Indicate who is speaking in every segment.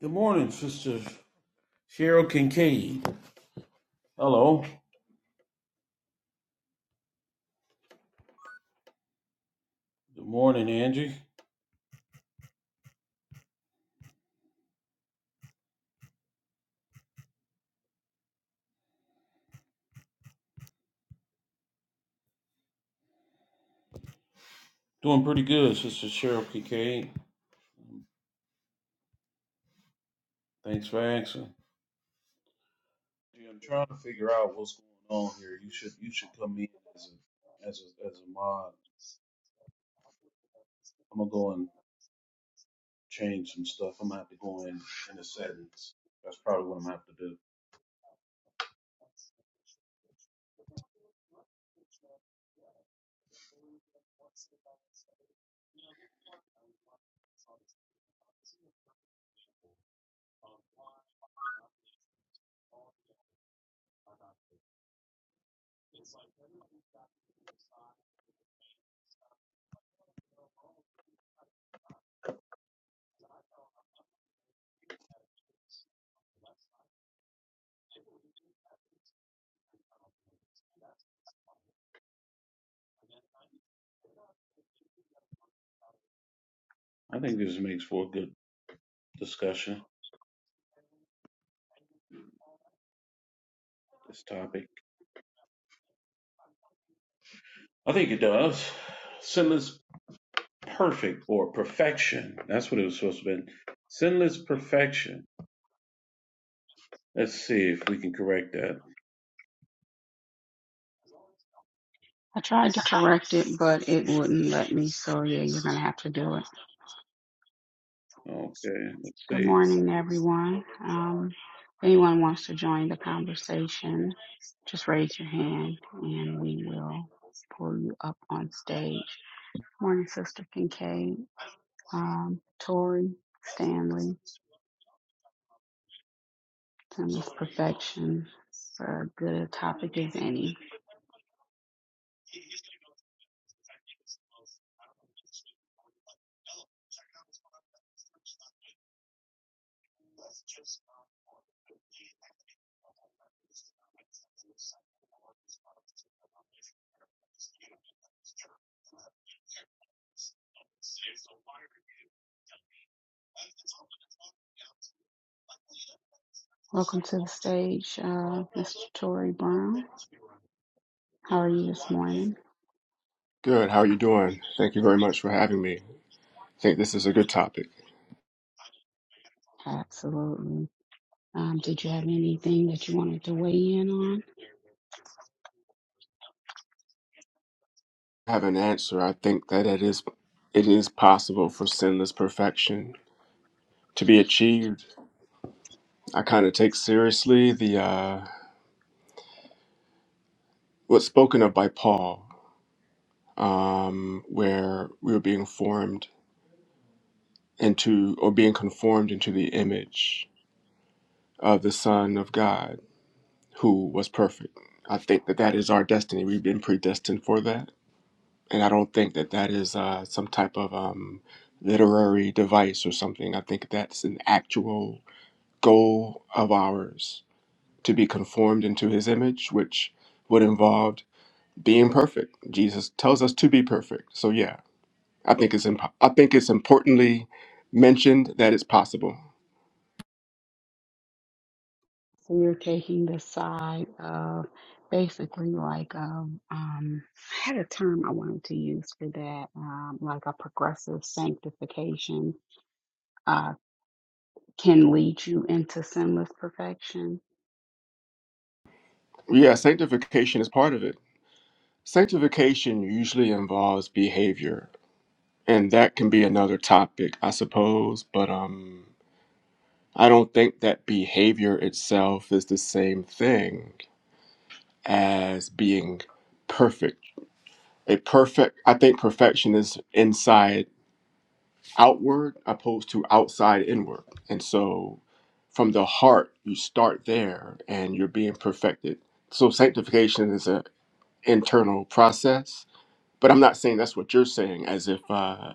Speaker 1: Good morning, Sister Cheryl Kincaid. Hello. Good morning, Angie. Doing pretty good, Sister Cheryl Kincaid. Thanks for asking. Gee, I'm trying to figure out what's going on here. You should you should come in as a as a as a mod. I'm gonna go and change some stuff. I'm gonna have to go in in the settings. That's probably what I'm gonna have to do. I think this makes for a good discussion. This topic. I think it does. Sinless perfect or perfection. That's what it was supposed to be. Sinless perfection. Let's see if we can correct that.
Speaker 2: I tried to correct it, but it wouldn't let me. So yeah, you're gonna have to do it.
Speaker 1: Okay, let's
Speaker 2: Good
Speaker 1: see.
Speaker 2: morning, everyone. Um, if anyone wants to join the conversation, just raise your hand and we will pull you up on stage. Morning, Sister Kincaid, um, Tori, Stanley, Timeless Perfection, for a good topic as any. Welcome to the stage, uh, Mr. Tori Brown. How are you this morning?
Speaker 3: Good. How are you doing? Thank you very much for having me. I think this is a good topic.
Speaker 2: Absolutely. Um, did you have anything that you wanted to weigh in on?
Speaker 3: I have an answer. I think that it is it is possible for sinless perfection to be achieved. I kind of take seriously the uh, what's spoken of by Paul, um, where we are being formed into or being conformed into the image of the Son of God, who was perfect. I think that that is our destiny. We've been predestined for that and I don't think that that is uh, some type of um, literary device or something. I think that's an actual goal of ours to be conformed into His image, which would involve being perfect. Jesus tells us to be perfect. So yeah, I think it's imp- I think it's importantly mentioned that it's possible.
Speaker 2: So you're taking the side of basically like um, um, I had a term I wanted to use for that, um, like a progressive sanctification uh, can lead you into sinless perfection.
Speaker 3: Yeah, sanctification is part of it. Sanctification usually involves behavior, and that can be another topic, I suppose. But um, I don't think that behavior itself is the same thing as being perfect. A perfect, I think perfection is inside outward opposed to outside inward. And so from the heart, you start there and you're being perfected. So sanctification is an internal process, but I'm not saying that's what you're saying as if uh,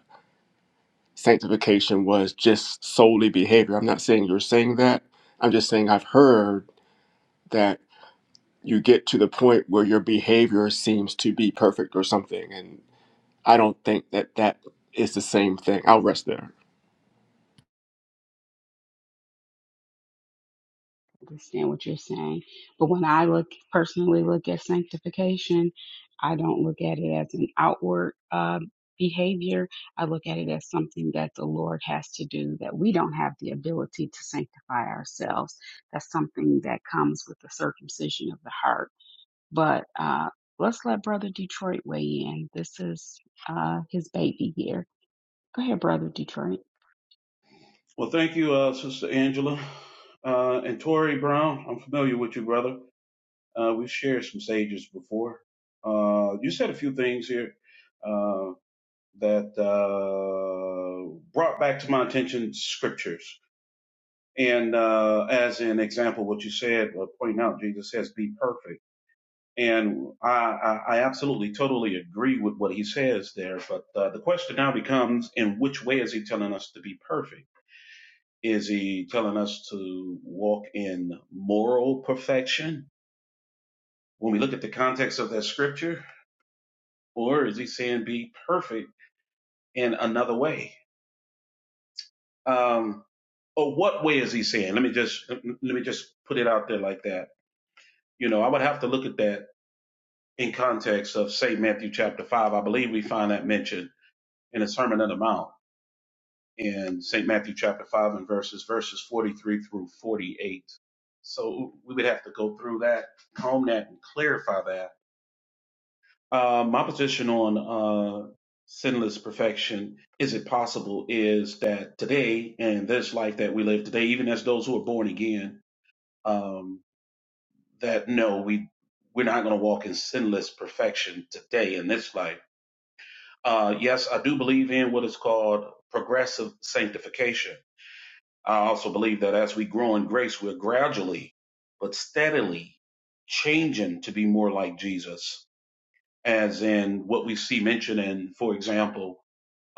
Speaker 3: sanctification was just solely behavior. I'm not saying you're saying that. I'm just saying I've heard that you get to the point where your behavior seems to be perfect or something. And I don't think that that is the same thing. I'll rest there.
Speaker 2: understand what you're saying. But when I look personally look at sanctification, I don't look at it as an outward uh, behavior. I look at it as something that the Lord has to do that we don't have the ability to sanctify ourselves. That's something that comes with the circumcision of the heart. But uh, let's let Brother Detroit weigh in. This is uh, his baby here. Go ahead, Brother Detroit.
Speaker 1: Well, thank you, uh, Sister Angela. Uh, and Tori Brown, I'm familiar with you, brother. Uh, we've shared some stages before. Uh, you said a few things here uh, that uh, brought back to my attention scriptures. And uh, as an example, what you said, uh, pointing out, Jesus says, be perfect And I, I, I absolutely totally agree with what he says there. But uh, the question now becomes in which way is he telling us to be perfect? Is he telling us to walk in moral perfection when we look at the context of that scripture? Or is he saying be perfect in another way? Um, or what way is he saying? Let me just let me just put it out there like that. You know, I would have to look at that in context of say, Matthew chapter five. I believe we find that mentioned in the Sermon on the Mount in St. Matthew chapter 5 and verses verses 43 through 48. So we would have to go through that, comb that, and clarify that. Uh, my position on uh, sinless perfection, is it possible, is that today and this life that we live today, even as those who are born again, um, that no, we we're not going to walk in sinless perfection today in this life. Uh, yes, I do believe in what is called progressive sanctification I also believe that as we grow in grace, we're gradually but steadily changing to be more like Jesus, as in what we see mentioned in, for example,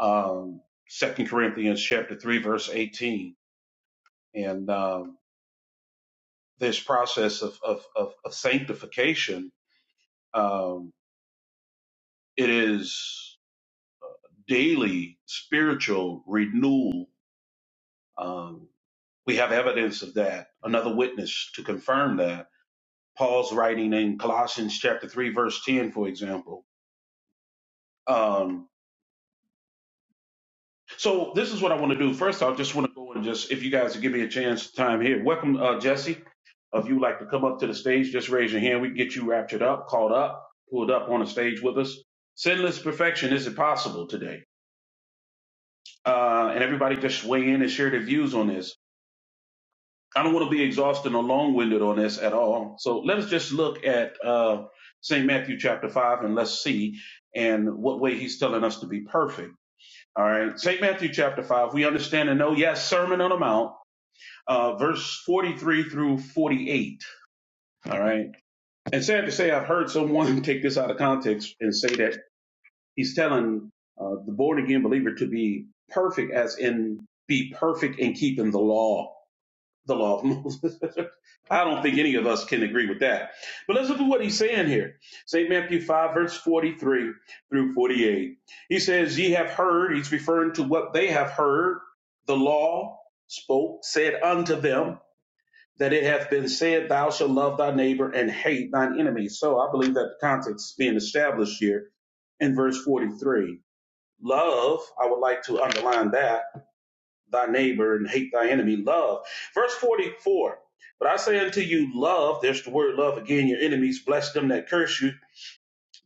Speaker 1: um, 2 Corinthians chapter 3, verse 18. And um, this process of, of, of, of sanctification, um, it is daily spiritual renewal. Um, we have evidence of that, another witness to confirm that Paul's writing in Colossians chapter 3, verse 10, for example. Um, so this is what I want to do. First, I just want to go and just, if you guys give me a chance, time here. Welcome, uh, Jesse. If you would like to come up to the stage, just raise your hand. We can get you raptured up, called up, pulled up on the stage with us. Sinless perfection is impossible today. Uh, and everybody just weigh in and share their views on this. I don't want to be exhausting or long winded on this at all. So let us just look at uh, St. Matthew chapter 5 and let's see and what way he's telling us to be perfect. All right. St. Matthew chapter 5, we understand and know, yes, Sermon on the Mount, uh, verse 43 through 48. All right. And sad to say, I've heard someone take this out of context and say that he's telling uh, the born again believer to be perfect, as in be perfect in keeping the law the law of Moses. I don't think any of us can agree with that. But let's look at what he's saying here. St. Matthew 5, verse 43 through 48. He says, Ye have heard, he's referring to what they have heard, the law spoke, said unto them, that it hath been said, Thou shalt love thy neighbor and hate thine enemy. So I believe that the context is being established here in verse 43. Love, I would like to underline that thy neighbor and hate thy enemy. Love. Verse 44. But I say unto you, love, there's the word love again, your enemies, bless them that curse you,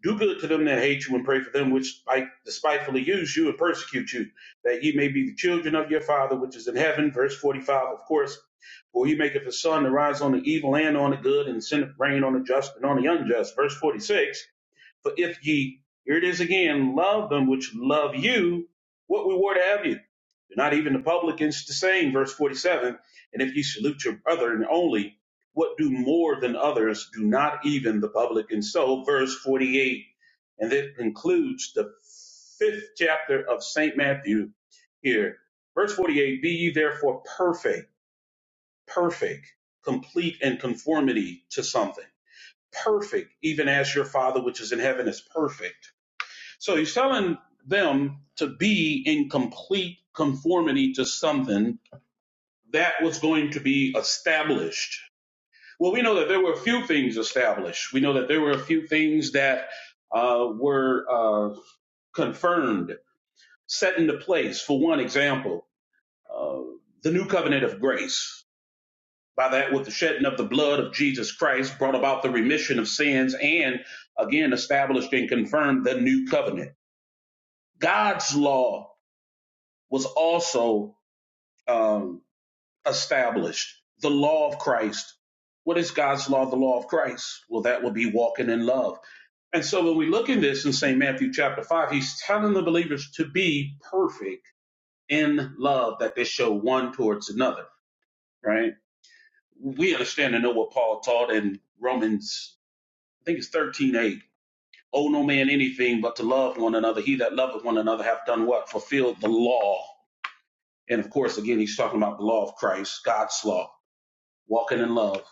Speaker 1: do good to them that hate you, and pray for them which spite- despitefully use you and persecute you, that ye may be the children of your Father which is in heaven. Verse 45, of course. For he maketh his sun to rise on the evil and on the good, and sendeth rain on the just and on the unjust. Verse 46. For if ye, here it is again, love them which love you, what reward have you? Do not even the publicans the same, verse 47. And if ye salute your brethren only, what do more than others? Do not even the publicans so, verse 48. And that concludes the fifth chapter of St. Matthew here. Verse 48 Be ye therefore perfect, perfect, complete in conformity to something. Perfect, even as your Father which is in heaven is perfect so he's telling them to be in complete conformity to something that was going to be established. Well, we know that there were a few things established. We know that there were a few things that uh, were uh, confirmed, set into place. For one example, uh, the new covenant of grace. By that, with the shedding of the blood of Jesus Christ, brought about the remission of sins and again established and confirmed the new covenant. God's law was also um, established. The law of Christ. What is God's law? The law of Christ. Well, that would be walking in love. And so when we look in this in St. Matthew chapter 5, he's telling the believers to be perfect in love, that they show one towards another, right? We understand and know what Paul taught in Romans, I think it's thirteen eight. 8. Owe no man anything but to love one another. He that loveth one another hath done what? Fulfilled the law And of course, again, he's talking about the law of Christ, God's law, walking in love.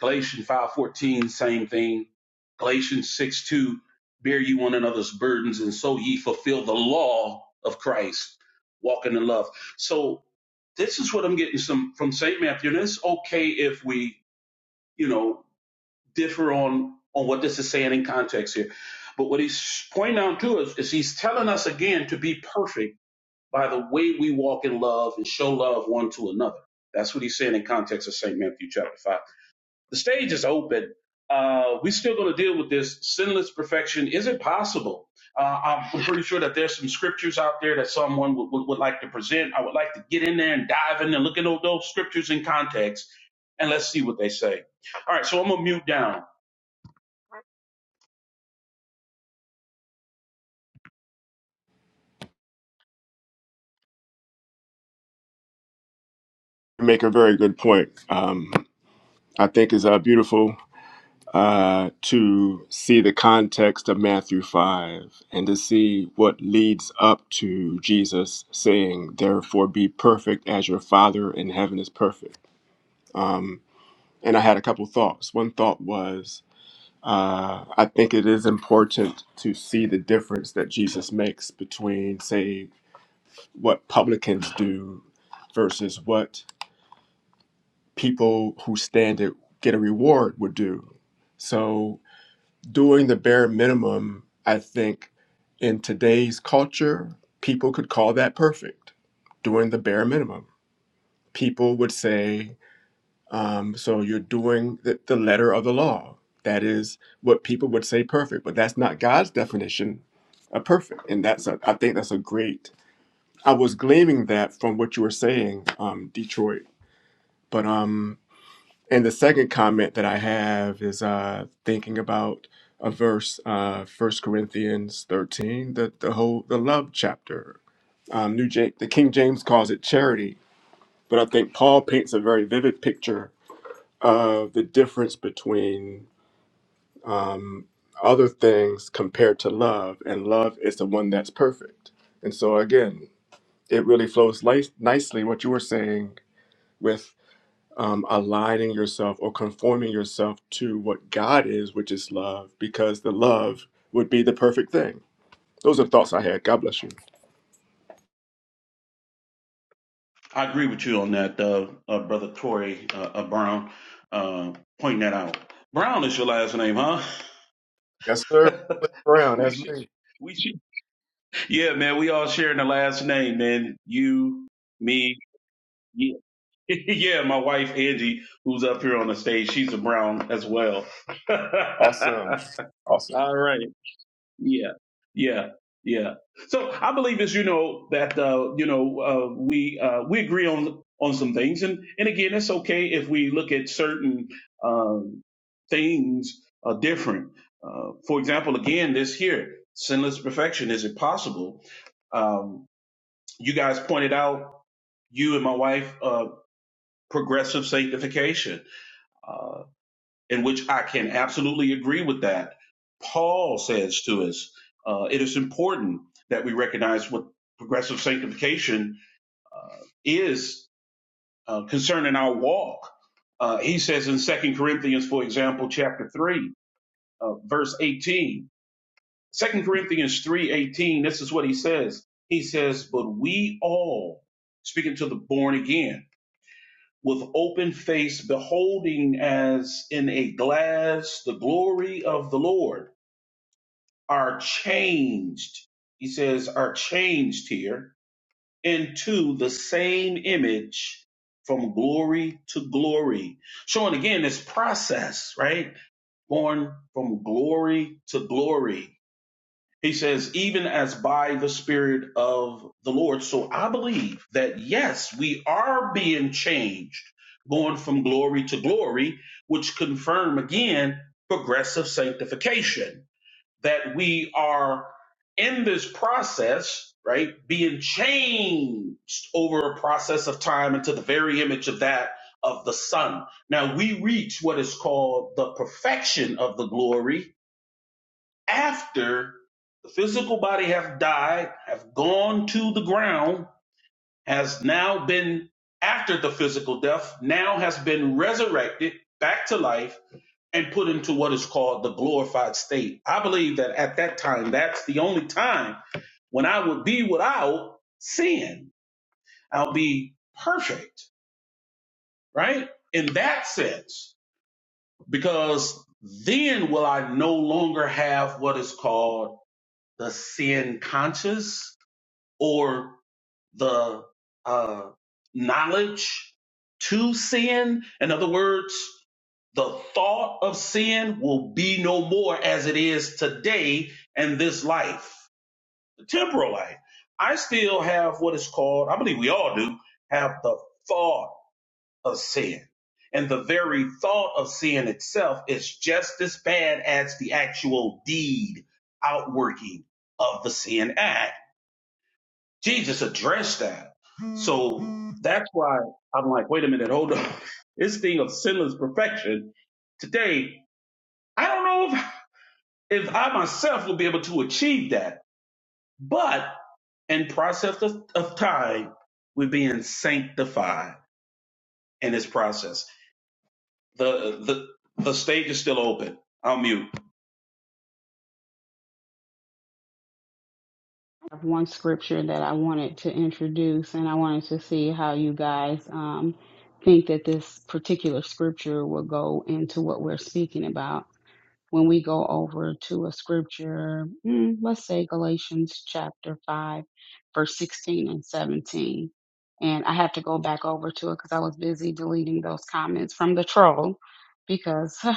Speaker 1: Galatians 5.14, same thing. Galatians six two, bear ye one another's burdens, and so ye fulfill the law of Christ, walking in love. So this is what I'm getting some from St. Matthew, and it's okay if we, you know, differ on on what this is saying in context here. But what he's pointing out to us is he's telling us again to be perfect by the way we walk in love and show love one to another. That's what he's saying in context of St. Matthew chapter 5. The stage is open. Uh, we're still going to deal with this sinless perfection. Is it possible? Uh, I'm pretty sure that there's some scriptures out there that someone would, would, would like to present. I would like to get in there and dive in and look at all those scriptures in context and let's see what they say. All right, so I'm going to mute down.
Speaker 3: You make a very good point. Um, I think it's uh, beautiful uh, to see the context of Matthew 5 and to see what leads up to Jesus saying, Therefore be perfect as your Father in heaven is perfect. And I had a couple thoughts. One thought was, Uh, I think it is important to see the difference that Jesus makes between, say, what publicans do versus what people who stand to get a reward would do. So, doing the bare minimum, I think in today's culture, people could call that perfect. Doing the bare minimum. People would say, Um, so you're doing the, the letter of the law. That is what people would say perfect, but that's not God's definition of perfect. And that's a, I think that's a great. I was gleaming that from what you were saying, um, Detroit. But um, and the second comment that I have is uh, thinking about a verse, uh, 1 Corinthians thirteen, the the whole the love chapter. Um, New Jake, the King James calls it charity, but I think Paul paints a very vivid picture of the difference between um, other things compared to love, and love is the one that's perfect. And so, again, it really flows li- nicely what you were saying with um, aligning yourself or conforming yourself to what God is, which is love, because the love would be the perfect thing. Those are thoughts I had. God bless you.
Speaker 1: I agree with you on that, uh, uh, Brother Corey uh, uh, Brown, uh, pointing that out. Brown is your last name, huh?
Speaker 3: Yes, sir. Brown,
Speaker 1: we
Speaker 3: that's
Speaker 1: should,
Speaker 3: me.
Speaker 1: we should. Yeah, man, we all sharing the last name, man. You, me, yeah, yeah. My wife Angie, who's up here on the stage, she's a Brown as well. all
Speaker 3: Awesome. Awesome.
Speaker 1: right. Yeah, yeah, yeah. So I believe it's you know that uh, you know uh, we uh, we agree on on some things, and and again, it's okay if we look at certain um, things uh, different. Uh, for example, again, this here, sinless perfection is impossible. Um, you guys pointed out you and my wife uh, progressive sanctification. Uh, in which I can absolutely agree with that. Paul says to us, uh, it is important that we recognize what progressive sanctification is uh, concerning our walk. Uh, he says in Second Corinthians, for example, chapter 3, uh, verse 18. 2 Corinthians 3 18. this is what he says. He says, But we all, speaking to the born again, with open face, beholding as in a glass the glory of the Lord are changed, he says, are changed here into the same image from glory to glory. Showing again this process, right? Going from glory to glory. He says, even as by the Spirit of the Lord. So I believe that yes, we are being changed, going from glory to glory, which confirm again progressive sanctification that we are in this process, right, being changed over a process of time into the very image of that of the Son. Now we reach what is called the perfection of the glory after the physical body have died, have gone to the ground, has now been after the physical death, now has been resurrected back to life and put into what is called the glorified state. I believe that at that time, that's the only time when I would be without sin. I'll be perfect, right? In that sense, because then will I no longer have what is called the sin conscious or the uh, knowledge to sin. In other words, the thought of sin will be no more as it is today in this life, the temporal life. I still have what is called, I believe we all do, have the thought of sin. And the very thought of sin itself is just as bad as the actual deed, outworking of the sin act. Jesus addressed that. So that's why I'm like, wait a minute, hold on. This thing of sinless perfection today, I don't know if, if I myself will be able to achieve that, but in process of, of time, we're being sanctified in this process. The the the stage is still open. I'll mute.
Speaker 2: I have one scripture that I wanted to introduce, and I wanted to see how you guys um, think that this particular scripture will go into what we're speaking about when we go over to a scripture, mm, let's say Galatians chapter 5, verse 16 and 17. And I have to go back over to it because I was busy deleting those comments from the troll because I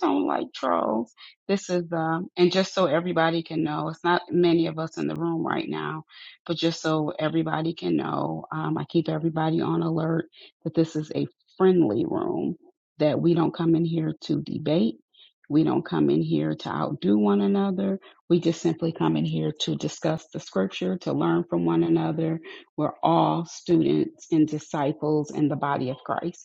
Speaker 2: don't like trolls. This is the, and just so everybody can know, it's not many of us in the room right now, but just so everybody can know, um, I keep everybody on alert that this is a friendly room, that we don't come in here to debate we don't come in here to outdo one another. We just simply come in here to discuss the scripture, to learn from one another. We're all students and disciples in the body of Christ.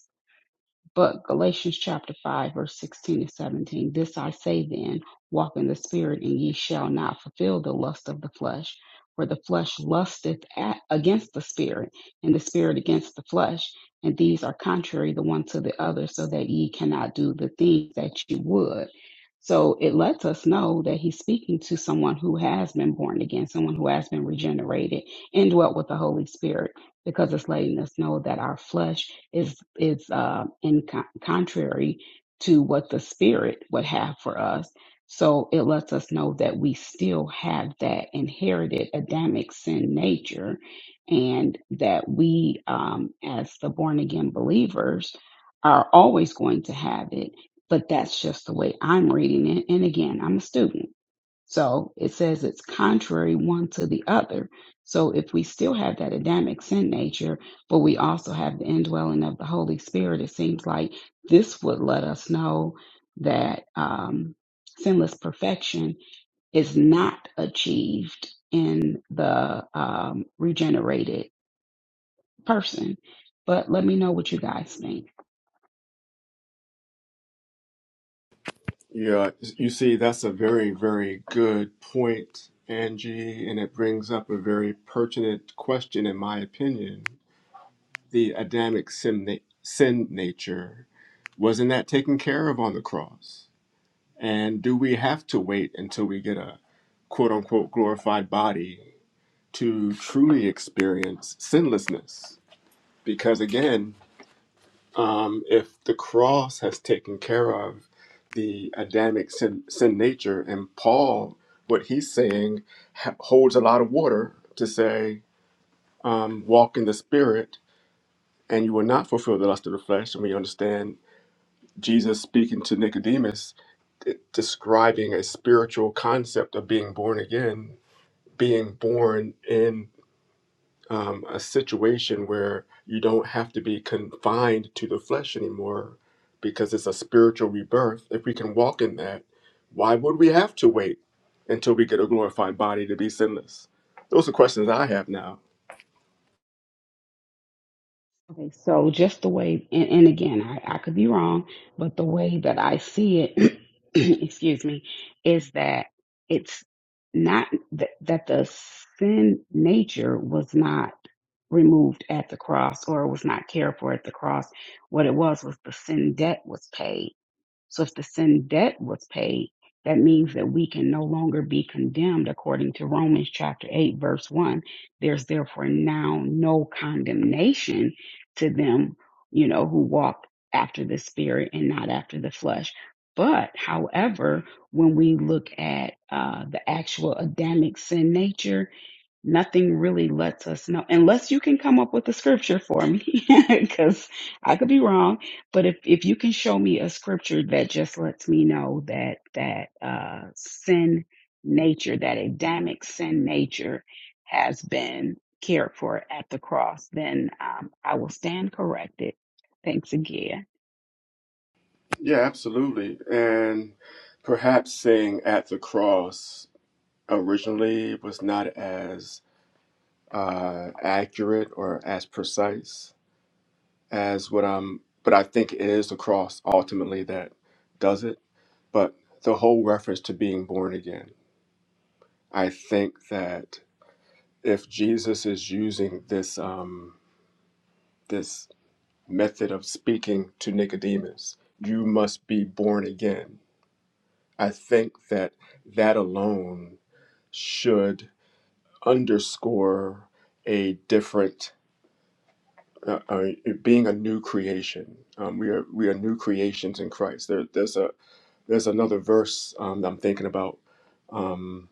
Speaker 2: But Galatians chapter 5, verse 16 and 17 This I say then, walk in the Spirit, and ye shall not fulfill the lust of the flesh. For the flesh lusteth at, against the Spirit, and the Spirit against the flesh. And these are contrary the one to the other, so that ye cannot do the things that you would. So it lets us know that he's speaking to someone who has been born again, someone who has been regenerated, indwelt with the Holy Spirit because it's letting us know that our flesh is is uh, in con- contrary to what the spirit would have for us. So it lets us know that we still have that inherited Adamic sin nature, and that we, um, as the born again believers, are always going to have it. But that's just the way I'm reading it. And again, I'm a student. So it says it's contrary one to the other. So if we still have that Adamic sin nature, but we also have the indwelling of the Holy Spirit, it seems like this would let us know that um, sinless perfection is not achieved in the um, regenerated person. But let me know what you guys think.
Speaker 3: Yeah, you see, that's a very, very good point, Angie, and it brings up a very pertinent question, in my opinion. The Adamic sin, na- sin nature, wasn't that taken care of on the cross? And do we have to wait until we get a quote unquote glorified body to truly experience sinlessness? Because again, um, if the cross has taken care of the Adamic sin, sin nature, and Paul, what he's saying ha- holds a lot of water to say, um, walk in the Spirit, and you will not fulfill the lust of the flesh. And we understand Jesus speaking to Nicodemus, d- describing a spiritual concept of being born again, being born in um, a situation where you don't have to be confined to the flesh anymore because it's a spiritual rebirth. If we can walk in that, why would we have to wait until we get a glorified body to be sinless? Those are questions I have now.
Speaker 2: Okay, so just the way, and, and again, I, I could be wrong, but the way that I see it, excuse me, is that it's not that, that the sin nature was not removed at the cross or was not cared for at the cross. What it was was the sin debt was paid. So if the sin debt was paid, that means that we can no longer be condemned according to Romans chapter 8, verse 1. There's therefore now no condemnation to them, you know, who walk after the spirit and not after the flesh. But however, when we look at uh, the actual Adamic sin nature, nothing really lets us know unless you can come up with a scripture for me because i could be wrong but if, if you can show me a scripture that just lets me know that that uh, sin nature that adamic sin nature has been cared for at the cross then um, i will stand corrected thanks again
Speaker 3: Yeah, absolutely. And perhaps saying at the cross originally was not as uh, accurate or as precise as what I'm, but I think it is the cross ultimately that does it. But the whole reference to being born again, I think that if Jesus is using this um, this method of speaking to Nicodemus, you must be born again. I think that that alone should underscore a different uh, uh, being a new creation. Um, we are we are new creations in Christ. There, there's a There's another verse um, that I'm thinking about, um,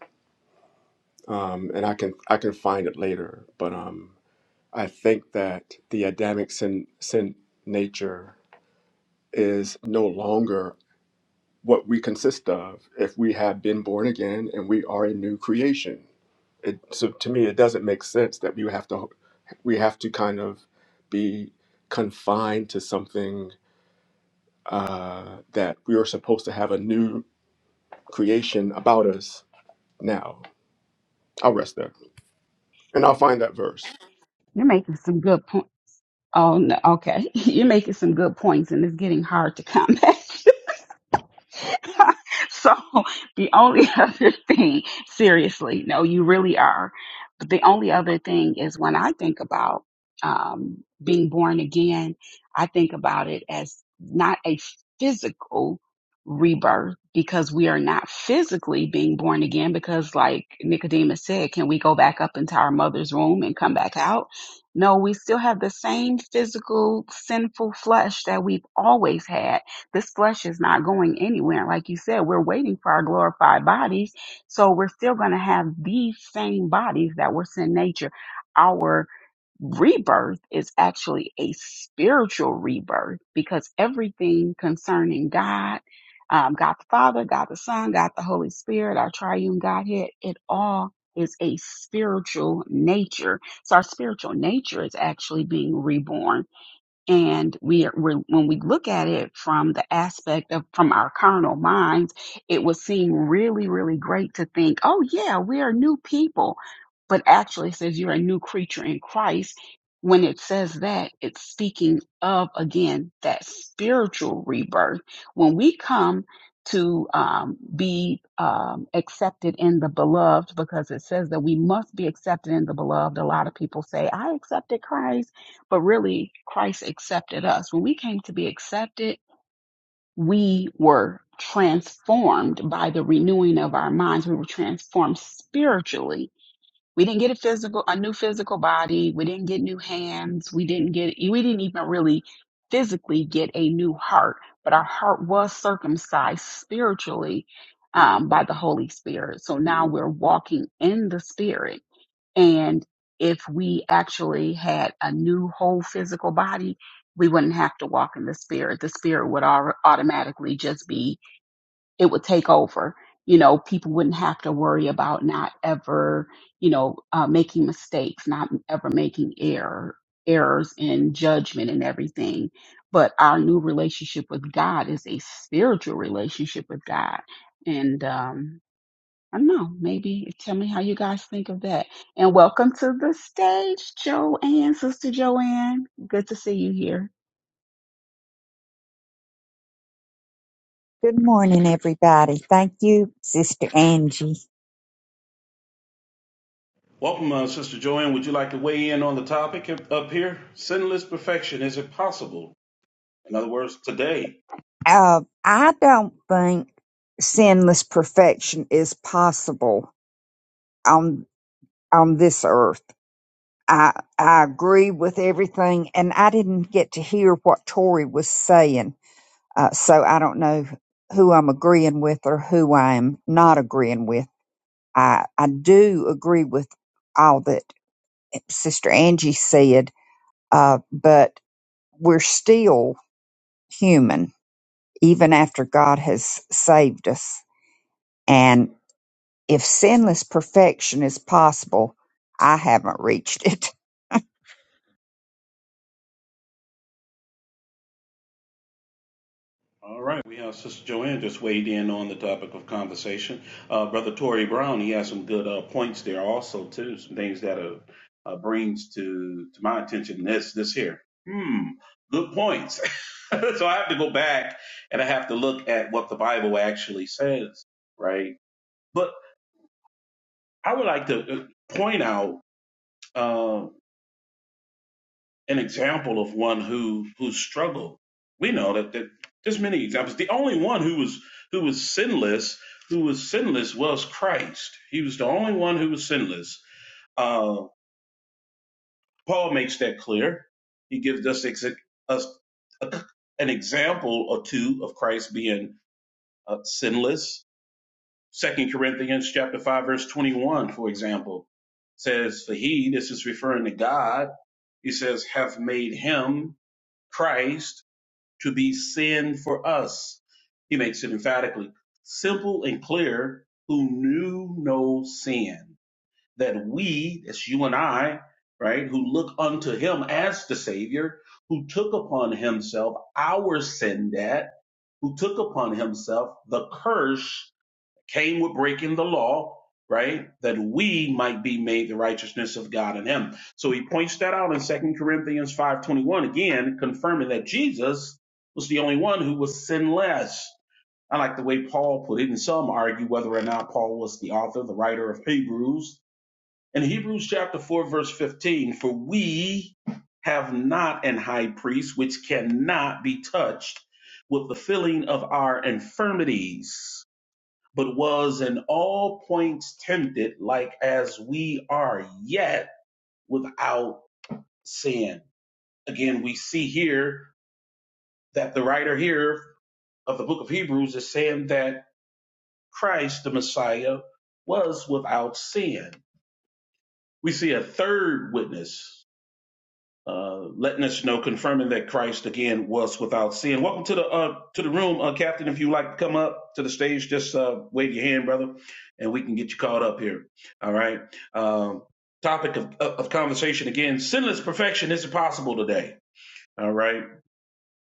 Speaker 3: um, and I can I can find it later. But um, I think that the Adamic sin sin nature is no longer what we consist of if we have been born again and we are a new creation. It, so to me, it doesn't make sense that we have to we have to kind of be confined to something uh, that we are supposed to have a new creation about us now. I'll rest there and I'll find that verse.
Speaker 2: you're making some good points oh no okay you're making some good points and it's getting hard to come back so the only other thing, seriously, no, you really are. But the only other thing is when I think about um, being born again, I think about it as not a physical rebirth because we are not physically being born again because like Nicodemus said, can we go back up into our mother's womb and come back out? No, we still have the same physical sinful flesh that we've always had this flesh is not going anywhere. Like you said, we're waiting for our glorified bodies. So we're still going to have these same bodies that were sin nature. Our rebirth is actually a spiritual rebirth because everything concerning God, um, God the Father, God the Son, God the Holy Spirit, our triune Godhead, it all is a spiritual nature. So our spiritual nature is actually being reborn and we are, we're, when we look at it from the aspect of from our carnal minds, it would seem really, really great to think, oh yeah, we are new people. But actually it says you're a new creature in Christ. When it says that, it's speaking of again that spiritual rebirth. When we come to um, be um, accepted in the beloved, because it says that we must be accepted in the beloved. A lot of people say, I accepted Christ but really Christ accepted us. When we came to be accepted, we were transformed by the renewing of our minds. We were transformed spiritually. We didn't get a physical, a new physical body. We didn't get new hands. We didn't get, we didn't even really physically get a new heart, but our heart was circumcised spiritually um, by the Holy Spirit. So now we're walking in the Spirit and if we actually had a new whole physical body, we wouldn't have to walk in the spirit. The spirit would au- automatically just be, it would take over. You know, people wouldn't have to worry about not ever, you know, uh, making mistakes, not ever making error, errors in judgment and everything. But our new relationship with God is a spiritual relationship with God. And, um, I don't know. Maybe tell me how you guys think of that. And welcome to the stage, Joanne, Sister Joanne. Good to see you here.
Speaker 4: Good morning, everybody. Thank you, Sister Angie.
Speaker 1: Welcome, uh, Sister Joanne. Would you like to weigh in on the topic up up here? Sinless perfection, is it possible? In other words, today.
Speaker 4: Uh, I don't think sinless perfection is possible on on this earth. I I agree with everything, and I didn't get to hear what Tori was saying, uh, so I don't know who I'm agreeing with or who I'm not agreeing with. I I do agree with all that Sister Angie said, uh, but we're still human even after God has saved us. And if sinless perfection is possible, I haven't reached it.
Speaker 1: All right, we have Sister Joanne just weighed in on the topic of conversation. Uh, Brother Tory Brown, he has some good uh, points there also too. Some things that uh, uh, brings to to my attention this this here. Hmm, good points. so I have to go back and I have to look at what the Bible actually says, right? But I would like to uh, point out. uh, an example of one who who struggled. We know that, that there's many examples. The only one who was who was sinless, who was sinless, was Christ. He was the only one who was sinless. Uh, Paul makes that clear. He gives us ex- us a- an example or two of Christ being uh, sinless. Second Corinthians chapter five verse twenty one, for example, says, "For he, this is referring to God, he says, have made him Christ." to be sin for us. He makes it emphatically simple and clear who knew no sin, that we, that's you and I, right, who look unto him as the Savior, who took upon himself our sin debt, who took upon himself the curse came with breaking the law, right? That we might be made the righteousness of God in him. So he points that out in Second Corinthians 5.21, again, confirming that Jesus was the only one who was sinless. I like the way Paul put it, and some argue whether or not Paul was the author, the writer of Hebrews. In Hebrews chapter 4, verse 15, for we have not an high priest which cannot be touched with the feeling of our infirmities but was in all points tempted, like as we are, yet without sin. Again, we see here that the writer here of the book of Hebrews is saying that Christ, the Messiah, was without sin. We see a third witness uh, letting us know, confirming that Christ again was without sin. Welcome to the uh, to the room, uh, Captain. If you would like to come up to the stage, just uh, wave your hand, brother, and we can get you caught up here. All right. Um, topic of, of conversation again: sinless perfection is possible today. All right.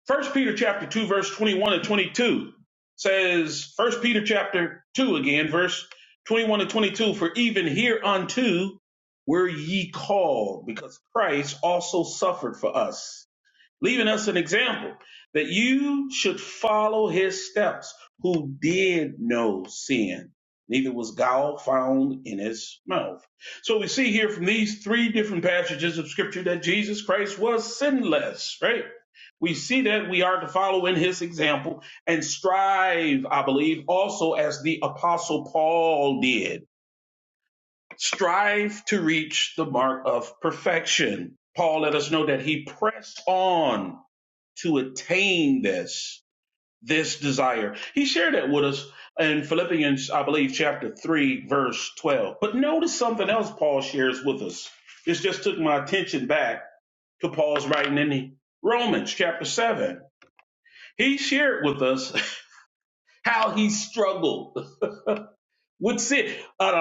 Speaker 1: First Peter chapter 2, verse 21 and 22 says, First Peter chapter 2 again, verse 21 and 22, for even hereunto were ye called, because Christ also suffered for us leaving us an example that you should follow his steps, who did no sin. Neither was gall found in his mouth. So we see here from these three different passages of scripture that Jesus Christ was sinless, right? We see that we are to follow in his example and strive, I believe, also as the apostle Paul did. Strive to reach the mark of perfection. Paul let us know that he pressed on to attain this this desire. He shared that with us in Philippians, I believe, chapter three, verse twelve. But notice something else Paul shares with us. This just took my attention back to Paul's writing in Romans chapter seven. He shared with us how he struggled with sin. An,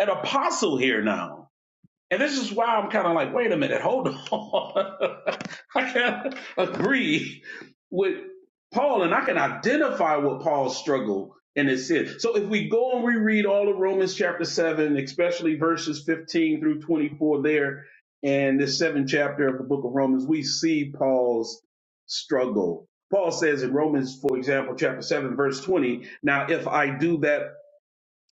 Speaker 1: an apostle here now And this is why I'm kind of like, wait a minute, hold on. I can agree with Paul and I can identify with Paul's struggle in his sin. So if we go and reread all of Romans chapter 7, especially verses 15 through 24 there, and this seventh chapter of the book of Romans, we see Paul's struggle. Paul says in Romans, for example, chapter 7, verse 20, now if I do that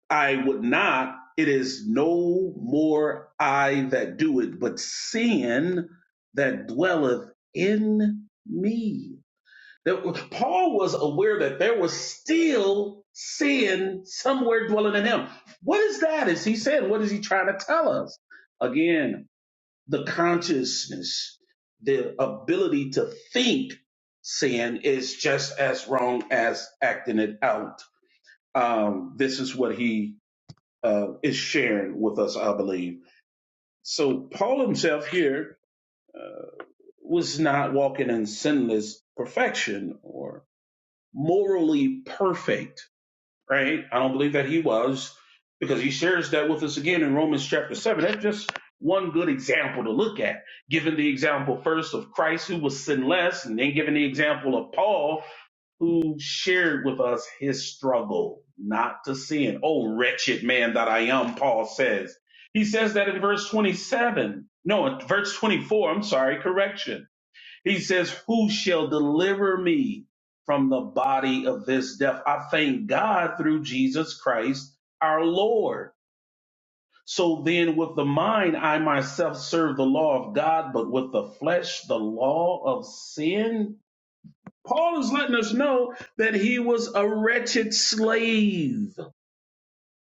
Speaker 1: I would not. It is no more I that do it, but sin that dwelleth in me. That- Paul was aware that there was still sin somewhere dwelling in him. What is that? Is he saying? What is he trying to tell us? Again, the consciousness, the ability to think sin is just as wrong as acting it out. Um, this is what he uh, is shared with us, I believe. So Paul himself here was not walking in sinless perfection or morally perfect, right? I don't believe that he was because he shares that with us again in Romans chapter 7. That's just one good example to look at. Given the example first of Christ who was sinless, and then given the example of Paul who shared with us his struggle not to sin. Oh, wretched man that I am, Paul says. He says that in verse 27. No, in verse 24, I'm sorry, correction. He says, Who shall deliver me from the body of this death? I thank God through Jesus Christ our Lord. So then, with the mind, I myself serve the law of God, but with the flesh, the law of sin. Paul is letting us know that he was a wretched slave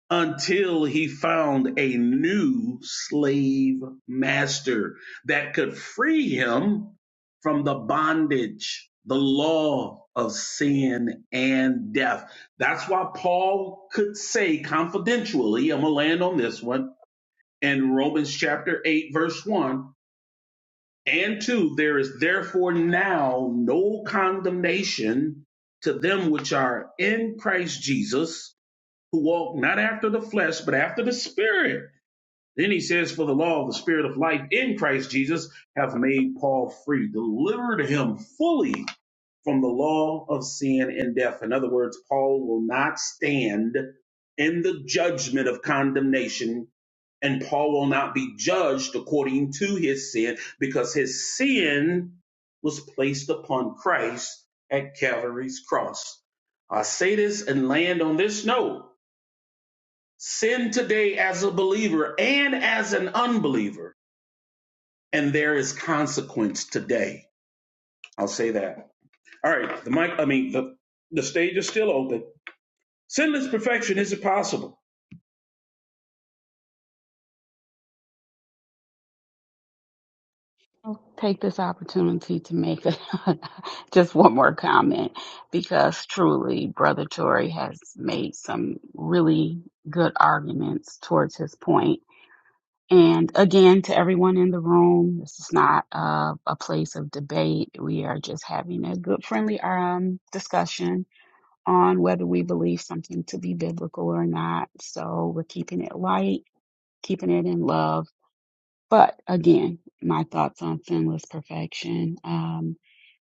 Speaker 1: until he found a new slave master that could free him from the bondage, the law of sin and death. That's why Paul could say confidentially, I'm going to land on this one in Romans chapter 8, verse 1 and two, there is therefore now no condemnation to them which are in Christ Jesus, who walk not after the flesh, but after the Spirit. Then he says, For the law of the Spirit of life in Christ Jesus hath made Paul free, delivered him fully from the law of sin and death. In other words, Paul will not stand in the judgment of condemnation and Paul will not be judged according to his sin because his sin was placed upon Christ at Calvary's cross. I say this and land on this note. Sin today as a believer and as an unbeliever, and there is consequence today. I'll say that. All right, the mic, I mean, the, the stage is still open. Sinless perfection is impossible.
Speaker 2: I'll take this opportunity to make just one more comment because truly, Brother Tory has made some really good arguments towards his point. And again, to everyone in the room, this is not uh, a place of debate. We are just having a good, friendly um, discussion on whether we believe something to be biblical or not. So we're keeping it light, keeping it in love. But again, my thoughts on sinless perfection. Um,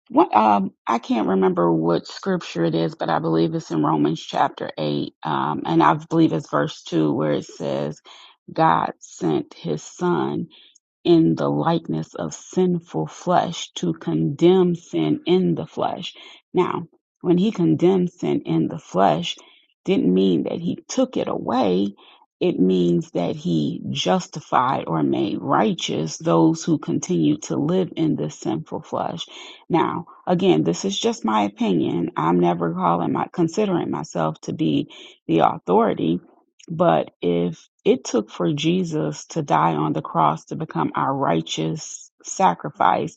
Speaker 2: what um, I can't remember what scripture it is, but I believe it's in Romans chapter eight, um, and I believe it's verse two where it says, "God sent His Son." in the likeness of sinful flesh to condemn sin in the flesh. Now, when he condemned sin in the flesh, didn't mean that he took it away. It means that he justified or made righteous those who continue to live in this sinful flesh. Now, again, this is just my opinion. I'm never calling my considering myself to be the authority but if it took for Jesus to die on the cross to become our righteous sacrifice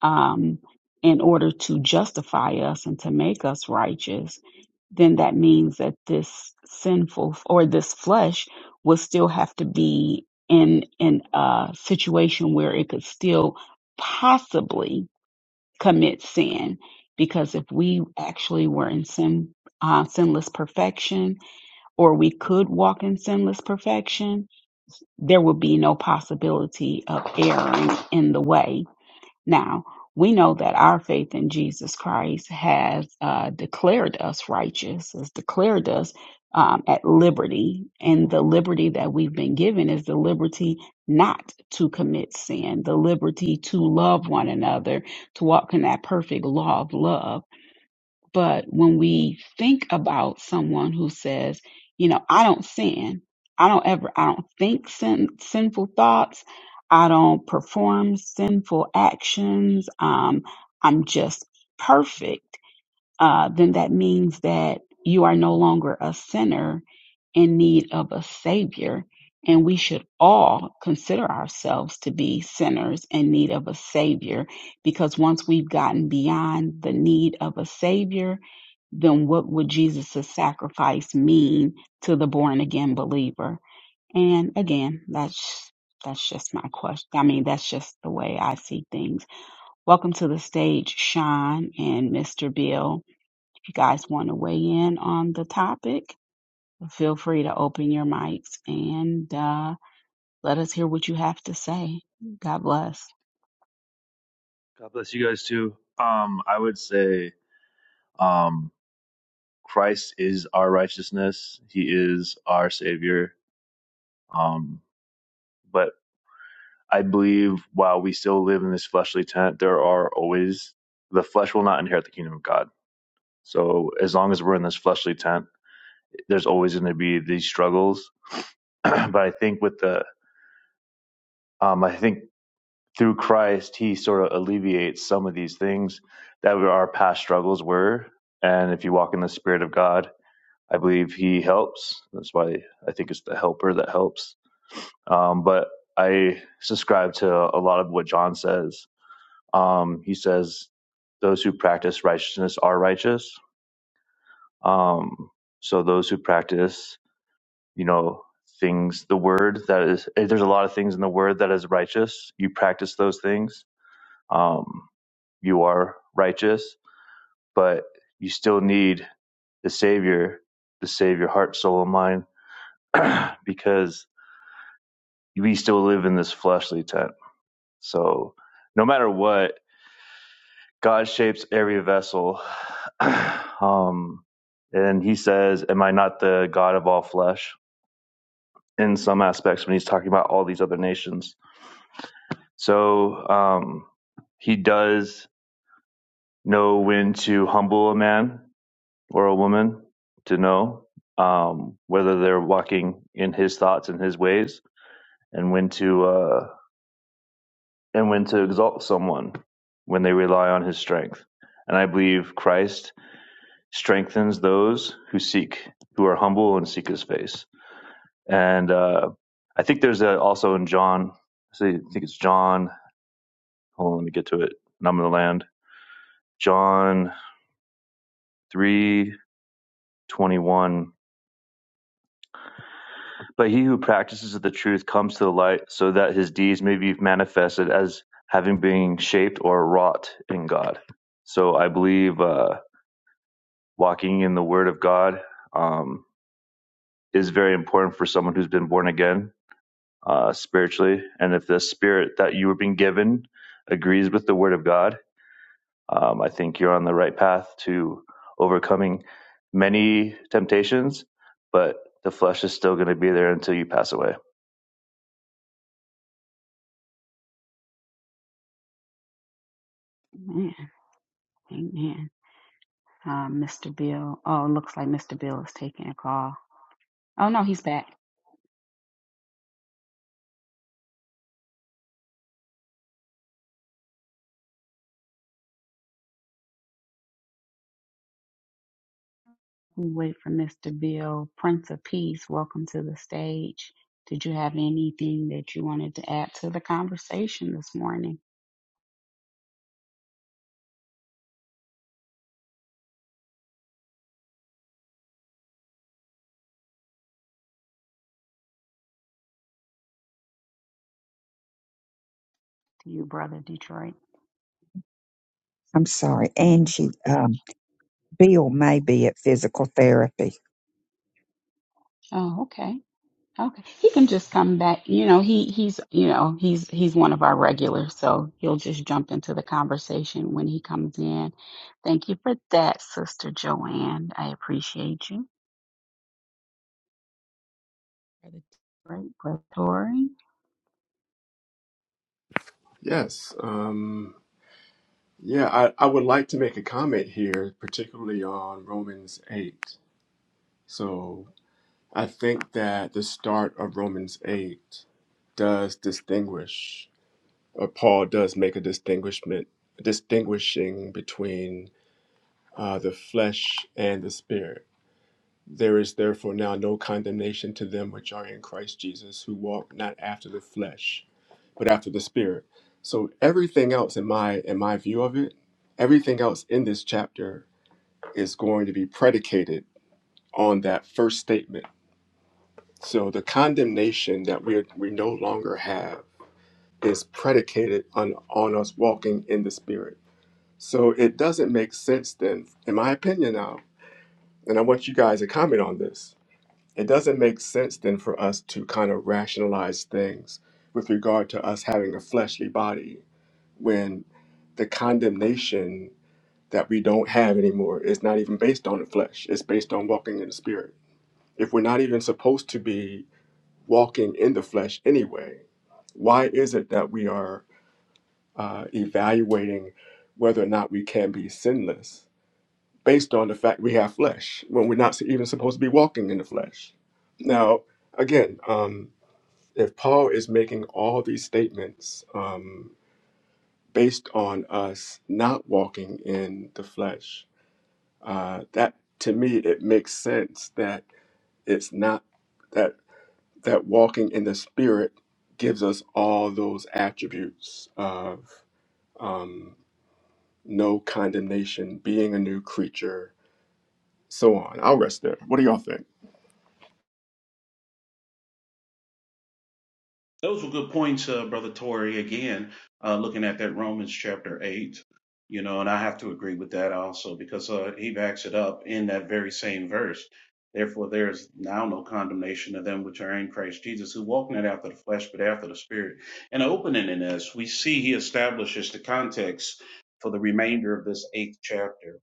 Speaker 2: um, in order to justify us and to make us righteous, then that means that this sinful or this flesh will still have to be in in a situation where it could still possibly commit sin because if we actually were in sin uh, sinless perfection or we could walk in sinless perfection, there would be no possibility of erring in the way. Now, we know that our faith in Jesus Christ has uh, declared us righteous, has declared us um, at liberty. And the liberty that we've been given is the liberty not to commit sin, the liberty to love one another, to walk in that perfect law of love but when we think about someone who says, you know, I don't sin, I don't ever, I don't think sin, sinful thoughts, I don't perform sinful actions, um, I'm just perfect, uh, then that means that you are no longer a sinner in need of a savior. And we should all consider ourselves to be sinners in need of a savior because once we've gotten beyond the need of a savior, then what would Jesus' sacrifice mean to the born again believer? And again, that's that's just my question. I mean, that's just the way I see things. Welcome to the stage, Sean and Mr. Bill. If you guys want to weigh in on the topic, feel free to open your mics and uh, let us hear what you have to say. God bless.
Speaker 5: God bless you guys too. Um, I would say um, Christ is our righteousness. He is our Savior. Um, but I believe while we still live in this fleshly tent, there are always the flesh will not inherit the kingdom of God. So as long as we're in this fleshly tent, there's always going to be these struggles. but I think with the, um, I think through Christ, He sort of alleviates some of these things that our past struggles were. And if you walk in the Spirit of God, I believe he helps. That's why I think it's the helper that helps. Um, but I subscribe to a lot of what John says. Um, he says, those who practice righteousness are righteous. Um, so those who practice, you know, things, the word that is, eh, there's a lot of things in the word that is righteous. You practice those things. Um, you are righteous, but you still need the Savior to save your heart, soul, and mind because we still live in this fleshly tent. So no matter what, God shapes every vessel. um, and he says, Am I not the God of all flesh? In some aspects, when he's talking about all these other nations. So um, he does know when to humble a man or a woman to know um, whether they're walking in his thoughts and his ways and when to. uh, and when to exalt someone when they rely on his strength. And I believe Christ strengthens those who seek, who are humble and seek his face. And uh, I think there's a, also in John, see, I think it's John, hold on, let me get to it, and I'm going to land. John three twenty one. But he who practices the truth comes to the light so that his deeds may be manifested as having been shaped or wrought in God. So I believe. Uh, walking in the Word of God um, is very important for someone who's been born again uh, spiritually. And if the Spirit that you were being given agrees with the Word of God, um, I think you're on the right path to overcoming many temptations, but the flesh is still going to be there until you pass away.
Speaker 2: Amen. Amen. Uh, Mr. Bill. Oh, it looks like Mr. Bill is taking a call. Oh, no, he's back. We wait for Mr. Bill. Prince of Peace, welcome to the stage. Did you have anything that you wanted to add to the conversation this morning to you, brother Detroit?
Speaker 4: I'm sorry, Angie. Um, Bill may be at physical therapy.
Speaker 2: Oh, okay. Okay. He can just come back. You know, he he's you know, he's he's one of our regulars, so he'll just jump into the conversation when he comes in. Thank you for that, Sister Joanne. I appreciate you. Brother Detroit, Brother Tory.
Speaker 3: Yes. Um, yeah, I, I would like to make a comment here, particularly on Romans 8. So I think that the start of Romans 8 does distinguish, or Paul does make a distinguishment, distinguishing between uh, the flesh and the spirit. There is therefore now no condemnation to them which are in Christ Jesus, who walk not after the flesh, but after the Spirit. So everything else in my in my view of it, everything else in this chapter is going to be predicated on that first statement. So the condemnation that we we no longer have is predicated on on us walking in the Spirit. So it doesn't make sense then, in my opinion now, and I want you guys to comment on this it doesn't make sense then for us to kind of rationalize things with regard to us having a fleshly body when the condemnation that we don't have anymore is not even based on the flesh it's based on walking in the spirit if we're not even supposed to be walking in the flesh anyway why is it that we are uh, evaluating whether or not we can be sinless based on the fact we have flesh when we're not even supposed to be walking in the flesh now again, um, if Paul is making all these statements um, based on us not walking in the flesh, uh, that to me it makes sense that it's not that that walking in the spirit gives us all those attributes of um, no condemnation, being a new creature, so on. I'll rest there. What do y'all think?
Speaker 1: Those were good points, uh, Brother Tory. Again, uh, looking at that Romans chapter 8, you know, and I have to agree with that also because uh, he backs it up in that very same verse. Therefore, there is now no condemnation of them which are in Christ Jesus, who walk not after the flesh, but after the Spirit. And opening in this, we see he establishes the context for the remainder of this eighth chapter.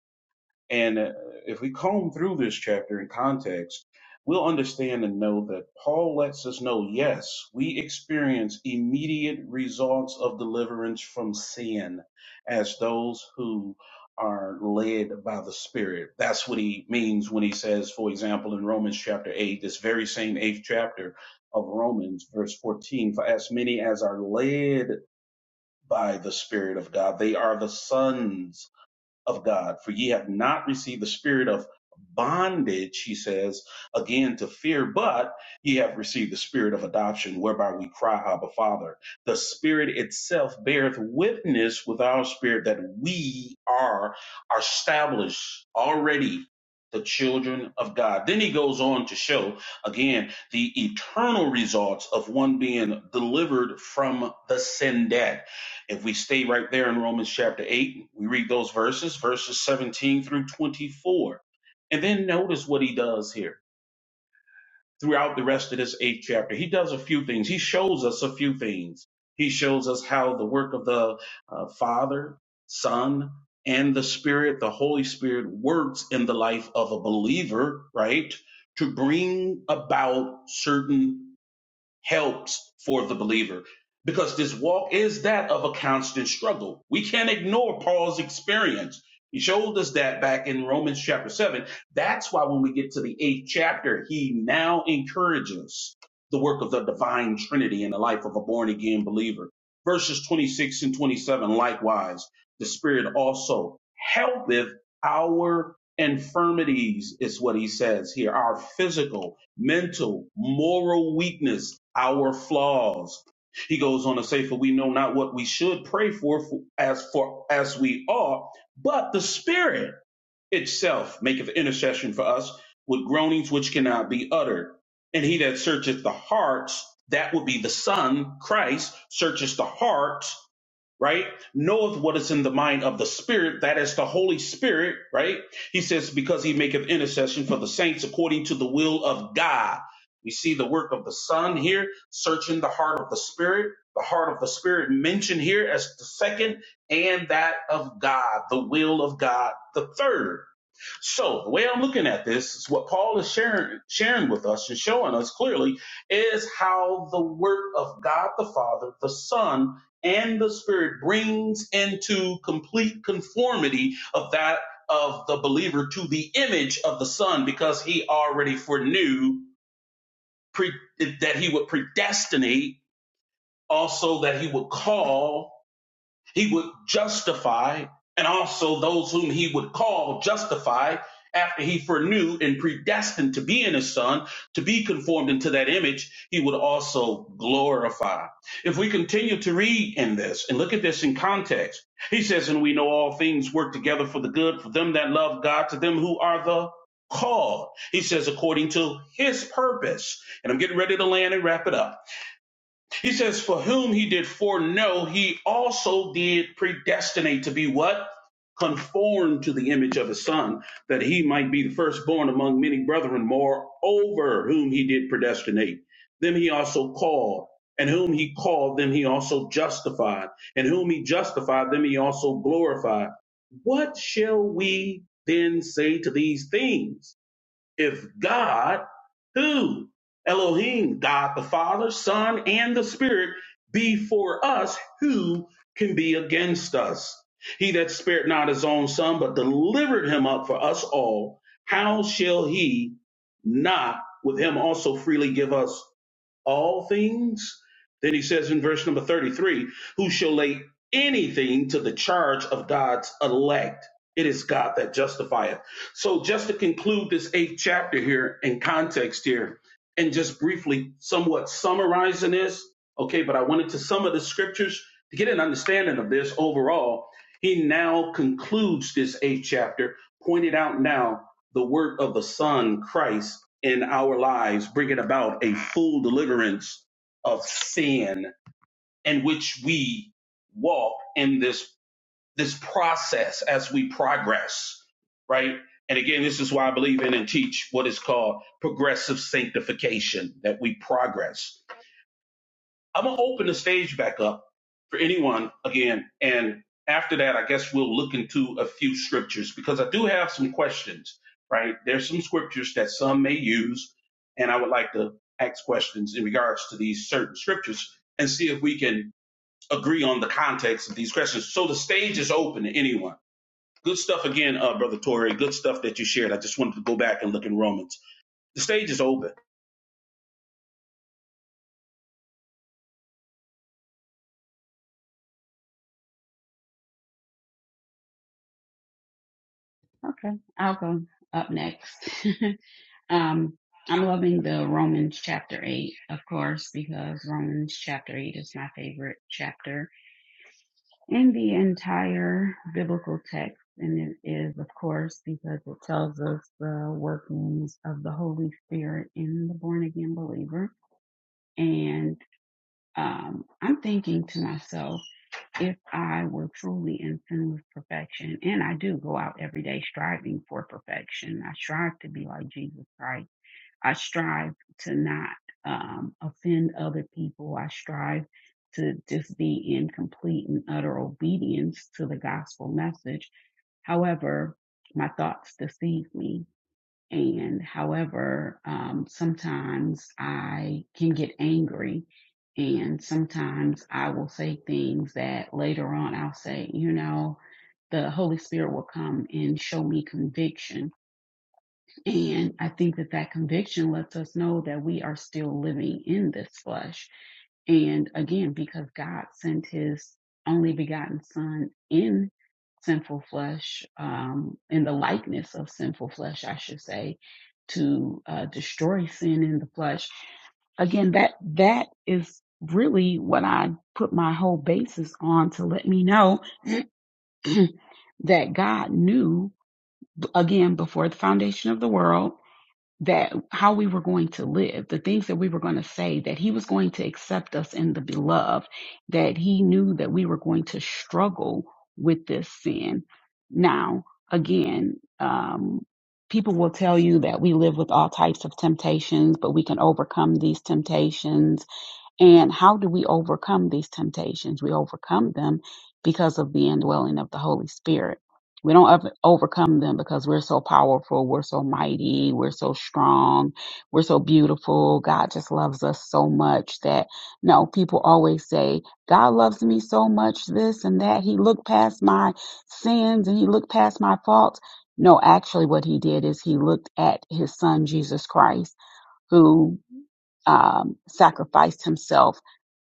Speaker 1: And uh, if we comb through this chapter in context, we'll understand and know that Paul lets us know yes, we experience immediate results of deliverance from sin as those who are led by the Spirit. That's what he means when he says, for example, in Romans chapter 8, this very same eighth chapter of Romans, verse 14, for as many as are led by the Spirit of God, they are the sons of God, for ye have not received the spirit of bondage, he says, again to fear, but ye have received the spirit of adoption, whereby we cry, Abba, Father. The spirit itself beareth witness with our spirit that we are established already the children of God. Then he goes on to show again the eternal results of one being delivered from the sin debt if we stay right there in Romans chapter 8, we read those verses, verses 17 through 24. And then notice what he does here throughout the rest of this eighth chapter. He does a few things, he shows us a few things. He shows us how the work of the uh, Father, Son, and the Spirit, the Holy Spirit, works in the life of a believer, right? To bring about certain helps for the believer because this walk is that of a constant struggle. We can't ignore Paul's experience. He showed us that back in Romans chapter 7. That's why when we get to the eighth chapter, he now encourages the work of the divine Trinity in the life of a born again believer. Verses 26 and 27 likewise, the Spirit also helpeth our infirmities, is what he says here, our physical mental, moral weakness, our flaws. He goes on to say, for we know not what we should pray for, for as for as we ought, but the Spirit itself maketh intercession for us with groanings which cannot be uttered. And he that searcheth the hearts, that would be the Son, Christ, searches the heart right, knoweth what is in the mind of the Spirit, that is the Holy Spirit, right? He says, because he maketh intercession for the saints according to the will of God. We see the work of the Son here, searching the heart of the Spirit, the heart of the Spirit mentioned here as the second, and that of God, the will of God, the third. So the way I'm looking at this is what Paul is sharing, sharing with us and showing us clearly is how the work of God the Father, the Son, and the Spirit brings into complete conformity of that of the believer to the image of the Son, because he already foreknew pre, that he would predestinate, also that he would call he would justify and also those whom he would call justify after he foreknew and predestined to be in his son, to be conformed into that image, he would also glorify. If we continue to read in this and look at this in context, he says, and we know all things work together for the good, for them that love God, to them who are the called. He says, according to his purpose. And I'm getting ready to land and wrap it up. He says, For whom he did foreknow, he also did predestinate to be what? Conformed to the image of his son, that he might be the firstborn among many brethren. Moreover, whom he did predestinate, them he also called. And whom he called, them he also justified. And whom he justified, them he also glorified. What shall we then say to these things? is God, who Elohim, God the Father, Son, and the Spirit, be for us, who can be against us? He that spared not his own son, but delivered him up for us all, how shall he not with him also freely give us? all things. Then he says in verse number 33 Who shall lay anything to the charge of God's elect? It is God that justifieth. So, just to conclude this eighth chapter here in context here, and just briefly somewhat summarizing this, okay, but I wanted to some of the scriptures to get an understanding of this overall. He now concludes this eighth chapter, pointed out now the work of the Son, Christ, in our lives, bringing about a full deliverance of sin in which we walk in this, this process as we progress, right? And again, this is why I believe in and teach what is called progressive sanctification, that we progress I'm gonna open the stage back up for anyone again, and after that, I guess we'll look into a few scriptures because I do have some questions. Right, there's some scriptures that some may use, and I would like to ask questions in regards to these certain scriptures and see if we can agree on the context of these questions. So the stage is open to anyone. Good stuff again, uh, brother Torrey. Good stuff that you shared. I just wanted to go back and look in Romans. The stage is open.
Speaker 2: Okay, I'll go up next. Um, I'm loving the Romans chapter 8, of course, because Romans chapter 8 is my favorite chapter in the entire biblical text. And it is, of course, because it tells us the workings of the Holy Spirit in the born again believer. And um, I'm thinking to myself, if I were truly in sin with perfection, and I do go out every day striving for perfection, I strive to be like Jesus Christ I strive to not um, offend other people. I strive to just be in complete and utter obedience to the gospel message. However, my thoughts deceive me. And however, um, sometimes I can get angry. And sometimes I will say things that later on I'll say, you know, the Holy Spirit will come and show me conviction and I think that that conviction lets us know that we are still living in this flesh. And again, because God sent his only begotten son in sinful flesh, um, in the likeness of sinful flesh, I should say, to uh, destroy sin in the flesh. Again, that, that is really what I put my whole basis on to let me know that God knew again before the foundation of the world that how we were going to live, the things that we were going to say, that he was going to accept us in the beloved, that he knew that we were going to struggle with this sin. Now, again, um, people will tell you that we live with all types of temptations, but we can overcome these temptations and how do we overcome these temptations? We overcome them because of the indwelling of the Holy Spirit. We don't over- overcome them because we're so powerful, we're so mighty, we're so strong, we're so beautiful. God just loves us so much that, no, people always say, God loves me so much, this and that. He looked past my sins and he looked past my faults. No, actually, what he did is he looked at his son, Jesus Christ, who um, sacrificed himself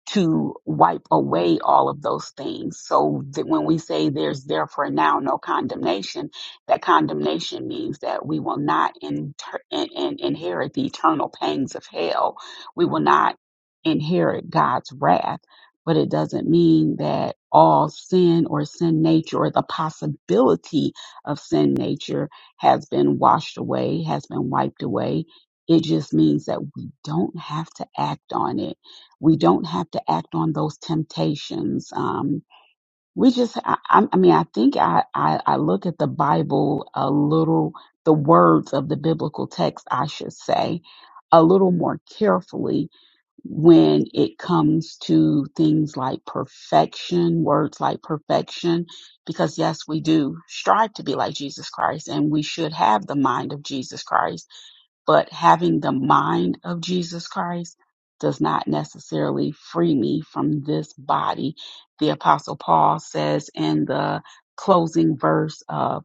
Speaker 2: to wipe away all of those things. So that when we say there's therefore now no condemnation, that condemnation means that we will not inter- in- in- inherit the eternal pangs of hell. We will not inherit God's wrath. But it doesn't mean that all sin or sin nature or the possibility of sin nature has been washed away, has been wiped away. It just means that we don't have to act on it we don't have to act on those temptations. Um, we just, I, I mean, I think I, I, I look at the Bible a little, the words of the biblical text, I should say, a little more carefully when it comes to things like perfection, words like perfection, because yes, we do strive to be like Jesus Christ and we should have the mind of Jesus Christ but having the mind of Jesus Christ does not necessarily free me from this body. The apostle Paul says in the closing verse of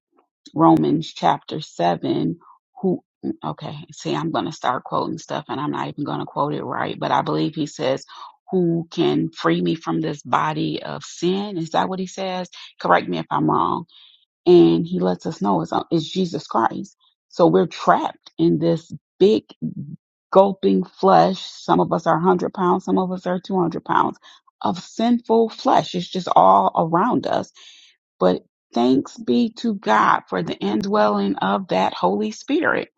Speaker 2: Romans chapter seven, who, okay, see, I'm going to start quoting stuff and I'm not even going to quote it right, but I believe he says, who can free me from this body of sin? Is that what he says? Correct me if I'm wrong. And he lets us know it's, uh, it's Jesus Christ. So we're trapped in this big gulping flesh. Some of us are 100 pounds, some of us are 200 pounds of sinful flesh. It's just all around us. But thanks be to God for the indwelling of that Holy Spirit.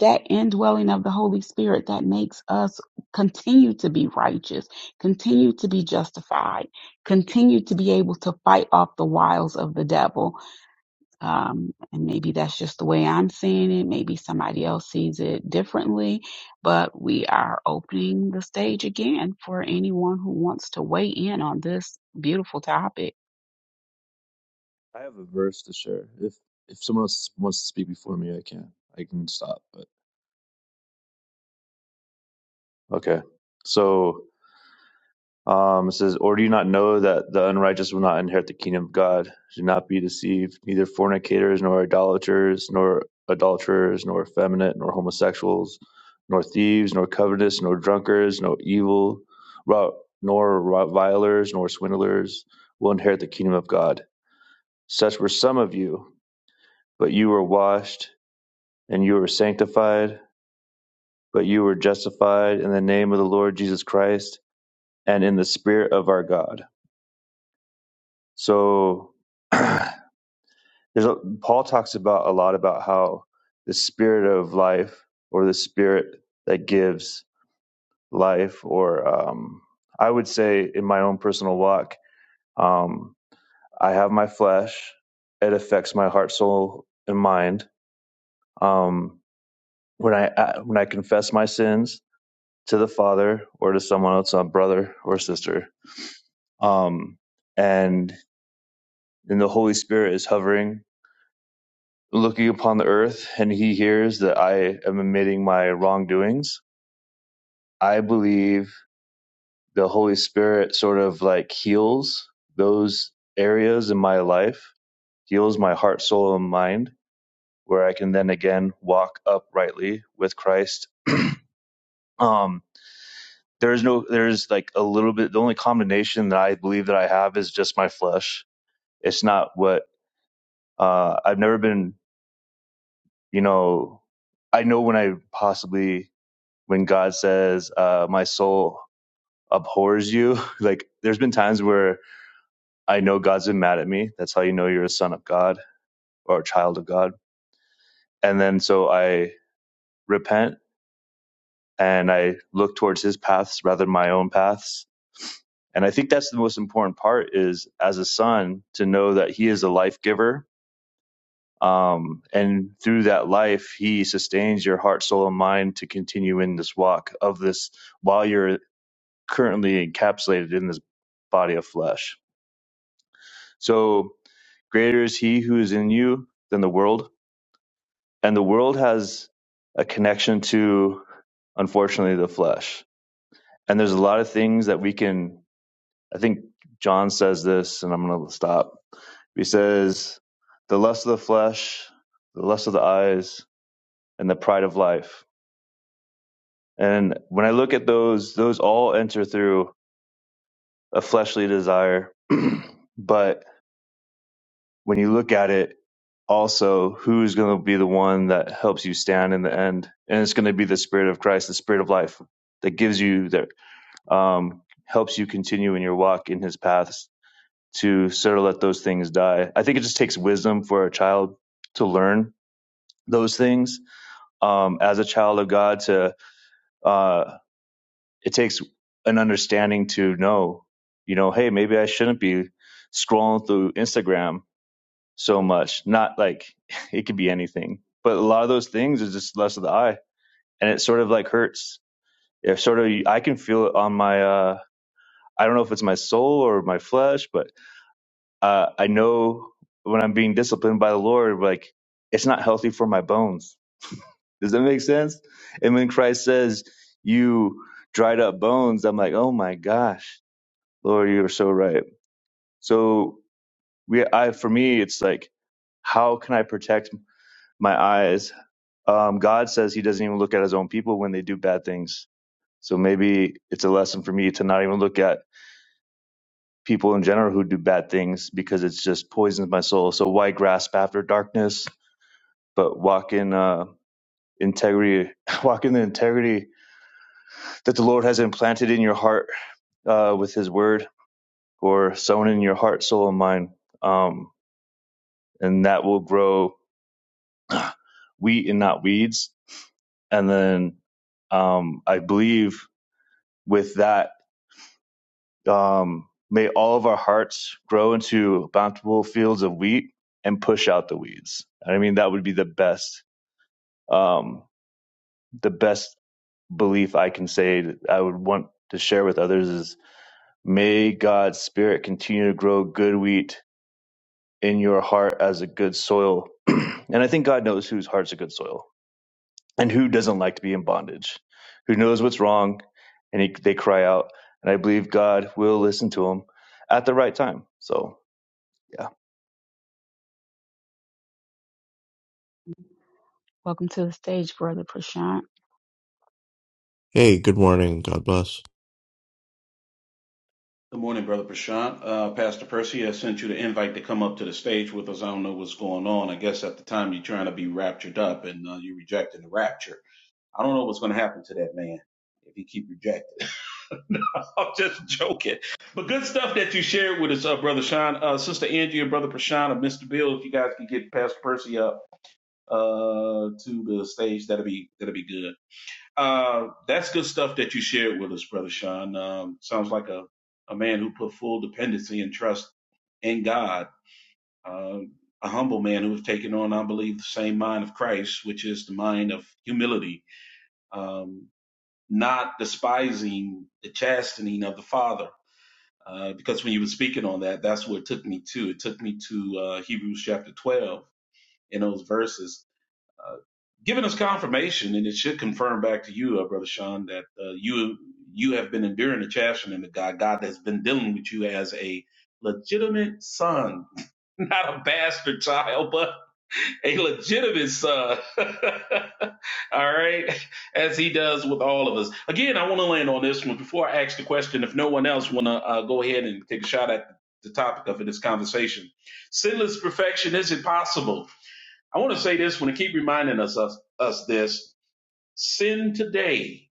Speaker 2: That indwelling of the Holy Spirit that makes us continue to be righteous, continue to be justified, continue to be able to fight off the wiles of the devil, um, and maybe that's just the way I'm seeing it. Maybe somebody else sees it differently, but we are opening the stage again for anyone who wants to weigh in on this beautiful topic.
Speaker 5: I have a verse to share. If if someone else wants to speak before me, I can. I can stop. But Okay. So. Um, it says, Or do you not know that the unrighteous will not inherit the kingdom of God? Do not be deceived. Neither fornicators, nor idolaters, nor adulterers, nor effeminate, nor homosexuals, nor thieves, nor covetous, nor drunkards, nor evil, ro- nor revilers, nor swindlers will inherit the kingdom of God. Such were some of you, but you were washed, and you were sanctified, but you were justified in the name of the Lord Jesus Christ and in the Spirit of our God So there's a, Paul talks about a lot about how the spirit of life or the spirit that gives life, or um, I would say in my own personal walk, um, I have my flesh. It affects my heart, soul, and mind. Um, when I I- when I confess my sins to the Father or to someone else, a brother or sister, um, and and the Holy Spirit is hovering looking upon the earth and he hears that I am admitting my wrongdoings, I believe the Holy Spirit sort of like heals those areas in my life, heals my heart, soul, and mind, where I can then again walk uprightly with Christ. Um, there's no, there's like a little bit, the only combination that I believe that I have is just my flesh. It's not what, uh, I've never been, you know, I know when I possibly when God says, uh, "My soul abhors you," like there's been times where I know God's been mad at me. That's how you know you're a son of God or a child of God. And then so I repent and I look towards His paths rather than my own paths. And I think that's the most important part is as a son to know that He is a life giver. Um, and through that life, he sustains your heart, soul, and mind to continue in this walk of this while you're currently encapsulated in this body of flesh. So greater is he who is in you than the world. And the world has a connection to, unfortunately, the flesh. And there's a lot of things that we can, I think John says this, and I'm going to stop. He says, the lust of the flesh, the lust of the eyes, and the pride of life. And when I look at those, those all enter through a fleshly desire. but when you look at it, also who's going to be the one that helps you stand in the end, and it's going to be the Spirit of Christ, the Spirit of life that gives you that um, helps you continue in your walk in His paths to sort of let those things die. I think it just takes wisdom for a child to learn those things um, as a child of God. To uh, it takes an understanding to know, you know, hey, maybe I shouldn't be scrolling through Instagram so much. Not like it could be anything, but a lot of those things is just lust of the eye, and it sort of like hurts. It sort of I can feel it on my. uh I don't know if it's my soul or my flesh, but uh, I know when I'm being disciplined by the Lord, like it's not healthy for my bones. Does that make sense? And when Christ says, "You dried up bones," I'm like, "Oh my gosh, Lord, you are so right." So we, I, for me, it's like, how can I protect my eyes? Um, God says He doesn't even look at His own people when they do bad things. So maybe it's a lesson for me to not even look at people in general who do bad things because it's just poisons my soul. So why grasp after darkness, but walk in uh, integrity, walk in the integrity that the Lord has implanted in your heart uh, with His Word, or sown in your heart, soul, and mind, um, and that will grow wheat and not weeds. And then um, I believe with that Um, may all of our hearts grow into bountiful fields of wheat and push out the weeds. I mean, that would be the best, um, the best belief I can say that I would want to share with others is may God's spirit continue to grow good wheat in your heart as a good soil. and I think God knows whose heart's a good soil and who doesn't like to be in bondage, who knows what's wrong and he, they cry out. And I believe God will listen to them at the right time. So yeah.
Speaker 2: Welcome to the stage, Brother Prashant.
Speaker 6: Hey, good morning. God bless.
Speaker 1: Good morning, Brother Prashant. Uh, Pastor Percy has sent you the invite to come up to the stage with us. I don't know what's going on. I guess at the time you're trying to be raptured up and uh, you're rejecting the rapture. I don't know what's going to happen to that man if he keep rejecting. No, I'm just joking. But good stuff that you shared with us, uh, Brother Sean. Uh, Sister Angie and Brother Prashant and Mr. Bill, if you guys can get Pastor Percy up uh, to the stage, that'll be that'll be good. Uh, that's good stuff that you shared with us, Brother Sean. Um, sounds like a, a man who put full dependency and trust in God, uh, a humble man who has taken on, I believe, the same mind of Christ, which is the mind of humility, um, not despising the chastening of the Father. Uh, because when you were speaking on that, that's what it took me to. It took me to uh, Hebrews chapter 12 in those verses uh, giving us confirmation, and it should confirm back to you, uh, brother Sean, that uh, you you have been enduring the chastening of God. God has been dealing with you as a legitimate son, not a bastard child, but a legitimate son. all right, as He does with all of us. Again, I want to land on this one before I ask the question. If no one else want to uh, go ahead and take a shot at the topic of this conversation, sinless perfection is it possible? I want to say this when it keep reminding us, us us this sin today,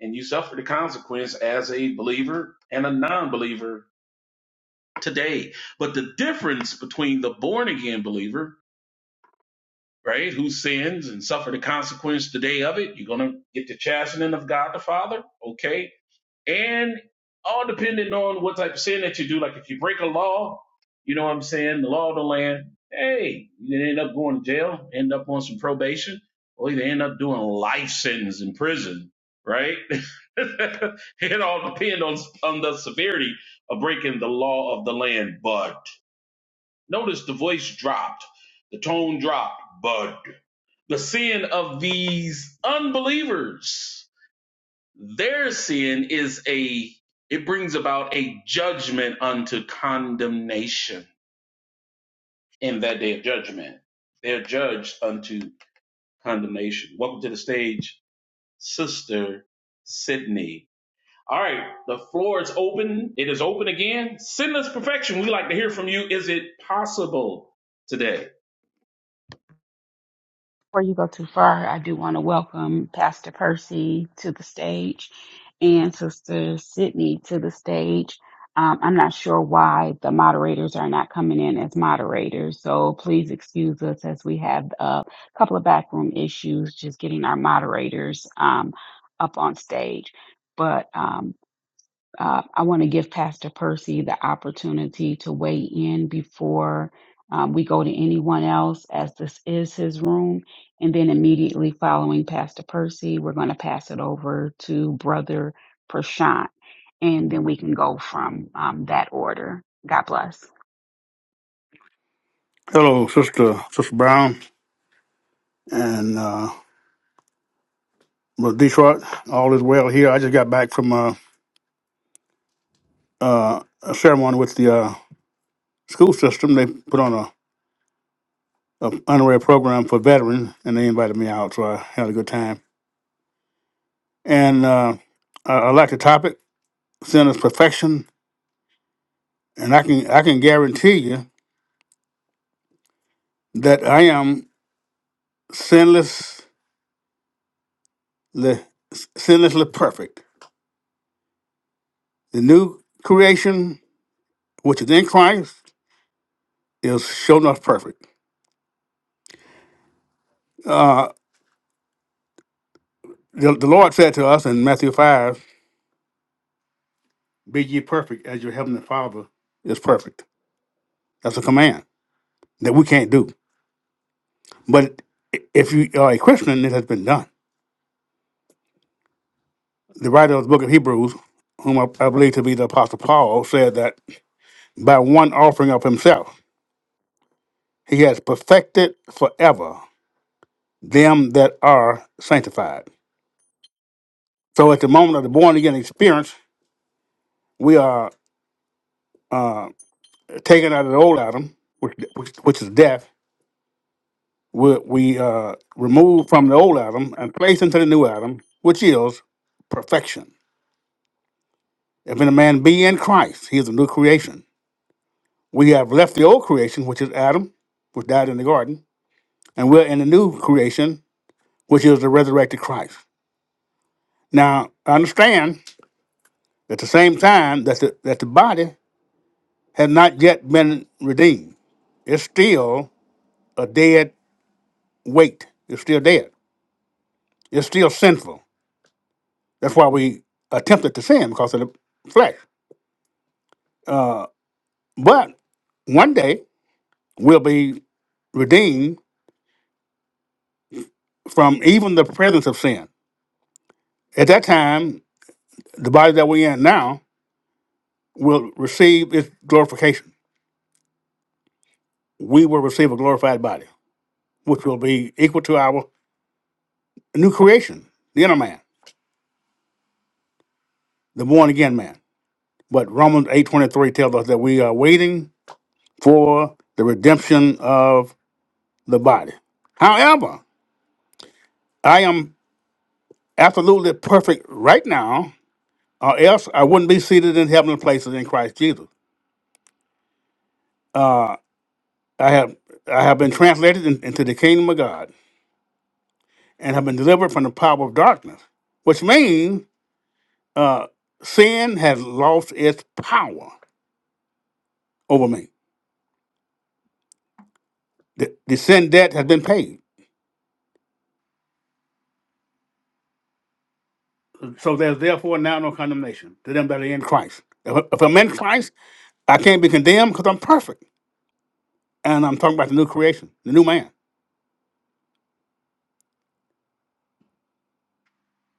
Speaker 1: and you suffer the consequence as a believer and a non-believer today. But the difference between the born again believer, right, who sins and suffer the consequence today of it, you're gonna get the chastening of God the Father, okay, and all depending on what type of sin that you do. Like if you break a law, you know what I'm saying, the law of the land, hey, you can end up going to jail, end up on some probation, or you can end up doing a life sentence in prison, right? it all depends on on the severity of breaking the law of the land. But notice the voice dropped, the tone dropped, but the sin of these unbelievers their sin is a, it brings about a judgment unto condemnation in that day of judgment. They're judged unto condemnation. Welcome to the stage, Sister Sydney. All right, the floor is open. It is open again. Sinless perfection. We like to hear from you. Is it possible today?
Speaker 2: Before you go too far, I do want to welcome Pastor Percy to the stage and Sister Sydney to the stage. Um, I'm not sure why the moderators are not coming in as moderators, so please excuse us as we have a couple of backroom issues just getting our moderators um, up on stage. But um, uh, I want to give Pastor Percy the opportunity to weigh in before um, we go to anyone else, as this is his room. And then immediately following Pastor Percy, we're going to pass it over to Brother Prashant. And then we can go from um, that order. God bless.
Speaker 7: Hello, Sister Sister Brown and uh, Brother Detroit. All is well here. I just got back from uh, uh, a ceremony with the uh, school system. They put on a, a honorary program for veterans, and they invited me out, so I had a good time. And uh, I, I like the topic, sin is perfection, and I can I can guarantee you that I am sinlessly sinlessly perfect. The new creation, which is in Christ, is sure enough perfect Uh, The, the Lord said to us in Matthew 5, Be ye perfect as your heavenly Father is perfect. That's a command that we can't do. But i- if you are a Christian, it has been done. The writer of the book of Hebrews, whom I, I believe to be the Apostle Paul, said that by one offering of himself, he has perfected forever them that are sanctified. So at the moment of the born again experience, we are uh, taken out of the old Adam, which, which, which is death, we, we uh, remove from the old Adam and place into the new Adam, which is perfection. If any man be in Christ, he is a new creation. We have left the old creation, which is Adam, which died in the garden, and we're in the new creation, which is the resurrected Christ. Now, I understand at the same time that the, that the body has not yet been redeemed. It's still a dead weight. It's still dead. It's still sinful. That's why we attempted to sin because of the flesh. Uh, But one day we'll be redeemed from even the presence of sin. At that time, the body that we're in now will receive its glorification. We will receive a glorified body, which will be equal to our new creation, the inner man, the born again man. But Romans 8:23 tells us that we are waiting for the redemption of the body. However, I am absolutely perfect right now, or else I wouldn't be seated in heavenly places in Christ Jesus. Uh, I have I have been translated in- into the kingdom of God and have been delivered from the power of darkness, which means uh, sin has lost its power over me. The, the sin debt has been paid. So there's therefore now no condemnation to them that are in Christ. If, if I'm in Christ, I can't be condemned because I'm perfect. And I'm talking about the new creation, the new man.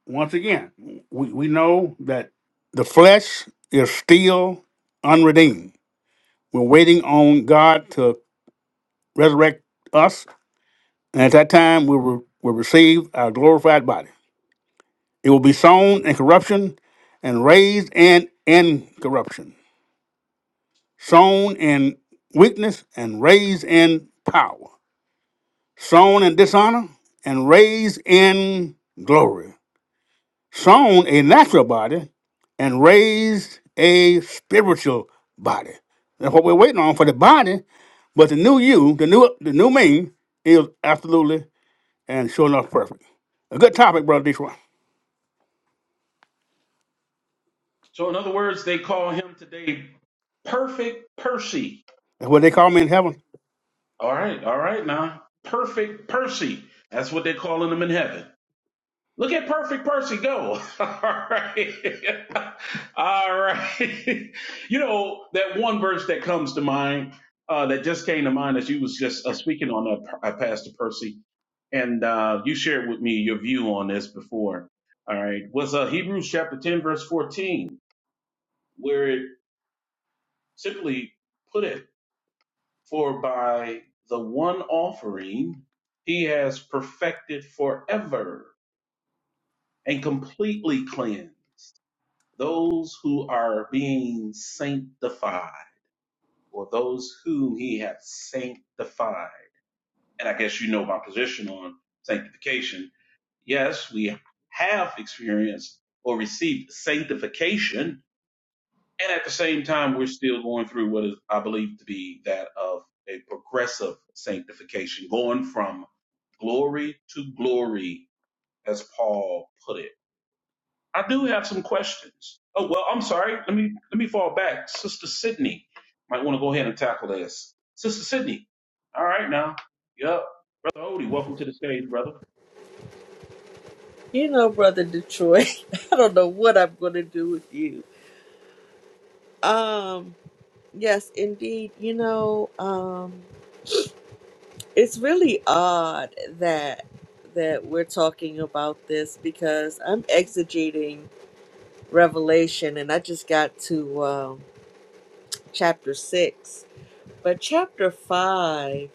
Speaker 7: Once again, we, we know that the flesh is still unredeemed. We're waiting on God to resurrect us, and at that time we will, will receive our glorified body. It will be sown in corruption and raised in incorruption, sown in weakness and raised in power, sown in dishonor and raised in glory, sown a natural body and raised a spiritual body. That's what we're waiting on for the body, but the new you, the new the new me, is absolutely and sure enough, perfect. A good topic, Brother Detroit.
Speaker 1: So, in other words, they call him today Perfect Percy.
Speaker 7: That's what they
Speaker 1: He's
Speaker 7: call me in heaven.
Speaker 1: All right, all right now. Perfect Percy. That's what they're calling him in heaven. Look at perfect Percy go. all right. all right. you know, that one verse that comes to mind, uh, that just came to mind as you was just uh, speaking on that, P- uh, Pastor Percy, and uh, you shared with me your view on this before. All right. Was uh, Hebrews chapter 10, verse 14, where it simply put it For by the one offering he has perfected forever and completely cleansed those who are being sanctified, or those whom he hath sanctified. And I guess you know my position on sanctification. Yes, we have experienced or received sanctification, and at the same time, we're still going through what is, I believe, to be that of a progressive sanctification, going from glory to glory, as Paul put it. I do have some questions. Oh well, I'm sorry. Let me let me fall back. Sister Sydney might want to go ahead and tackle this. Sister Sydney. All right now. Yep. Brother Odie, welcome to the stage, brother.
Speaker 8: You know, brother Detroit, I don't know what I'm going to do with you. Um, yes, indeed. You know, um, it's really odd that that we're talking about this because I'm exegeting Revelation, and I just got to um, chapter six, but chapter five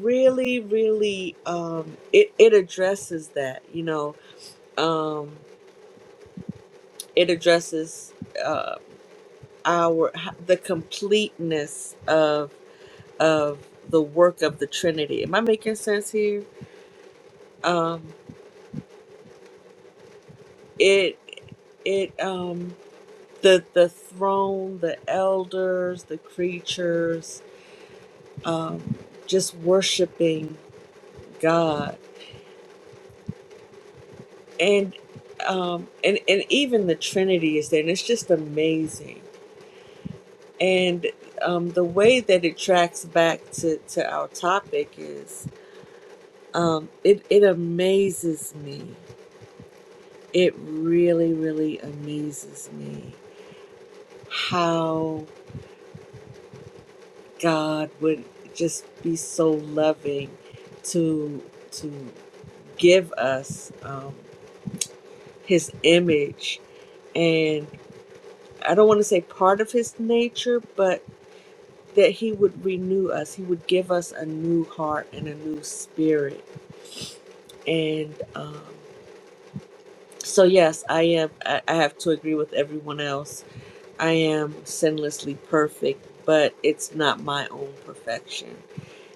Speaker 8: really, really, um, it it addresses that. You know, um, it addresses. uh, our the completeness of of the work of the Trinity. Am I making sense here? Um, it it um the the throne, the elders, the creatures, um, just worshiping God and um and and even the Trinity is there, and it's just amazing. And um, the way that it tracks back to to our topic is um, it, it amazes me. It really, really amazes me how God would just be so loving to to give us um, His image, and I don't want to say part of His nature, but that He would renew us. He would give us a new heart and a new spirit, and um, so yes, I am. I, I have to agree with everyone else I am sinlessly perfect, but it's not my own perfection.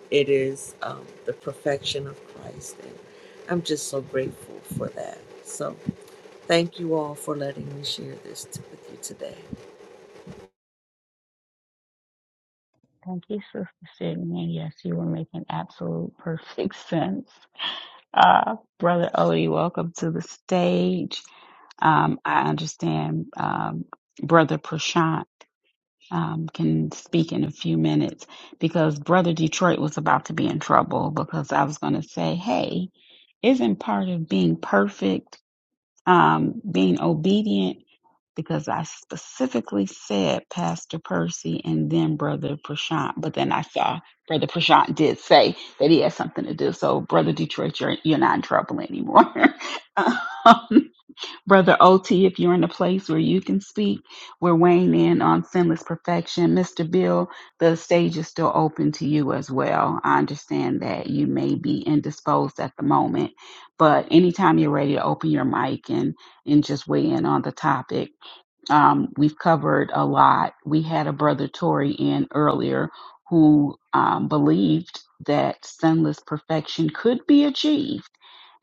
Speaker 8: It is um, the perfection of Christ. And I'm just so grateful for that. So thank you all for letting me share this t- with you today.
Speaker 2: Thank you, Sister Sydney. Yes, you were making absolute perfect sense. Uh, Brother Odie, welcome to the stage. Um, I understand um, Brother Prashant um, can speak in a few minutes because Brother Detroit was about to be in trouble because I was going to say, hey, isn't part of being perfect um, being obedient? Because I specifically said Pastor Percy and then Brother Prashant, but then I saw Brother Prashant did say that he had something to do. So, Brother Detroit, you're, you're not in trouble anymore. Brother OT, if you're in a place where you can speak, we're weighing in on sinless perfection. Mr. Bill, the stage is still open to you as well. I understand that you may be indisposed at the moment, but anytime you're ready to open your mic and, and just weigh in on the topic, um, we've covered a lot. We had a brother Tory in earlier who um, believed that sinless perfection could be achieved,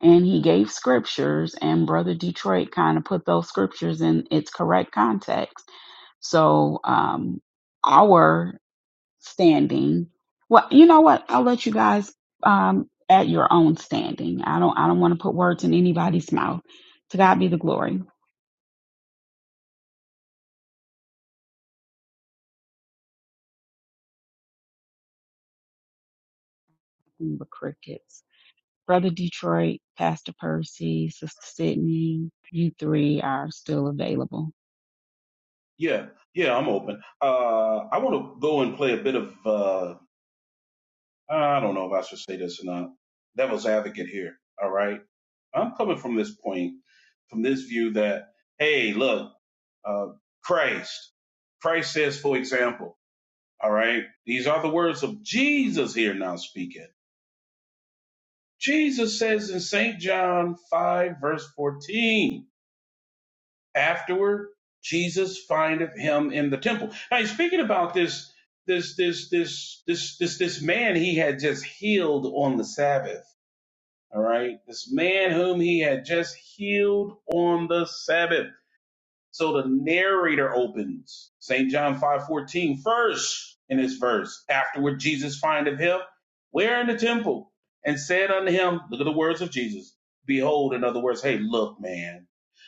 Speaker 2: and he gave scriptures, and brother Detroit kind of put those scriptures in its correct context. So um, our standing, well, you know what? I'll let you guys um, at your own standing. I don't, I don't want to put words in anybody's mouth. To God be the glory. Remember Crickets. Brother Detroit, Pastor Percy, Sister Sydney, you
Speaker 1: Yeah.
Speaker 2: three are still available.
Speaker 1: Yeah. Yeah, I'm open. Uh I want to go and play a bit of uh I don't know if I should say this or not. Devil's advocate here. All right. I'm coming from this point, from this view that, hey, look, uh, Christ, Christ says, for example, all right, these are the words of Jesus here now speaking. Jesus says in St. John 5, verse 14, afterward, Jesus findeth him in the temple. Now he's speaking about this, this, this, this, this, this, this man he had just healed on the Sabbath. All right. This man whom he had just healed on the Sabbath. So the narrator opens St. John five fourteen first in this verse. Afterward, Jesus findeth him where in the temple and said unto him, Look at the words of Jesus. Behold, in other words, hey, look, man.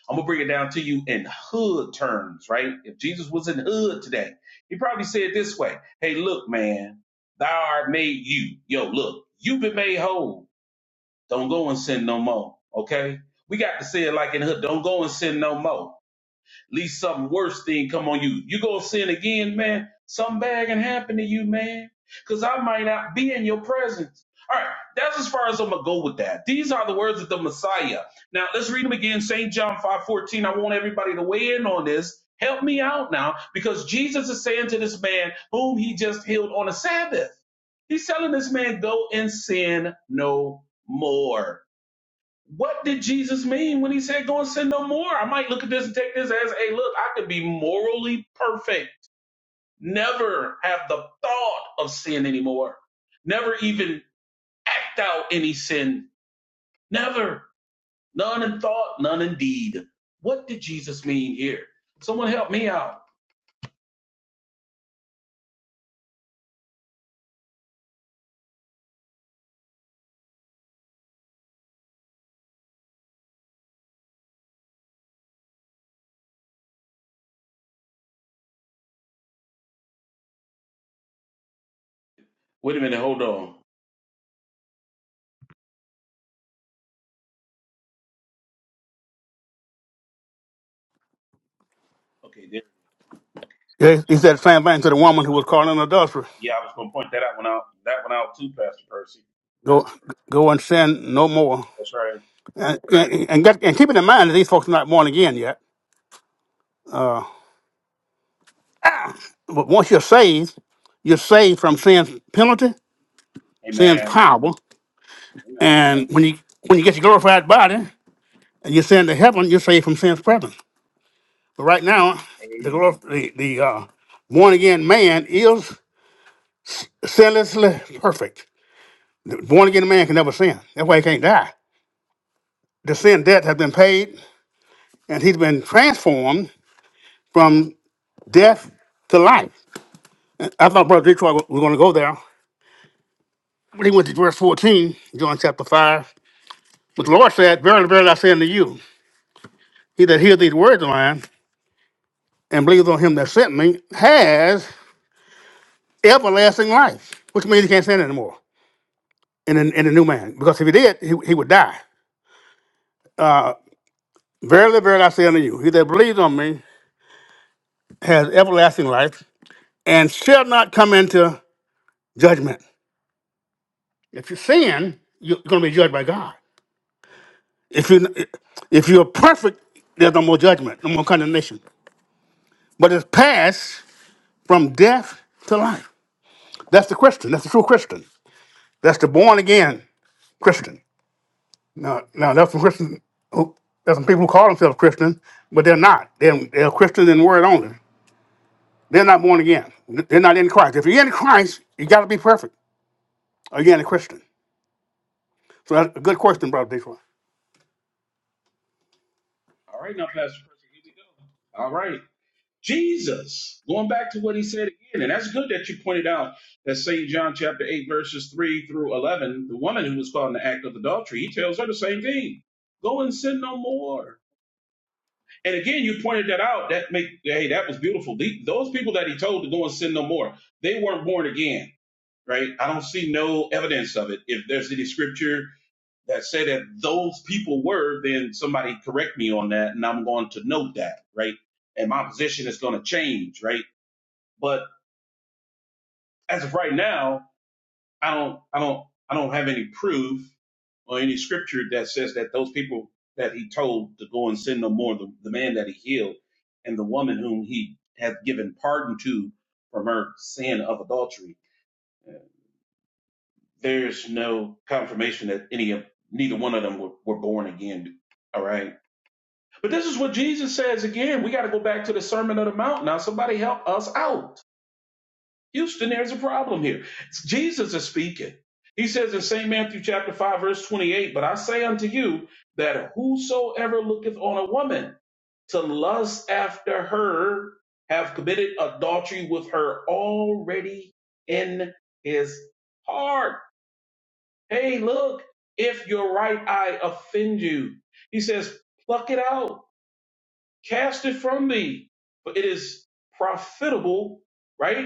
Speaker 1: I'm gonna bring it down to you in hood terms, right? If Jesus was in hood today, he probably said this way: Hey, look, man, thou art made you. Yo, look, you've been made whole. Don't go and sin no more. Okay? We got to say it like in hood. Don't go and sin no more least something worse thing come on you. You gonna sin again, man. Something bad can happen to you, man. Cause I might not be in your presence. All right, that's as far as I'm gonna go with that. These are the words of the Messiah. Now let's read them again. St. John 5:14. I want everybody to weigh in on this. Help me out now, because Jesus is saying to this man whom he just healed on a Sabbath. He's telling this man, go and sin no more. What did Jesus mean when he said, go and sin no more? I might look at this and take this as, hey, look, I could be morally perfect, never have the thought of sin anymore, never even act out any sin, never, none in thought, none in deed. What did Jesus mean here? Someone help me out. Wait a minute, hold on. Okay, there.
Speaker 7: Yeah, He said the same thing to the woman who was caught in adultery.
Speaker 1: Yeah, I was going to point that out one out, that one out too, Pastor Percy.
Speaker 7: Go, go and sin no more.
Speaker 1: That's right.
Speaker 7: And, and, and, get, and keep it in mind that these folks are not born again yet. But once you're saved, you're saved from sin's penalty, sin's
Speaker 1: Amen.
Speaker 7: power.
Speaker 1: Amen.
Speaker 7: And when you when you get your glorified body and you send to heaven, you're saved from sin's presence. But right now, the
Speaker 1: Amen.
Speaker 7: glor- the, the uh, born again man is sinlessly perfect. Born again man can never sin. That's why he can't die. The sin debt has been paid, and he's been transformed from death to life. I thought Brother Detroit was going to go there, but he went to verse 14, John chapter 5. But the Lord said, Verily, verily, I say unto you, he that hears these words of mine and believes on him that sent me has everlasting life, which means he can't sin anymore in a, in the new man, because if he did, he, he would die. Verily, verily, I say unto you, he that believes on me has everlasting life and shall not come into judgment. If you sin, you're going to be judged by God. If you if you're perfect, there's no more judgment, no more condemnation. But it's passed from death to life. That's the Christian. That's the true Christian. That's the born again Christian. Now, now there's some Christians. Who, there's some people who call themselves Christian, but they're not. They're, they're Christian in word only. They're not born again. They're not in Christ. If you're in Christ, you got to be perfect. Are you in a Christian? So that's a good question, brother Detroit.
Speaker 1: All right, now, Pastor Percy, here we go. All right. Jesus, going back to what he said again, and that's good that you pointed out that St. John chapter 8, verses 3 through 11, the woman who was caught in the act of adultery, he tells her the same thing go and sin no more. And again, you pointed that out. That make hey, that was beautiful. The- those people that he told to go and sin no more, they weren't born again, right? I don't see no evidence of it. If there's any scripture that said that those people were, then somebody correct me on that, and I'm going to note that, right? And my position is going to change, right? But as of right now, I don't, I don't, I don't have any proof or any scripture that says that those people that he told to go and sin no more, the, the man that he healed and the woman whom he had given pardon to from her sin of adultery, there's no confirmation that any of neither one of them were, were born again. All right. But this is what Jesus says again. We got to go back to the Sermon on the Mount now. Somebody help us out. Houston, there's a problem here. Jesus is speaking. He says in St. Matthew chapter 5, verse 28, But I say unto you that whosoever looketh on a woman to lust after her have committed adultery with her already in his heart. Hey, look, if your right eye offend you, he says, pluck it out, cast it from thee, for it is profitable, right?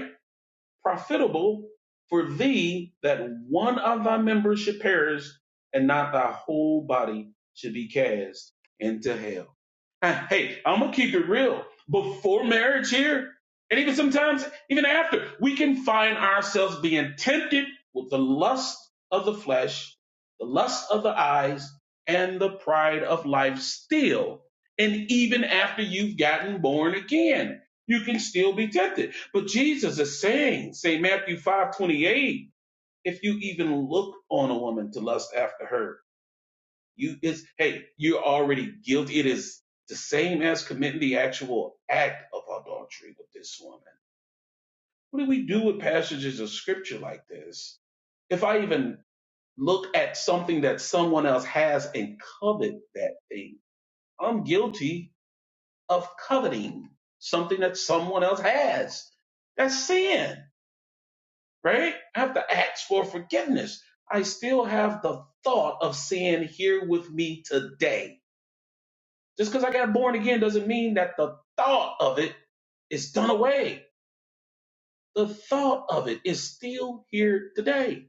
Speaker 1: profitable for thee that one of thy members should perish and not thy whole body should be cast into hell. Uh, Hey, I'm gonna keep it real. Before marriage here, and even sometimes even after, we can find ourselves being tempted with the lust of the flesh, the lust of the eyes, and the pride of life still. And even after you've gotten born again you can still be tempted. But Jesus is saying, say Matthew five twenty eight, if you even look on a woman to lust after her, you is hey, you're already guilty. It is the same as committing the actual act of adultery with this woman. What do we do with passages of scripture like this? If I even look at something that someone else has and covet that thing, I'm guilty of coveting something that someone else has. That's sin. right? I have to ask for forgiveness. I still have the thought of sin here with me today. Just because I got born again doesn't mean that the thought of it is done away. The thought of it is still here today.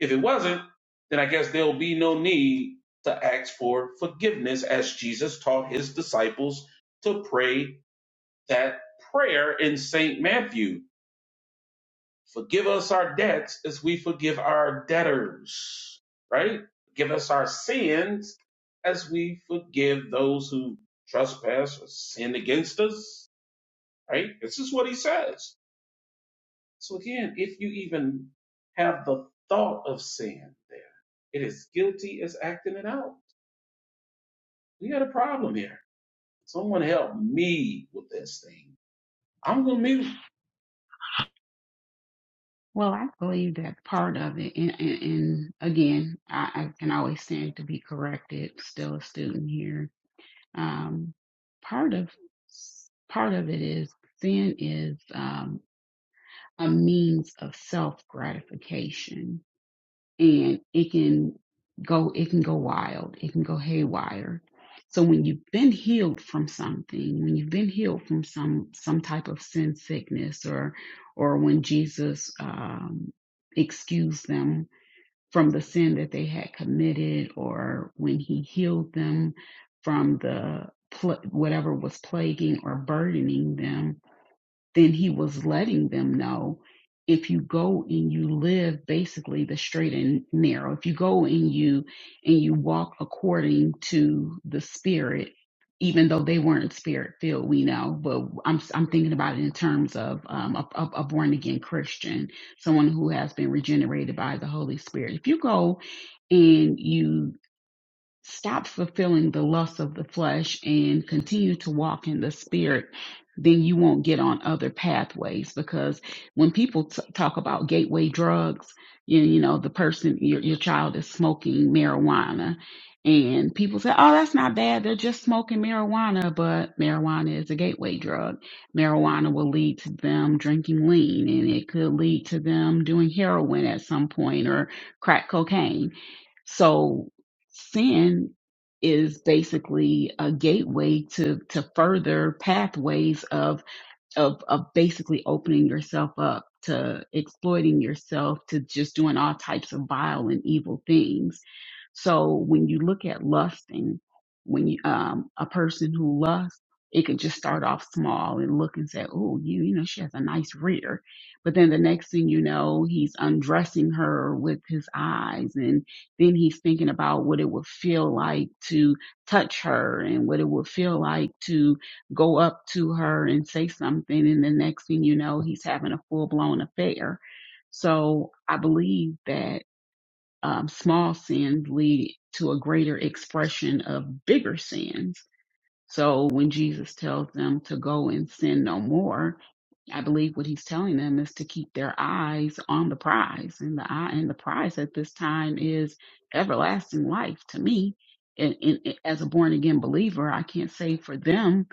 Speaker 1: If it wasn't, then I guess there'll be no need to ask for forgiveness as Jesus taught his disciples to pray that prayer in St. Matthew. Forgive us our debts as we forgive our debtors, right? Give us our sins as we forgive those who trespass or sin against us, right? This is what he says. So again, if you even have the thought of sin there, it is guilty as acting it out. We got a problem here. Someone help me with this thing. I'm gonna mute.
Speaker 2: Well, I believe that part of it, and, and, and again, I, I can always stand to be corrected. Still a student here. Um, part of part of it is sin is um, a means of self gratification. and it can go it can go wild it can go haywire so when you've been healed from something when you've been healed from some some type of sin sickness or or when jesus um excused them from the sin that they had committed or when he healed them from the pl- whatever was plaguing or burdening them then he was letting them know if you go and you live basically the straight and narrow if you go and you and you walk according to the spirit even though they weren't spirit filled we know but i'm i'm thinking about it in terms of um a, a, a born again christian someone who has been regenerated by the holy spirit if you go and you stop fulfilling the lust of the flesh and continue to walk in the spirit then you won't get on other pathways because when people t- talk about gateway drugs you, you know the person your, your child is smoking marijuana and people say oh that's not bad they're just smoking marijuana but marijuana is a gateway drug marijuana will lead to them drinking lean and it could lead to them doing heroin at some point or crack cocaine so sin is basically a gateway to to further pathways of of of basically opening yourself up to exploiting yourself to just doing all types of vile and evil things. So when you look at lusting, when you um a person who lusts, it could just start off small and look and say, Oh, you you know, she has a nice rear. But then the next thing you know, he's undressing her with his eyes and then he's thinking about what it would feel like to touch her and what it would feel like to go up to her and say something. And the next thing you know, he's having a full blown affair. So I believe that um, small sins lead to a greater expression of bigger sins. So when Jesus tells them to go and sin no more, I believe what he's telling them is to keep their eyes on the prize, and the eye and the prize at this time is everlasting life. To me, and, and and as a born again believer, I can't say for them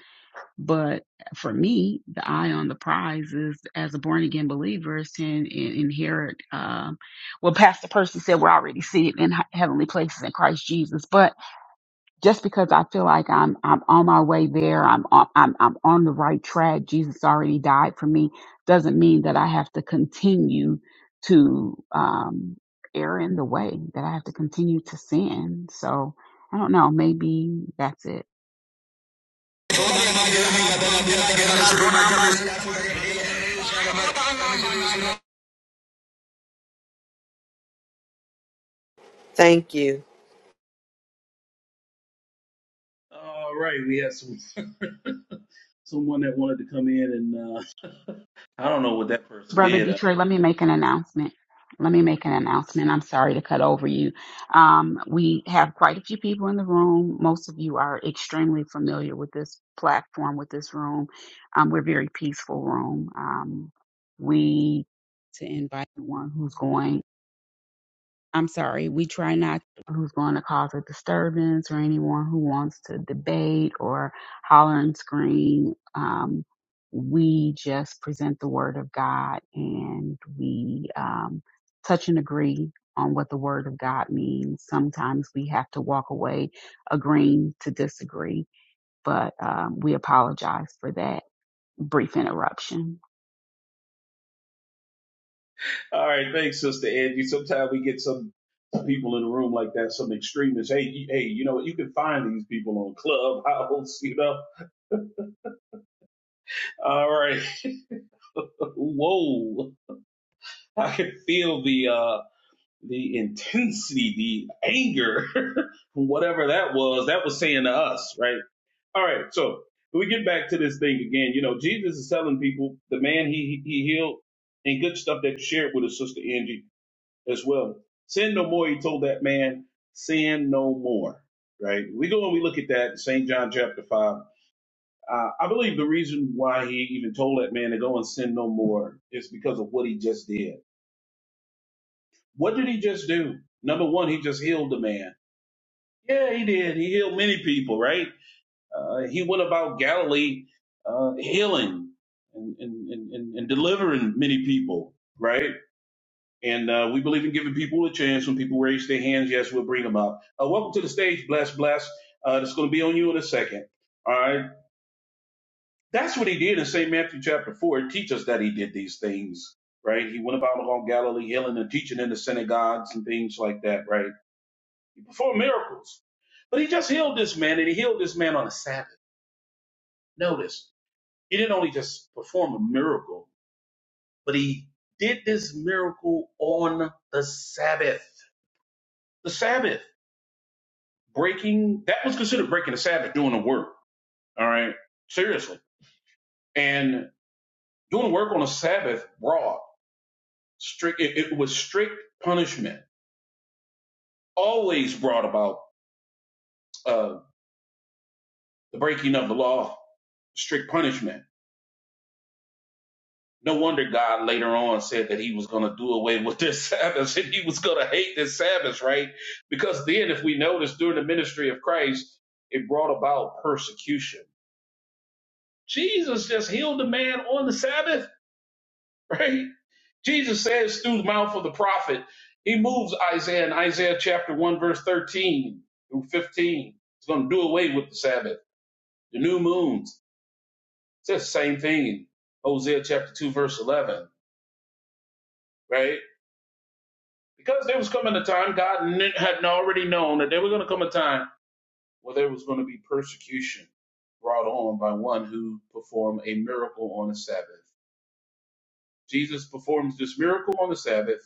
Speaker 2: but for me, the eye on the prize is as a born again believer is to in, in, inherit um, what Pastor Percy said. We're already seated in he- heavenly places in Christ Jesus. But just because I feel like I'm I'm on my way there, I'm on, I'm I'm on the right track. Jesus already died for me. Doesn't mean that I have to continue to um, err in the way. That I have to continue to sin. So I don't know. Maybe that's it.
Speaker 8: Thank you.
Speaker 1: All right, we had some someone that wanted to come in and. uh, I don't know what that person
Speaker 2: Brother
Speaker 1: did. uh,
Speaker 2: Detroit, let me make an announcement. Let me make an announcement. I'm sorry to cut over you. Um, we have quite a few people in the room. Most of you are extremely familiar with this platform, with this room. Um, we're a very peaceful room. Um, we to invite one who's going. I'm sorry, we try not who's going to cause a disturbance or anyone who wants to debate or holler and scream. Um, we just present the word of God and we um, touch and agree on what the word of God means. Sometimes we have to walk away agreeing to disagree, but um, we apologize for that brief interruption.
Speaker 1: All right, thanks, Sister Angie. Sometimes we get some people in the room like that, some extremists. Hey, you- hey, you know what? You can find these people on Clubhouse. You know. All right. Whoa, I can feel the uh the intensity, the anger, whatever that was. That was saying to us, right? All right. So we get back to this thing again. You know, Jesus is telling people the man he he healed and good stuff that you shared with us, Sister Angie as well. Sin no more, he told that man, sin no more. Right? We go and we look at that, St. John chapter 5. Uh, I believe the reason why he even told that man to go and sin no more is because of what he just did. What did he just do? Number one, he just healed the man. Yeah, he did. He healed many people, right? Uh, he went about Galilee uh, healing and, and, and and delivering many people, right? And uh, we believe in giving people a chance. When people raise their hands, yes, we'll bring them up. Uh, welcome to the stage, bless, bless. Uh, it's going to be on you in a second. All right. That's what he did in St. Matthew chapter 4. It teaches us that he did these things, right? He went about along Galilee, healing and teaching in the synagogues and things like that, right? He performed miracles. But he just healed this man, and he healed this man on a Sabbath. Notice, he didn't only just perform a miracle, but he did this miracle on the Sabbath. The Sabbath. breaking that was considered breaking the Sabbath doing the work. All right, seriously, and doing work on a Sabbath brought strict. It, it was strict punishment. Always brought about uh, the breaking of the law, strict punishment. No wonder God later on said that He was going to do away with this Sabbath and He was going to hate this Sabbath, right? Because then, if we notice during the ministry of Christ, it brought about persecution. Jesus just healed a man on the Sabbath, right? Jesus says through the mouth of the prophet, he moves Isaiah in Isaiah chapter 1, verse 13 through 15. He's going to do away with the Sabbath, the new moons. It says the same thing in Hosea chapter 2, verse 11, right? Because there was coming a time, God kn- had already known that there was going to come a time where there was going to be persecution brought on by one who performed a miracle on the Sabbath. Jesus performs this miracle on the Sabbath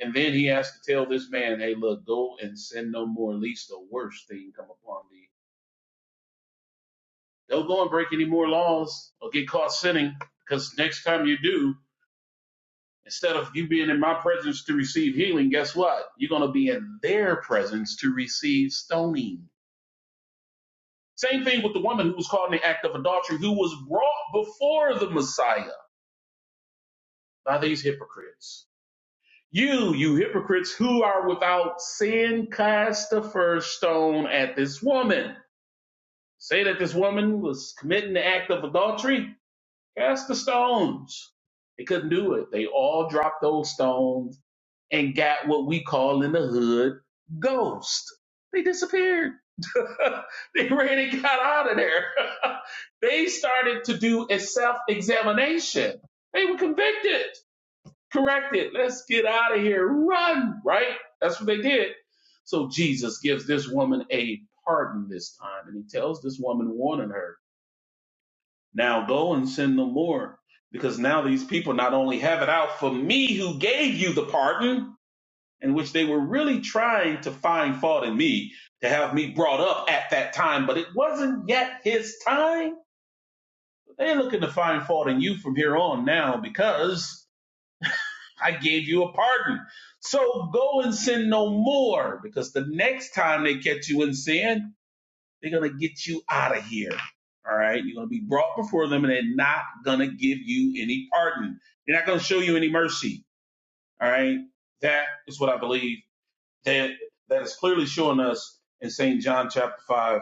Speaker 1: And then he has to tell this man, hey, look, go and sin no more, lest the worst thing come upon thee. Don't go and break any more laws or get caught sinning, because next time you do, instead of you being in my presence to receive healing, guess what? You're going to be in their presence to receive stoning. Same thing with the woman who was caught in the act of adultery, who was brought before the Messiah by these hypocrites. You, you hypocrites who are without sin, cast the first stone at this woman. Say that this woman was committing the act of adultery, cast the stones. They couldn't do it. They all dropped those stones and got what we call in the hood ghost. They disappeared. they ran and got out of there. they started to do a self examination. They were convicted, corrected. Let's get out of here. Run, right? That's what they did. So Jesus gives this woman a pardon this time, and he tells this woman, warning her now go and sin no more, because now these people not only have it out for me who gave you the pardon, in which they were really trying to find fault in me to have me brought up at that time, but it wasn't yet his time. They're looking to find fault in you from here on now because I gave you a pardon. So go and sin no more, because the next time they catch you in sin, they're going to get you out of here. All right. You're going to be brought before them and they're not going to give you any pardon. They're not going to show you any mercy. All right. That is what I believe that that is clearly showing us in St. John chapter five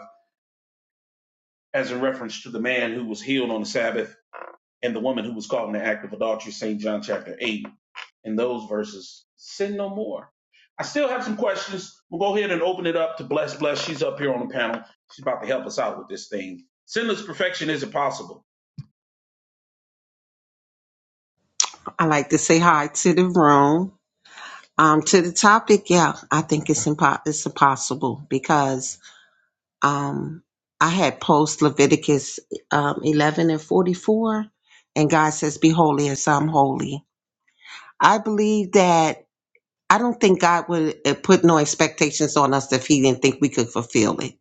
Speaker 1: as a reference to the man who was healed on the Sabbath and the woman who was caught in the act of adultery, St. John chapter 8, and those verses, sin no more. I still have some questions. We'll go ahead and open it up to Bless Bless. She's up here on the panel. She's about to help us out with this thing. Sinless perfection isn't possible.
Speaker 9: I like to say hi to the room. Um, to the topic, yeah, I think it's impo- it's impossible because um, I had post Leviticus um, 11 and 44, and God says, "Be holy as I'm holy." I believe that I don't think God would uh, put no expectations on us if He didn't think we could fulfill it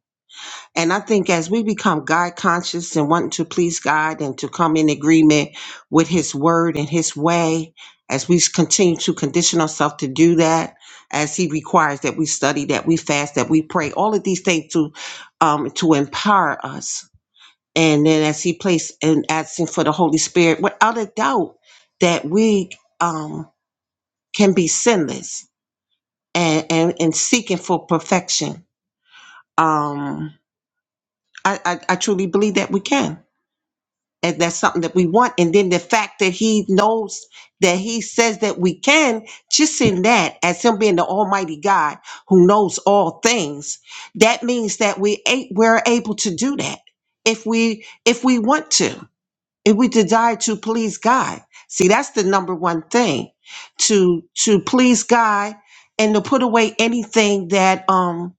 Speaker 9: And I think as we become God conscious and wanting to please God and to come in agreement with His word and His way, as we continue to condition ourselves to do that, as He requires that we study, that we fast, that we pray, all of these things to um, to empower us. And then as He placed and asking for the Holy Spirit, without a doubt, that we um, can be sinless and, and and seeking for perfection. Um, I, I I truly believe that we can and that's something that we want. And then the fact that he knows that he says that we can, just in that, as him being the Almighty God who knows all things, that means that we a- we're able to do that if we if we want to, if we desire to please God. See, that's the number one thing to to please God and to put away anything that um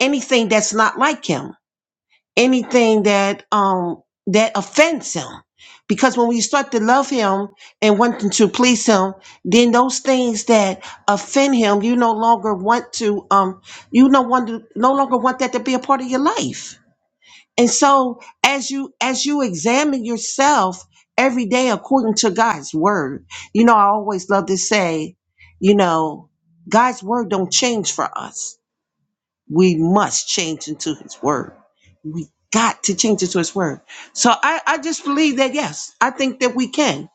Speaker 9: anything that's not like Him anything that um that offends him because when we start to love him and wanting to please him then those things that offend him you no longer want to um you no want to, no longer want that to be a part of your life and so as you as you examine yourself every day according to god's word you know i always love to say you know god's word don't change for us we must change into his word. We got to change into his word. So I, I just believe that, yes, I think that we can.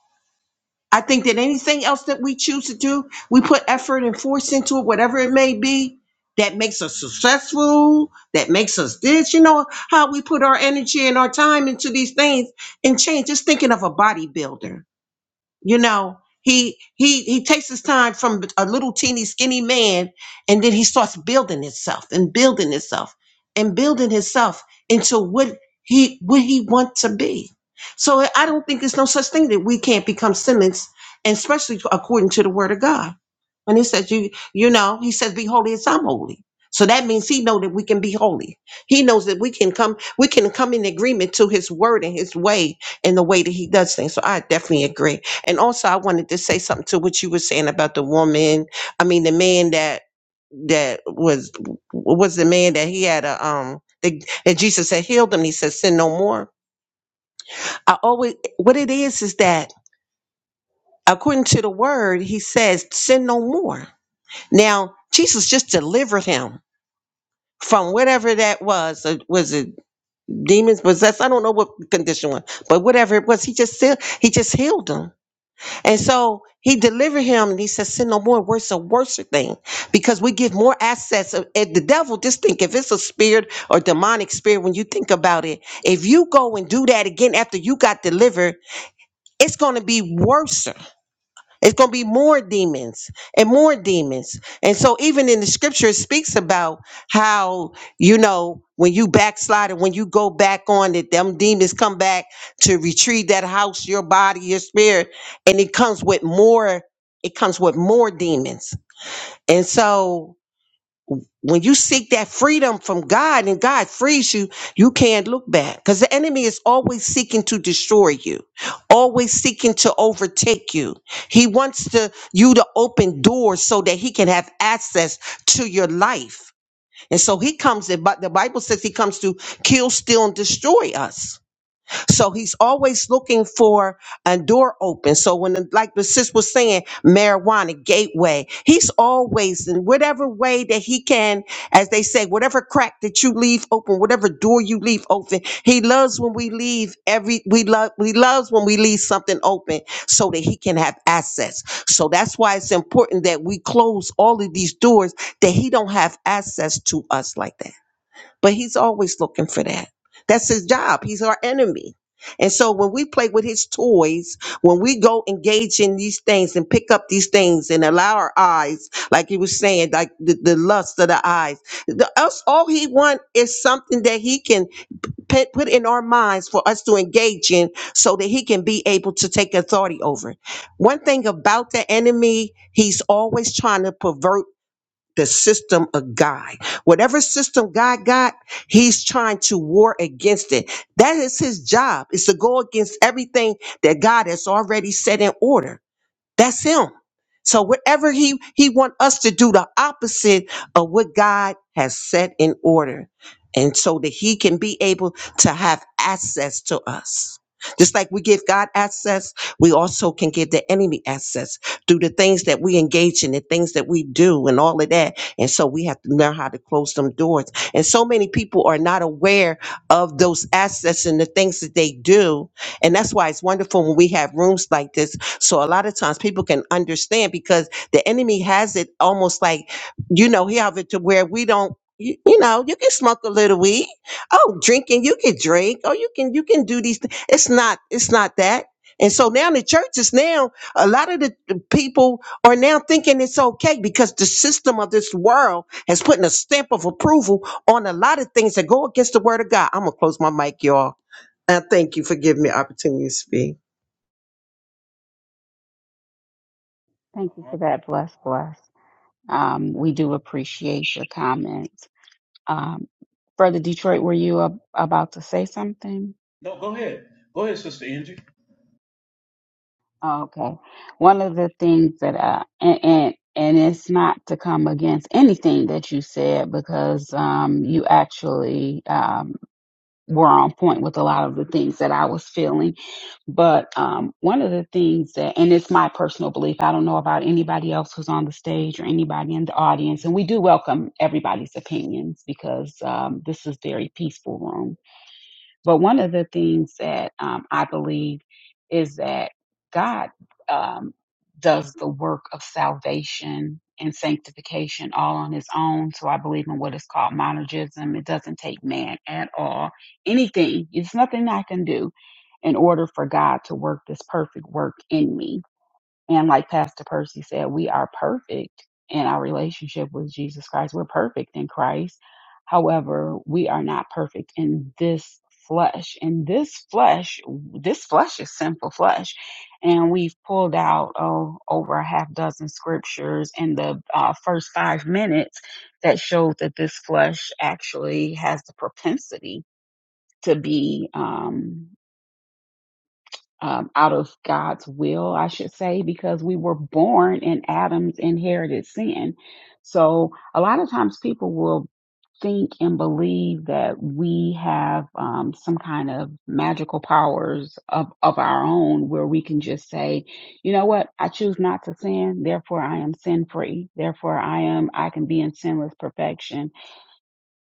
Speaker 9: I think that anything else that we choose to do, we put effort and force into it, whatever it may be, that makes us successful, that makes us this, you know, how we put our energy and our time into these things and change. Just thinking of a bodybuilder you know he he he takes his time from a little teeny skinny man and then he starts building himself and building himself and building himself into what he what he wants to be so i don't think there's no such thing that we can't become simmons and especially according to the word of god When he says you you know he says be holy as i'm holy so that means he know that we can be holy he knows that we can come we can come in agreement to his word and his way and the way that he does things so i definitely agree and also, I wanted to say something to what you were saying about the woman. I mean, the man that that was was the man that he had a um. That, that Jesus had healed him. He said, "Sin no more." I always what it is is that according to the word, he says, "Sin no more." Now, Jesus just delivered him from whatever that was. uh, Was it demons possessed? I don't know what condition was, but whatever it was, he just said he just healed him. And so he delivered him and he said, Sin no more. Worse a worse thing because we give more access. Of- And the devil, just think if it's a spirit or demonic spirit, when you think about it, if you go and do that again after you got delivered, it's going to be worse. It's going to be more demons and more demons. And so, even in the scripture, it speaks about how, you know, when you backslide and when you go back on it, them demons come back to retrieve that house, your body, your spirit, and it comes with more, it comes with more demons. And so, when you seek that freedom from God and God frees you, you can't look back because the enemy is always seeking to destroy you, always seeking to overtake you. He wants to you to open doors so that he can have access to your life. And so he comes in, but the Bible says he comes to kill, steal, and destroy us. So he's always looking for a door open. So when, the, like the sis was saying, marijuana gateway, he's always in whatever way that he can, as they say, whatever crack that you leave open, whatever door you leave open. He loves when we leave every, we love, we loves when we leave something open so that he can have access. So that's why it's important that we close all of these doors that he don't have access to us like that but he's always looking for that. That's his job. He's our enemy. And so when we play with his toys, when we go engage in these things and pick up these things and allow our eyes, like he was saying, like the, the lust of the eyes, the, us, all he want is something that he can pe- put in our minds for us to engage in so that he can be able to take authority over. it. One thing about the enemy, he's always trying to pervert the system of God. Whatever system God got, he's trying to war against it. That is his job, is to go against everything that God has already set in order. That's him. So whatever he he want us to do the opposite of what God has set in order and so that he can be able to have access to us. Just like we give God access, we also can give the enemy access through the things that we engage in, the things that we do and all of that. And so we have to learn how to close them doors. And so many people are not aware of those access and the things that they do. And that's why it's wonderful when we have rooms like this so a lot of times people can understand because the enemy has it almost like, you know, he have it to where we don't. You, you know, you can smoke a little weed. Oh, drinking, you can drink. Oh, you can you can do these. Th- it's not it's not that. And so now the churches now a lot of the the people are now thinking it's okay because the system of this world has put a stamp of approval on a lot of things that go against the word of God. I'm gonna close my mic, y'all. I thank you for giving me opportunity to speak.
Speaker 2: Thank you
Speaker 1: uh
Speaker 2: for that. Bless, bless. Um, we do appreciate your comments. Um, Brother Detroit, were you ab- about to say something?
Speaker 1: No, go ahead. Go ahead, Sister Angie.
Speaker 2: Oh, okay. One of the things that I, and, and, and it's not to come against anything that you said because, um, you actually, um, were on point with a lot of the things that I was feeling. But, um, one of the things that, and it's my personal belief, I don't know about anybody else who's on the stage or anybody in the audience. And we do welcome everybody's opinions because, um, this is very peaceful room But one of the things that um, I believe is that God um, does the work of salvation and sanctification all on his own. So I believe in what is called monergism. It doesn't take man at all. Anything, it's nothing I can do in order for God to work this perfect work in me. And like Pastor Percy said, we are perfect in our relationship with Jesus Christ. We're perfect in Christ. However, we are not perfect in this flesh. And this flesh, this flesh is sinful flesh. And we've pulled out oh, over a half dozen scriptures in the uh, first five minutes that show that this flesh actually has the propensity to be. um, um, out of God's will, I should say, because we were born in Adam's inherited sin. So a lot of times people will think and believe that we have um, some kind of magical powers of, of our own where we can just say, you know what, I choose not to sin, therefore I am sin free, therefore I am, I can be in sinless perfection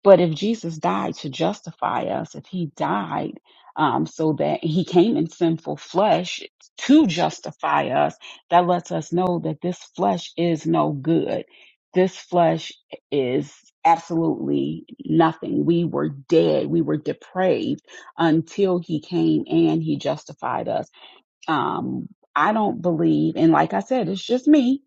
Speaker 2: but if Jesus died to justify us, if he died um, so that he came in sinful flesh to justify us, that lets us know that this flesh is no good. This flesh is absolutely nothing. We were dead. We were depraved until he came and he justified us. Um, I don't believe, and like I said, it's just me.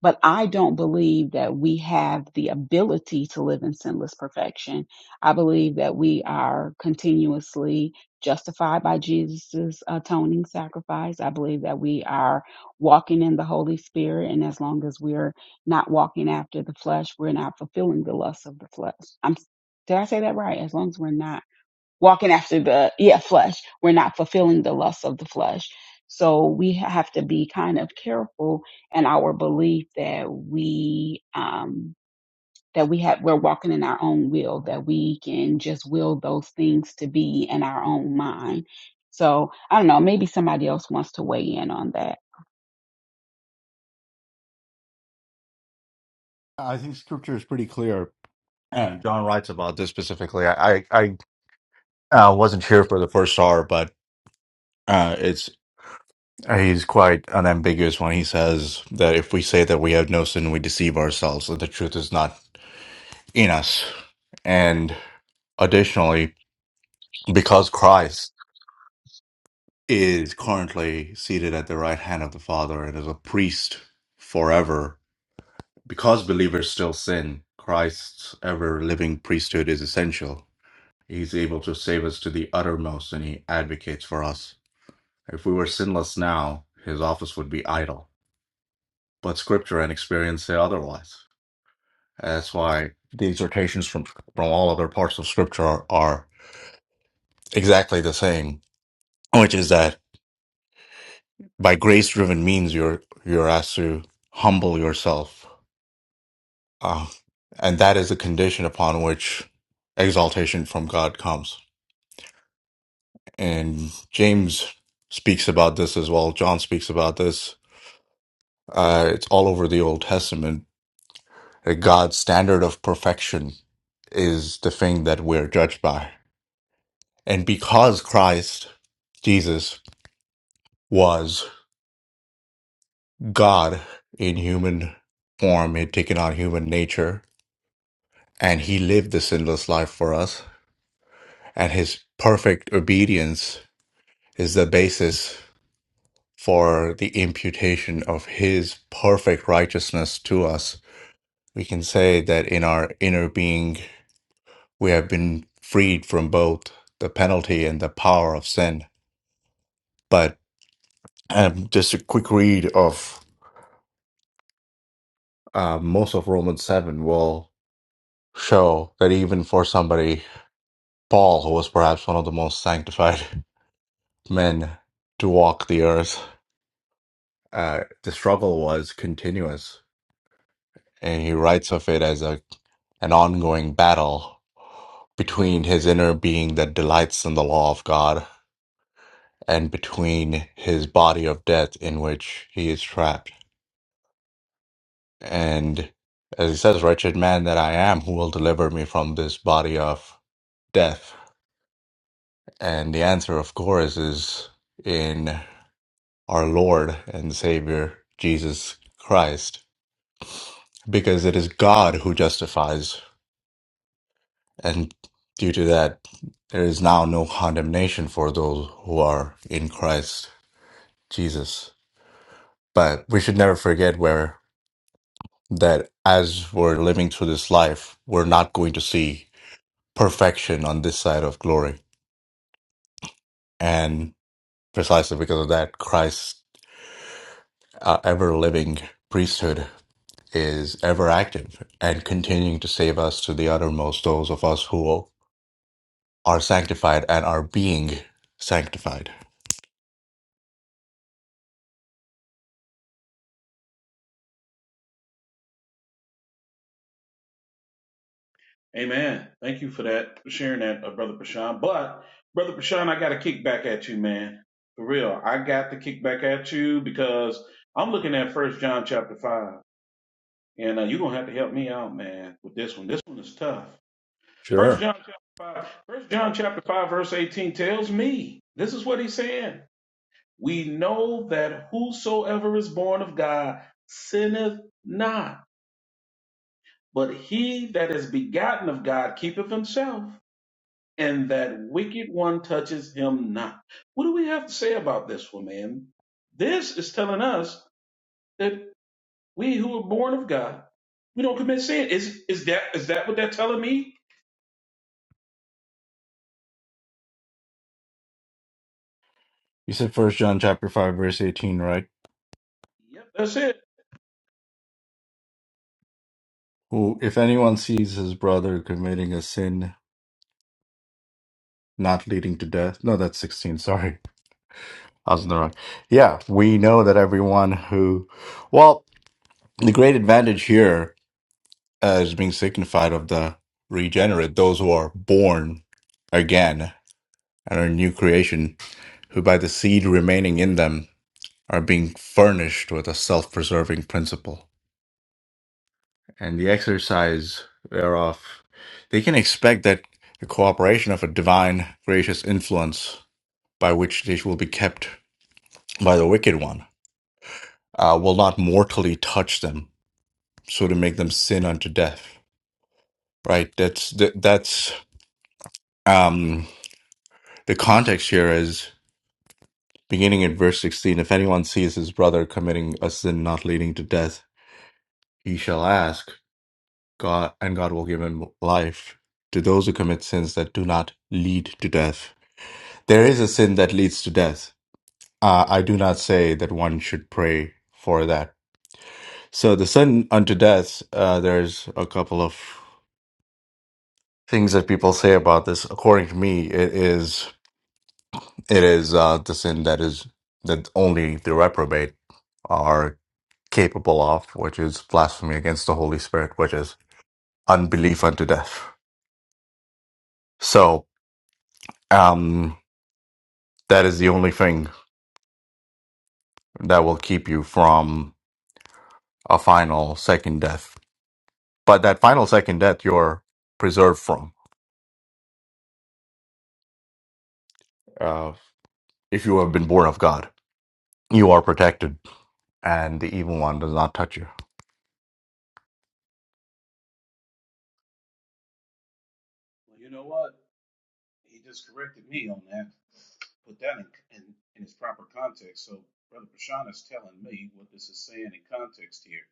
Speaker 2: But I don't believe that we have the ability to live in sinless perfection. I believe that we are continuously justified by Jesus' atoning sacrifice. I believe that we are walking in the Holy Spirit. And as long as we're not walking after the flesh, we're not fulfilling the lusts of the flesh. I'm, did I say that right? As long as we're not walking after the yeah flesh we're not fulfilling the lust of the flesh so we have to be kind of careful in our belief that we um that we have we're walking in our own will that we can just will those things to be in our own mind so i don't know maybe somebody else wants to weigh in on that
Speaker 6: I think scripture is pretty clear. And John writes about this specifically. I, I, I uh, wasn't here for the first hour, but uh, it's he's quite unambiguous when he says that if we say that we have no sin, we deceive ourselves, and the truth is not in us. And additionally, because Christ is currently seated at the right hand of the Father and is a priest forever, because believers still sin, Christ's ever living priesthood is essential He's able to save us to the uttermost and he advocates for us. If we were sinless now, his office would be idle. But scripture and experience say otherwise. That's why the exhortations from, from all other parts of scripture are, are exactly the same, which is that by grace driven means you're, you're asked to humble yourself. Uh, and that is the condition upon which exaltation from God comes. And James speaks about this as well. John speaks about this Uh, it's all over the Old Testament. that God's standard of perfection is the thing that we're judged by. And because Christ, Jesus, was God in human form, had taken on human nature, and he lived the sinless life for us, and his perfect obedience is the basis for the imputation of his perfect righteousness to us. We can say that in our inner being, we have been freed from both the penalty and the power of sin. But um, just a quick read of uh, most of Romans 7 will show that even for somebody, Paul, who was perhaps one of the most sanctified men to walk the earth, uh, the struggle was continuous. And he writes of it as a, an ongoing battle between his inner being that delights in the law of God and between his body of death in which he is trapped. And as he says, wretched man that I am, who will deliver me from this body of death? And the answer, of course, is in our Lord and Savior, Jesus Christ, because it is God who justifies. And due to that, there is now no condemnation for those who are in Christ Jesus. But we should never forget where that as we're living through this life, we're not going to see perfection on this side of glory And precisely because of that, Christ's uh, ever living priesthood is ever active and continuing to save us to the uttermost, those of us who are sanctified and are being sanctified.
Speaker 1: Amen. Thank you for that, for sharing that, uh, Brother Prashan. But, Brother Prashan, I got to kick back at you, man. For real. I got to kick back at you because I'm looking at First John chapter 5 And uh, you're gonna have to help me out, man, with this one. This one is tough. First
Speaker 6: Sure.
Speaker 1: John chapter five, First John chapter five, verse 18 tells me this is what he's saying. We know that whosoever is born of God sinneth not, but he that is begotten of God keepeth himself, and that wicked one touches him not. What do we have to say about this one, man? This is telling us that we who are born of God, we don't commit sin. Is is that is that what they're telling me?
Speaker 6: You said first John chapter five verse eighteen, right?
Speaker 1: Yep, that's it.
Speaker 6: Who if anyone sees his brother committing a sin not leading to death. No, that's sixteen, sorry. I was in the wrong. Yeah, we know that everyone who well, the great advantage here as being signified of the regenerate, those who are born again and are new creation, who by the seed remaining in them are being furnished with a self preserving principle. And the exercise thereof, they can expect that the cooperation of a divine gracious influence by which they will be kept by the wicked one uh, will not mortally touch them, so to make them sin unto death. Right? That's that, that's um The context here is beginning in verse 16 if anyone sees his brother committing a sin not leading to death, he shall ask, God, and God will give him life to those who commit sins that do not lead to death. There is a sin that leads to death. Uh, I do not say that one should pray for that. So, the sin unto death, uh, there's a couple of things that people say about this. According to me, it is it is uh, the sin that is that only the reprobate are capable of, which is blasphemy against the Holy Spirit, which is unbelief unto death. So um, that is the only thing that will keep you from a final second death. But that final second death, you're preserved from. Uh, if you have been born of God, you are protected, and the evil one does not touch you.
Speaker 1: Well, you know what? He just corrected me on that. Put that in, in, in its proper context. So, Brother Prashant is telling me what this is saying in context here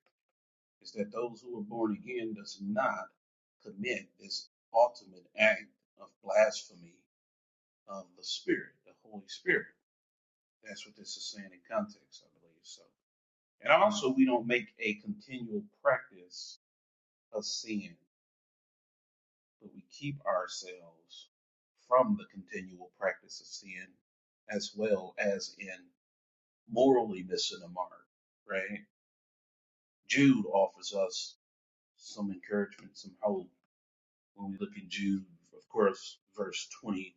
Speaker 1: is that those who are born again does not commit this ultimate act of blasphemy of the Spirit, the Holy Spirit. That's what this is saying in context, I believe. So, and also we don't make a continual practice of sin. but we keep ourselves from the continual practice of sin as well as in morally missing a mark, right? Jude offers us some encouragement, some hope when we look in Jude, of course, verse 20,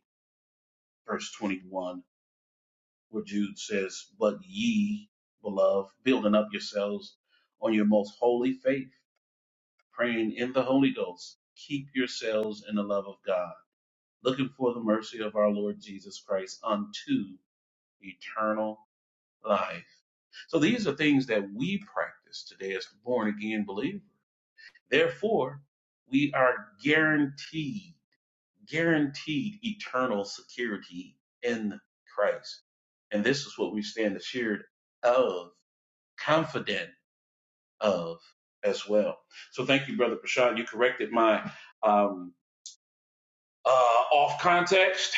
Speaker 1: verse 21, where Jude says, But ye, beloved, building up yourselves on your most holy faith, praying in the Holy Ghost, keep yourselves in the love of God looking for the mercy of our Lord Jesus Christ unto eternal life. So these are things that we practice today as born again believers. Therefore, we are guaranteed, guaranteed eternal security in Christ. And this is what we stand assured of, confident of as well. So thank you, Brother Prashad. You corrected my um, uh, off context.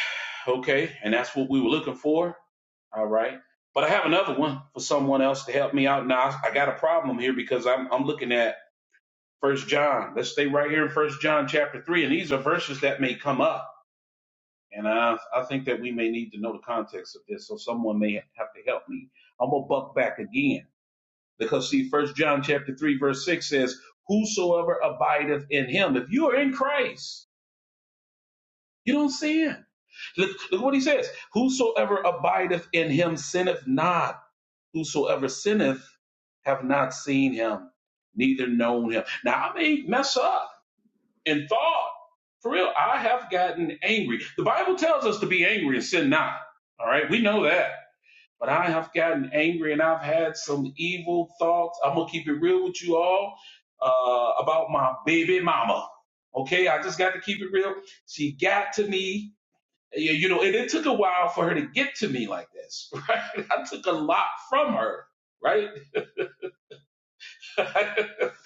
Speaker 1: Okay, and that's what we were looking for All right. But I have another one for someone else to help me out. Now I got a problem here because I'm I'm looking at First John. Let's stay right here in First John chapter three, and these are verses that may come up, and I I think that we may need to know the context of this, so someone may have to help me. I'm gonna buck back again because see, First John chapter three verse six says, "Whosoever abideth in Him, if you are in Christ." You don't sin. Look, look what he says. Whosoever abideth in him sinneth not. whosoever sinneth have not seen him, neither known him. Now I may mess up in thought. For real, I have gotten angry. The Bible tells us to be angry and sin not. All right, we know that. But I have gotten angry and I've had some evil thoughts. I'm gonna keep it real with you all uh, about my baby mama. Okay, I just got to keep it real. She got to me, you you know, and it took a while for her to get to me like this. Right, I took a lot from her right? but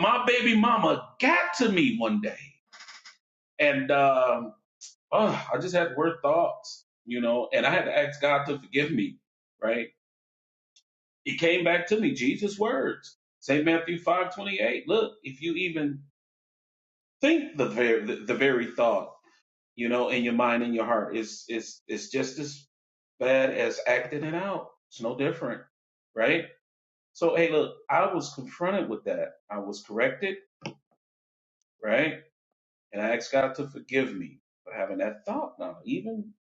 Speaker 1: my baby mama got to me one day, and um, oh, I just had weird thoughts, you know, and I had to ask God to forgive me. Right? It came back to me. Jesus' words, Saint Matthew five twenty eight. Look, if you even think the very the, the very thought, you know, in your mind in your heart, it's it's it's just as bad as acting it out. It's no different, right? So hey, look, I was confronted with that. I was corrected, right? And I ask God to forgive me for having that thought now. Even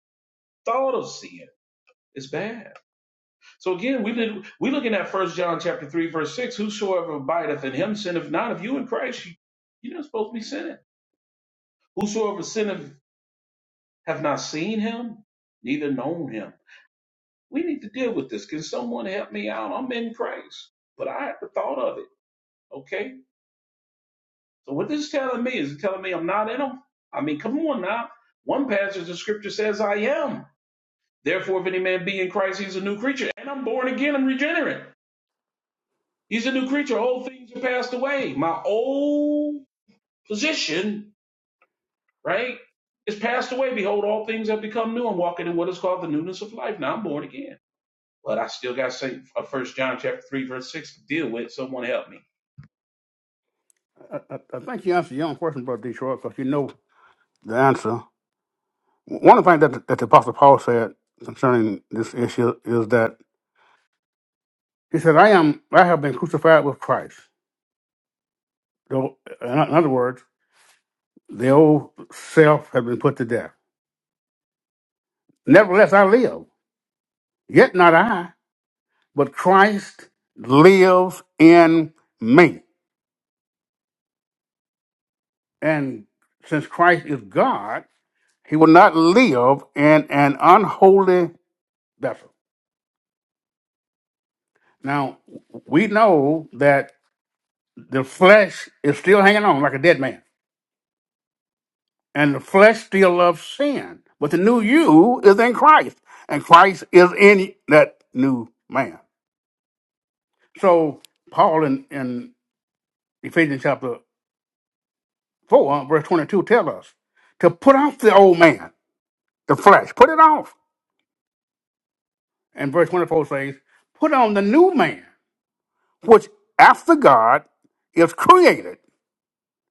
Speaker 1: thought of sin is bad. So again, we look, we looking at First John chapter three, verse six. Whosoever abideth in him sinneth not. If you in Christ, you, you're not supposed to be sinning. Whosoever sinneth have not seen him, neither known him. We need to deal with this. Can someone help me out? I'm in Christ, but I have the thought of it. Okay. So what this is telling me is it telling me I'm not in him. I mean, come on now. One passage of scripture says I am. Therefore, if any man be in Christ, he's a new creature. And I'm born again, I'm regenerate. He's a new creature. Old things are passed away. My old position, right, is passed away. Behold, all things have become new. I'm walking in what is called the newness of life. Now I'm born again. But I still got Saint uh, First John chapter three, verse six to deal with. Someone help me.
Speaker 7: I, I I think you answered your own question, Brother Detroit, because you know the answer. One of the things that, that the Apostle Paul said concerning this issue is that he said, I am, I have been crucified with Christ. Though, In in other words, the old self has been put to death. Nevertheless, I live. Yet not I, but Christ lives in me. And since Christ is God, he will not live in an unholy vessel. Now, we know that the flesh is still hanging on like a dead man, and the flesh still loves sin. But the new you is in Christ, and Christ is in that new man. So Paul in, in Ephesians chapter four, verse twenty-two, tells us to put off the old man, the flesh, put it off. And verse twenty-four says, "Put on the new man, which after God is created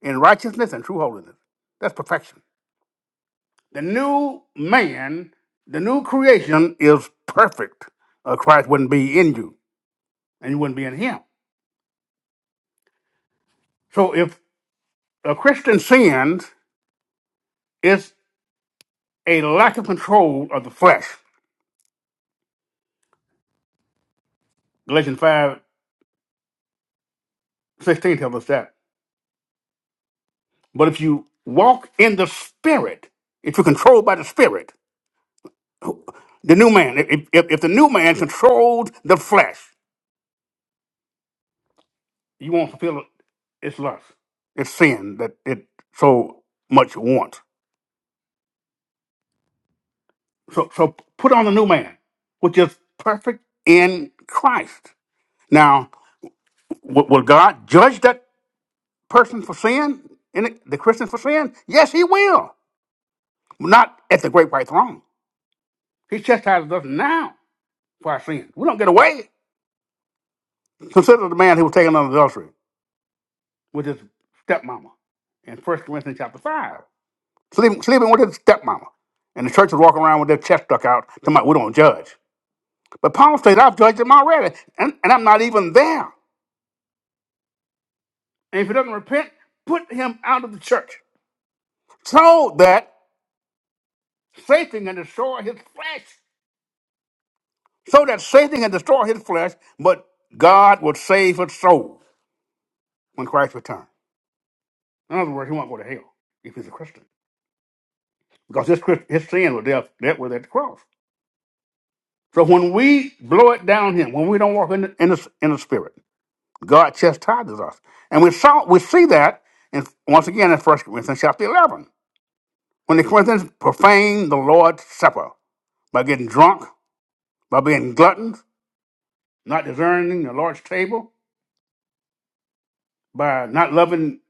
Speaker 7: in righteousness and true holiness." That's perfection. The new man, the new creation is perfect. Uh, Christ wouldn't be in you, and you wouldn't be in him. So if a Christian sins, it's a lack of control of the flesh. Galatians five sixteen tells us that. But if you walk in the Spirit, if you're controlled by the Spirit, the new man, if, if, if the new man controlled the flesh, you won't fulfill its lust, its sin that it so much wants. so so put on the new man, which is perfect in Christ. Now, w- will God judge that person for sin, and the the Christian for sin? Yes, He will. Not at the great white throne. He chastises us now for our sins. We don't get away. Consider the man who was taken under adultery with his stepmama in First Corinthians chapter 5. Sleeping, sleeping with his stepmama. And the churches walking around with their chest stuck out. Talking about, we don't judge. But Paul says, I've judged him already, and, and I'm not even there. And if he doesn't repent, put him out of the church. So that Satan can destroy his flesh. So that Satan can destroy his flesh, but God will save his soul when Christ returns. In other words, he won't go to hell if he's a Christian. Because his, Christ- his sin was dealt, dealt with at the cross. So when we blow it down him, when we don't walk in the, in the, in the spirit, God chastises us. And we saw we see that in, once again in First Corinthians chapter 11, when the Corinthians profaned the Lord's Supper by getting drunk by being gluttons, not discerning the Lord's table, by not loving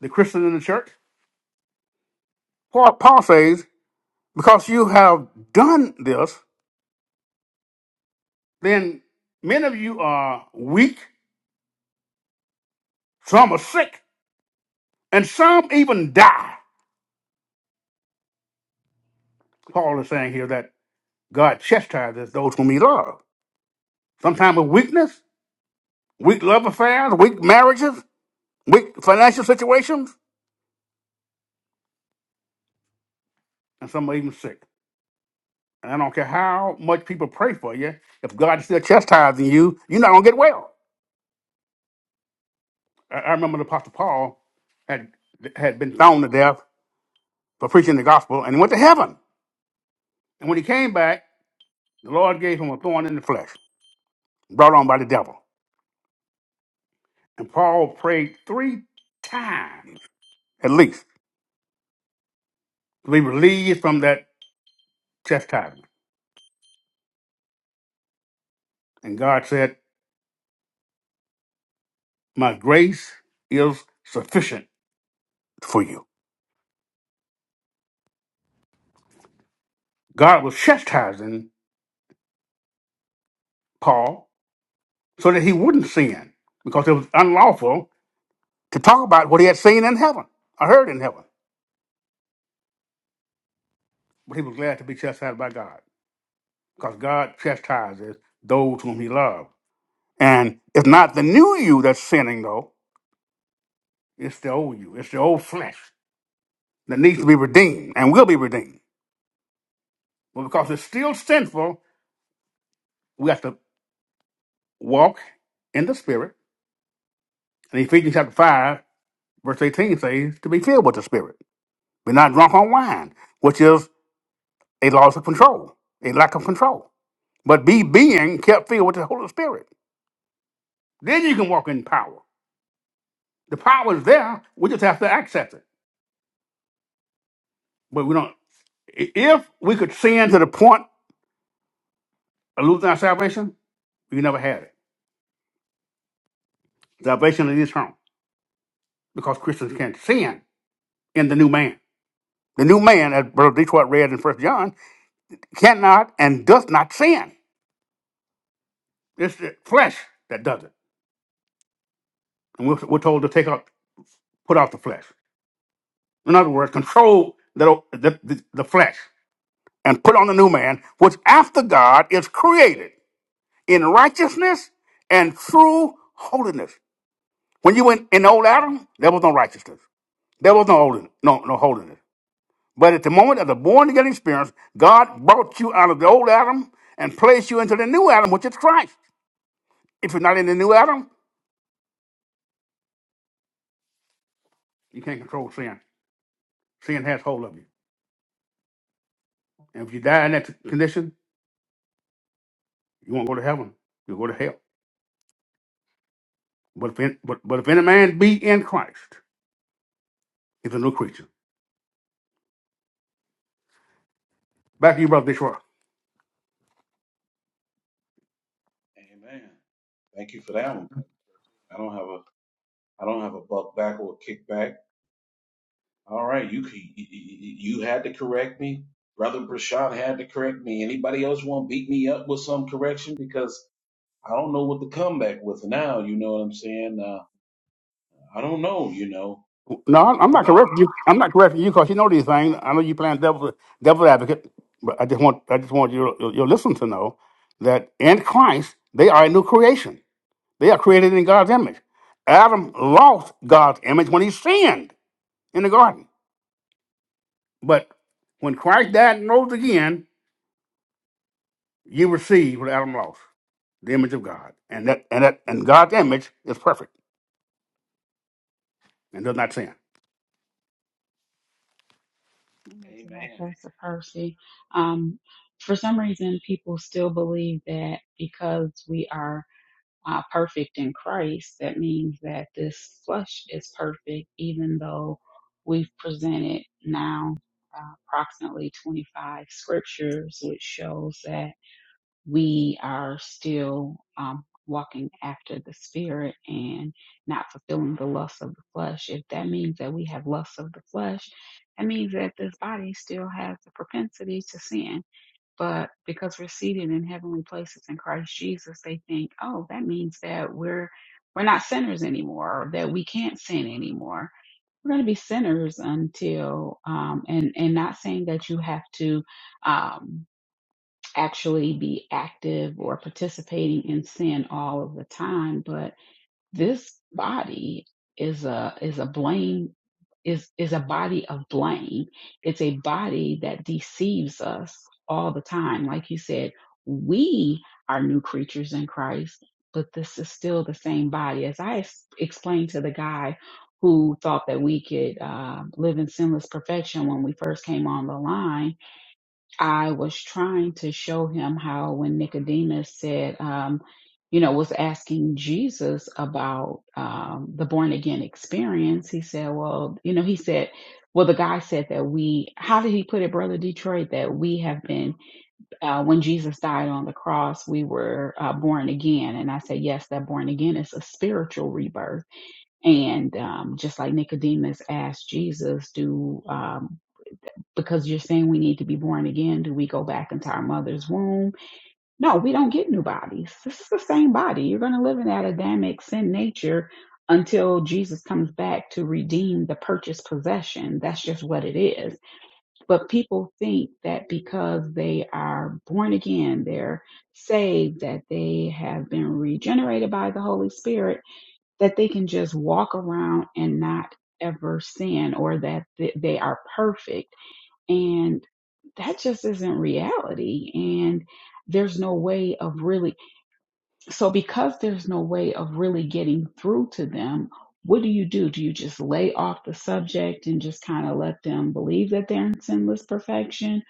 Speaker 7: the Christian in the church. Paul, Paul says, because you have done this, then many of you are weak, some are sick, and some even die. Paul is saying here that God chastises those whom he loves. Sometimes with weakness, weak love affairs, weak marriages, weak financial situations, and some are even sick. And I don't care how much people pray for you, if God is still chastising you, you're not going to get well. I I remember the Apostle Paul had had been stoned to death for preaching the gospel and he went to heaven. And when he came back, the Lord gave him a thorn in the flesh, brought on by the devil. And Paul prayed three times, at least, to be relieved from that chastisement. And God said, My grace is sufficient for you. God was chastising Paul so that he wouldn't sin, because it was unlawful to talk about what he had seen in heaven, or heard in heaven. but he was glad to be chastised by God, because God chastises those whom he loved. And it's not the new you that's sinning, though, it's the old you, it's the old flesh that needs to be redeemed and will be redeemed. But because it's still sinful, we have to walk in the Spirit. And Ephesians chapter 5, verse 18 says, to be filled with the Spirit. Be not drunk on wine, which is a loss of control, a lack of control, but be being kept filled with the Holy Spirit. Then you can walk in power. The power is there. We just have to access it. But we don't. i- If we could sin to the point of losing our salvation, we never had it. Salvation is eternal because Christians can't sin in the new man. The new man, as Brother Detroit read in First John, cannot and does not sin. It's the flesh that does it. And we're, we're told to take out, put out the flesh. In other words, control the, the, the, the flesh and put on the new man, which after God is created in righteousness and true holiness. When you went in old Adam, there was no righteousness. There was no holiness, no, no holiness. But at the moment of the born again experience, God brought you out of the old Adam and placed you into the new Adam, which is Christ. If you're not in the new Adam, you can't control sin. Sin has hold of you. And if you die in that condition, you won't go to heaven. You'll go to hell. But if, any, but, but if any man be in Christ, he's a new creature. Back to you, Brother Detroit.
Speaker 1: Amen. Thank you for that one. I don't have a I don't have a buck back or a kickback. All right, you you had to correct me. Brother Brashad had to correct me. Anybody else want to beat me up with some correction because I don't know what to come back with now. You know what I'm saying? Uh, I don't know. You know.
Speaker 7: No, I'm I'm not correcting you. I'm not correcting you because you know these things. I know you playing devil devil advocate, but I just want I just want your your your listeners to know that in Christ they are a new creation. They are created in God's image. Adam lost God's image when he sinned in the garden, but when Christ died and rose again, you receive what Adam lost, the image of God, and that and that and God's image is perfect and does not sin.
Speaker 2: Amen to that,
Speaker 1: Amen.
Speaker 2: Pastor Percy. Um, for some reason, people still believe that because we are uh, perfect in Christ, that means that this flesh is perfect, even though we've presented now uh, approximately 25 scriptures, which shows that we are still um, walking after the spirit and not fulfilling the lust of the flesh, if that means that we have lust of the flesh, that means that this body still has the propensity to sin. But because we're seated in heavenly places in Christ Jesus, they think, oh, that means that we're we're not sinners anymore, or that we can't sin anymore. We're going to be sinners until, um, and and not saying that you have to. Um, actually be active or participating in sin all of the time but this body is a is a blame is is a body of blame it's a body that deceives us all the time like you said we are new creatures in Christ but this is still the same body as i ex- explained to the guy who thought that we could uh, live in sinless perfection when we first came on the line I was trying to show him how when Nicodemus said, um, you know, was asking Jesus about um, the born again experience, he said, well, you know, he said, well, the guy said that we, how did he put it, Brother Detroit, that we have been, uh, when Jesus died on the cross, we were uh, born again. And I said, yes, that born again is a spiritual rebirth. And um, just like Nicodemus asked Jesus, do, um, because you're saying we need to be born again. Do we go back into our mother's womb? No, we don't get new bodies. This is the same body. You're going to live in that Adamic sin nature until Jesus comes back to redeem the purchased possession. That's just what it is. But people think that because they are born again, they're saved, that they have been regenerated by the Holy Spirit, that they can just walk around and not ever sin or that they are perfect and that just isn't reality and there's no way of really so because there's no way of really getting through to them what do you do do you just lay off the subject and just kind of let them believe that they're in sinless perfection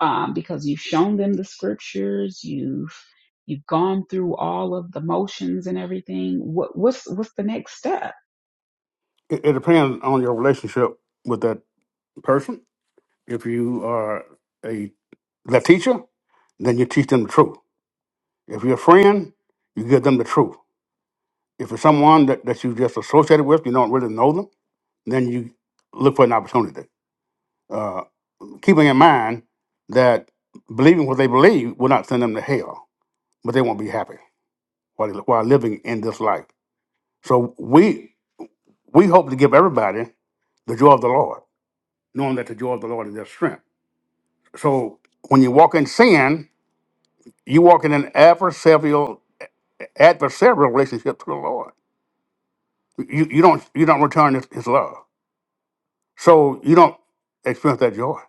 Speaker 2: um, because you've shown them the scriptures you've you've gone through all of the motions and everything what what's what's the next step
Speaker 7: It, it depends on your relationship with that person If you are a the teacher, then you teach them the truth. If you're a friend, you give them the truth. If it's someone that, that you just associated with, you don't really know them, then you look for an opportunity. Uh, keeping in mind that believing what they believe will not send them to hell, but they won't be happy while, while living in this life. So we we hope to give everybody the joy of the Lord, knowing that the joy of the Lord is their strength. So when you walk in sin, you walk in an adversarial adversarial relationship to the Lord. You you don't you don't return his, his love. So you don't experience that joy.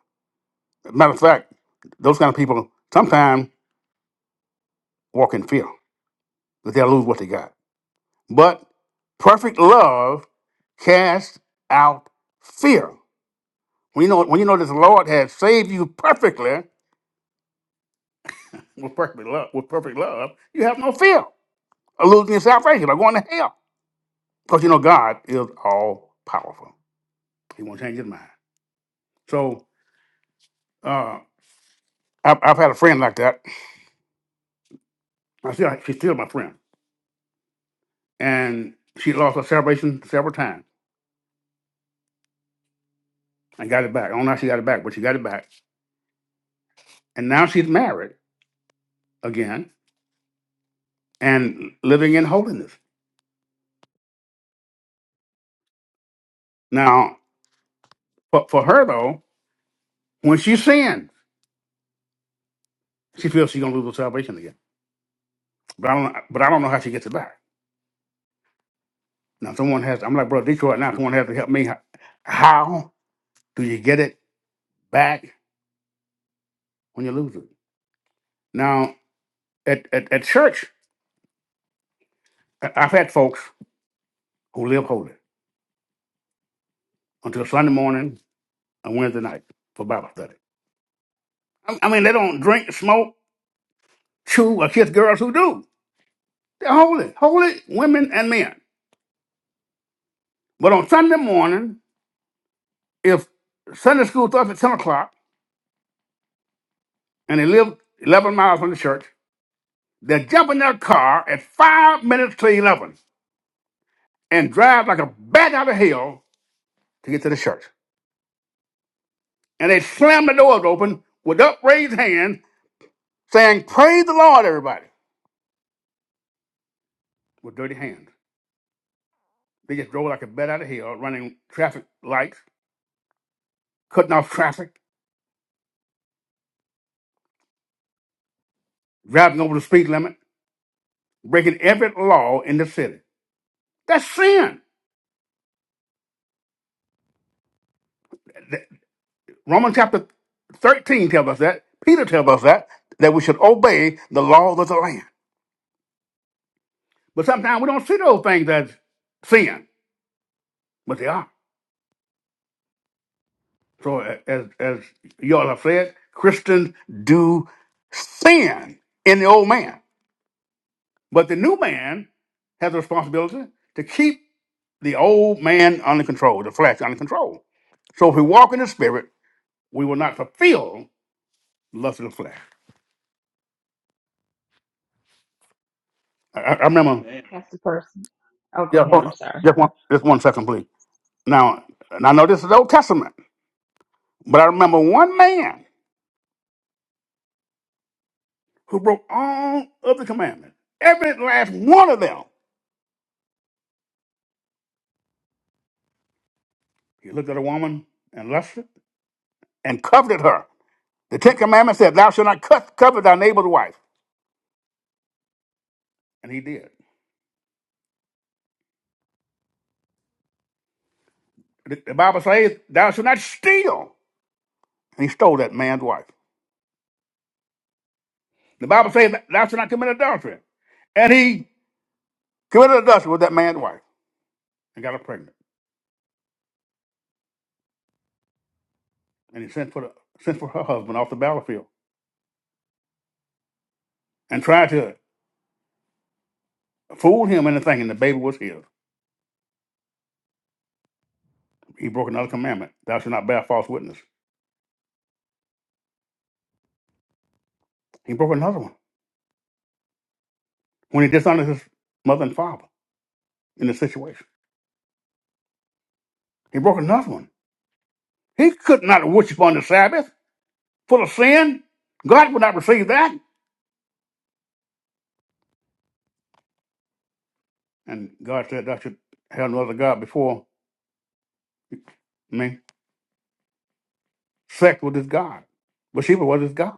Speaker 7: Matter of fact, those kind of people sometimes walk in fear that they'll lose what they got. But perfect love casts out fear. When you know when you know that the Lord has saved you perfectly with perfect love, with perfect love, you have no fear of losing your salvation or going to hell. Because you know God is all powerful. He won't change his mind. So uh, I've, I've had a friend like that. I still, she's still my friend, and she lost her salvation several times and got it back. I don't know how she got it back, but she got it back, and now she's married again and living in holiness. Now, for, for her though, when she sins, she feels she's gonna lose her salvation again. But I don't, but I don't know how she gets it back. Now, someone has. I'm like, bro, Detroit. Now, someone has to help me. How how do you get it back when you lose it? Now, at at, at church, I- I've had folks who live holy until Sunday morning and Wednesday night for Bible study. I I mean, they don't drink, smoke, chew, or kiss girls who do. They're holy, holy women and men. But on Sunday morning, if Sunday school starts at 10 o'clock and they live 11 miles from the church, they jump in their car at 5 minutes to 11 and drive like a bat out of hell to get to the church. And they slam the doors open with upraised hands saying, Praise the Lord, everybody, with dirty hands. They just drove like a bat out of hell, running traffic lights cutting off traffic, driving over the speed limit, breaking every law in the city. That's sin. The- Romans chapter 13 tells us that. Peter tells us that, that we should obey the law of the land. But sometimes we don't see those things as sin, but they are. So a- as, as you all have said, Christians do sin in the old man. But the new man has a responsibility to keep the old man under control, the flesh under control. So if we walk in the spirit, we will not fulfill the lust of the flesh. I, I I remember,
Speaker 2: pastor person oh go
Speaker 7: yeah,
Speaker 2: ahead
Speaker 7: hold
Speaker 2: i'm
Speaker 7: on.
Speaker 2: sorry
Speaker 7: just one, just one second, please. Now, and I know this is the Old Testament, but I remember one man who broke all of the commandments, every last one of them. He looked at a woman and lusted and coveted her. The Ten Commandments said, "Thou shalt not cut, covet thy neighbor's wife," and he did. The, the Bible says, "Thou shalt not steal," and he stole that man's wife. The Bible says, "Thou shalt not commit adultery," and he committed adultery with that man's wife and got her pregnant. and he sent for the, sent for her husband off the battlefield and tried to fool him into thinking the baby was his. He broke another commandment: "Thou shalt not bear false witness." He broke another one when he dishonored his mother and father in the situation. He broke another one. He could not worship on the Sabbath full of sin. God would not receive that. And God said, "Thou should have no other god before me." Sex was his god. Bathsheba was his god.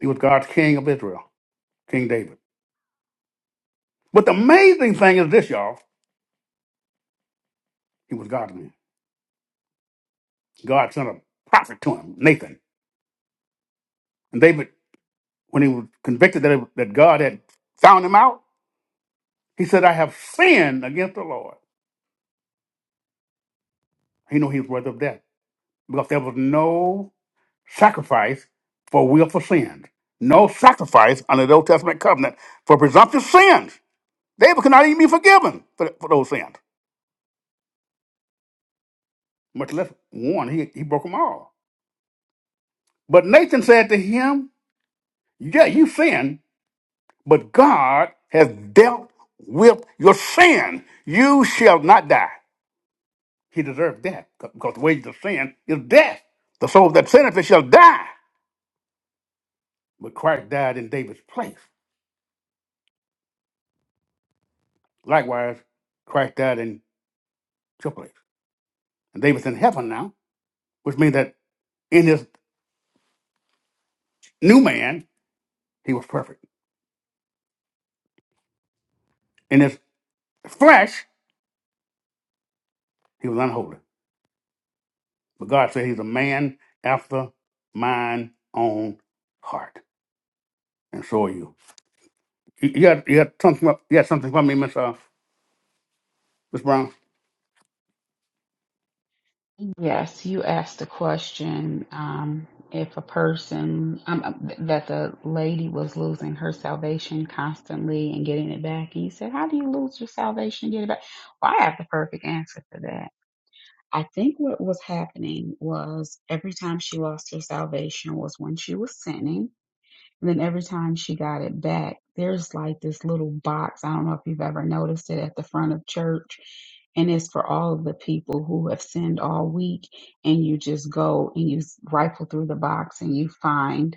Speaker 7: He was God's king of Israel, King David. But the amazing thing is this, y'all. He was God's man. God sent a prophet to him, Nathan. And David, when he was convicted that, that God had found him out, he said, I have sinned against the Lord. He knew he was worthy of death because there was no sacrifice for willful sins, no sacrifice under the Old Testament covenant for presumptuous sins. David could not even be forgiven for, for those sins, much less one. He, he broke them all. But Nathan said to him, Yeah, you sinned but God has dealt with your sin. You shall not die. He deserved death because the wages of sin is death. The soul that sinneth it shall die. But Christ died in David's place. Likewise, Christ died in your place. And David's in heaven now, which means that in his new man, he was perfect. In his flesh, he was unholy. But God said he's a man after mine own heart. And so are you. You you got you got something you got something for me, Miss uh, Miss Brown.
Speaker 2: Yes, you asked the question um, if a person, um, um, that the lady was losing her salvation constantly and getting it back. And you said, How do you lose your salvation and get it back? Well, I have the perfect answer for that. I think what was happening was every time she lost her salvation was when she was sinning and then every time she got it back, there's like this little box. I don't know if you've ever noticed it at the front of church. And it's for all of the people who have sinned all week. And you just go and you s- rifle through the box and you find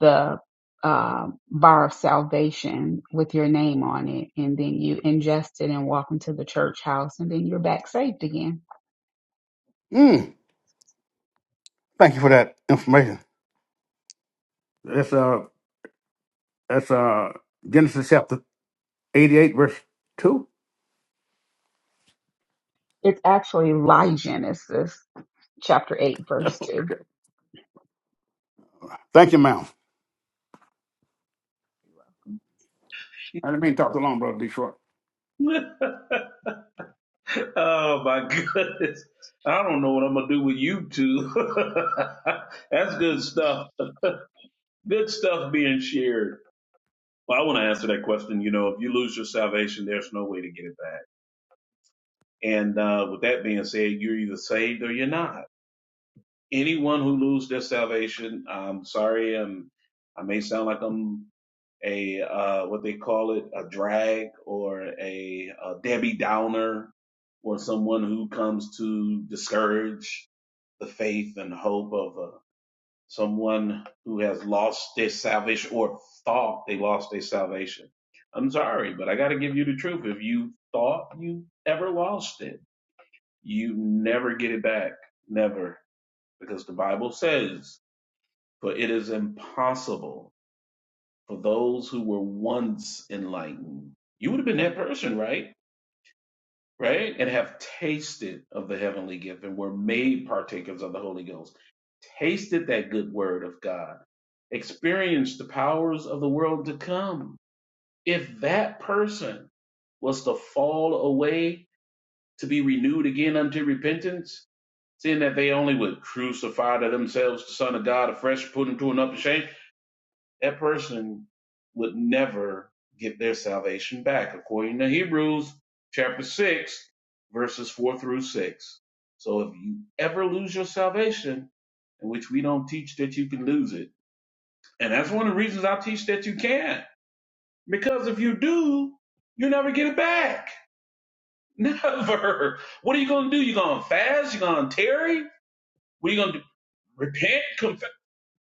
Speaker 2: the uh, bar of salvation with your name on it. And then you ingest it and walk into the church house. And then you're back saved again.
Speaker 7: Mm, thank you for that information. That's uh that's uh Genesis chapter eighty eight verse two.
Speaker 2: It's actually Lygen. It's this. chapter 8, verse 2.
Speaker 7: Thank you, ma'am. I didn't mean to talk too long, brother Detroit.
Speaker 1: Amen. oh my goodness. I don't know what I'm gonna do with you two. That's good stuff. Good stuff being shared. Well, I want to answer that question. You know, if you lose your salvation, there's no way to get it back And uh, with that being said, you're either saved or you're not. Anyone who loses their salvation, I'm sorry, I'm, I may sound like I'm a uh, what they call it, a drag or a, a Debbie Downer, or someone who comes to discourage the faith and hope of uh, someone who has lost their salvation or thought they lost their salvation. I'm sorry, but I got to give you the truth. If you thought you ever lost it you never get it back. Never. Because the Bible says, for it is impossible for those who were once enlightened. You would have been that person, right? Right? And have tasted of the heavenly gift and were made partakers of the Holy Ghost. Tasted that good word of God. Experienced the powers of the world to come. If that person was to fall away to be renewed again unto repentance, Seeing that they only would crucify to themselves the Son of God afresh, put him to an upper shame, that person would never get their salvation back, according to Hebrews chapter 6, verses 4 through 6. So if you ever lose your salvation, in which we don't teach that you can lose it, and that's one of the reasons I teach that you can't, because if you do, you never get it back. Never. What are you going to do? You going to fast? You going to tarry? What are you going to do? Repent?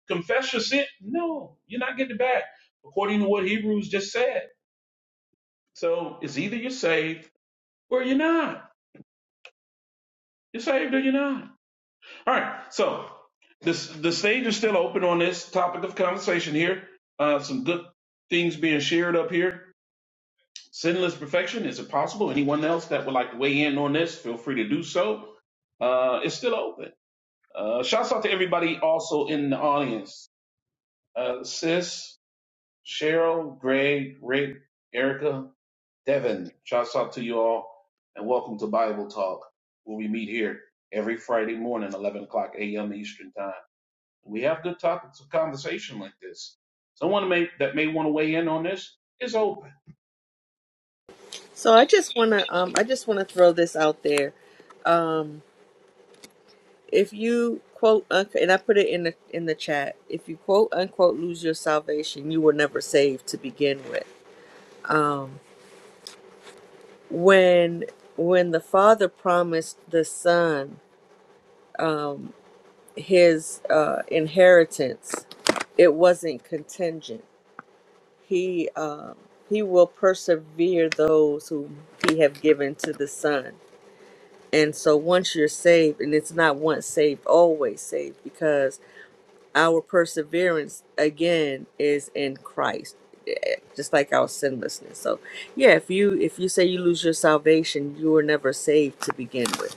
Speaker 1: confess your sin? No, you're not getting it back, according to what Hebrews just said. So it's either you're saved or you're not. You're saved or you're not. All right. So this the stage is still open on this topic of conversation here. Uh, some good things being shared up here. Sinless perfection is it possible? Anyone else that would like to weigh in on this, feel free to do so. Uh, it's still open. Uh, shouts out to everybody also in the audience. Uh, sis, Cheryl, Greg, Rick, Erica, Devin, shouts out to you all, and welcome to Bible Talk, where we meet here every Friday morning, 11 o'clock a.m. Eastern Time. We have good topics of conversation like this. Someone may, that may want to weigh in on this is open.
Speaker 8: So I just want to um, I just want to throw this out there. Um, if you quote unquote, and I put it in the in the chat, if you quote unquote lose your salvation, you were never saved to begin with. Um. when when the father promised the son um, his uh, inheritance it wasn't contingent he um, he will persevere those whom he have given to the son and so once you're saved and it's not once saved always saved because our perseverance again is in christ eh, just like our sinlessness so yeah if you if you say you lose your salvation you were never saved to begin with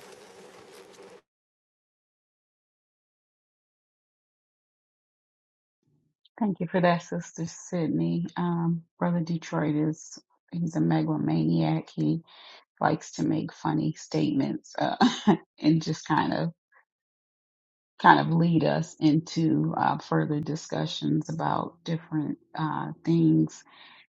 Speaker 2: Thank you for that, Sister Sydney. Um, Brother Detroit is he's a megalomaniac. He likes to make funny statements uh, and just kind of kind of lead us into uh, further discussions about different uh, things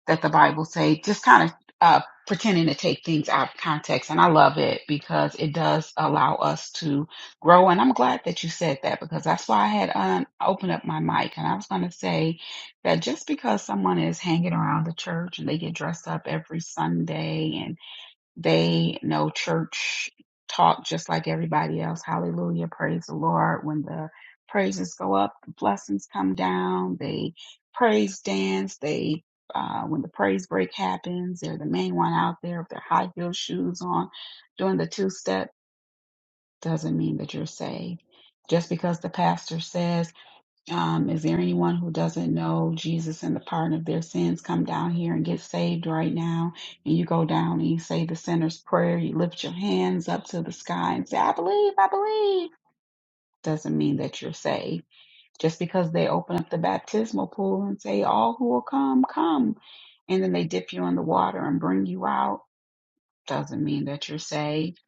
Speaker 2: that the Bible say, just kind of uh, pretending to take things out of context. And I love it because it does allow us to grow. And I'm glad that you said that because that's why I had um, opened up my mic. And I was going to say that just because someone is hanging around the church and they get dressed up every Sunday and. They know church talk just like everybody else. Hallelujah. Praise the Lord. When the praises go up, the blessings come down. They praise dance. They, uh, when the praise break happens, they're the main one out there with their high heel shoes on doing the two step doesn't mean that you're saved. Just because the pastor says um, is there anyone who doesn't know Jesus and the pardon of their sins? Come down here and get saved right now. And you go down and you say the sinner's prayer. You lift your hands up to the sky and say, I believe, I believe. Doesn't mean that you're saved. Just because they open up the baptismal pool and say, All who will come, come. And then they dip you in the water and bring you out. Doesn't mean that you're saved.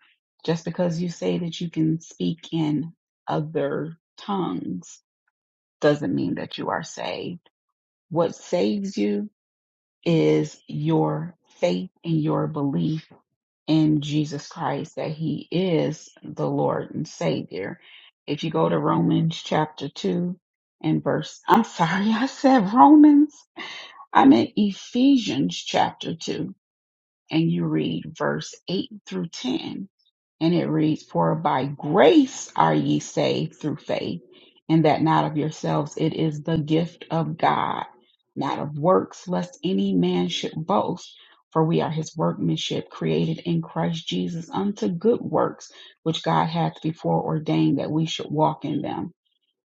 Speaker 2: Just because you say that you can speak in other tongues doesn't mean that you are saved what saves you is your faith and your belief in Jesus Christ that he is the Lord and Savior. If you go to Romans chapter 2 and verse, I'm sorry, I said Romans. I'm in Ephesians chapter 2 and you read verse 8 through 10. And it reads, For by grace are ye saved through faith, and that not of yourselves, it is the gift of God, not of works, lest any man should boast. For we are his workmanship, created in Christ Jesus unto good works, which God hath before ordained that we should walk in them.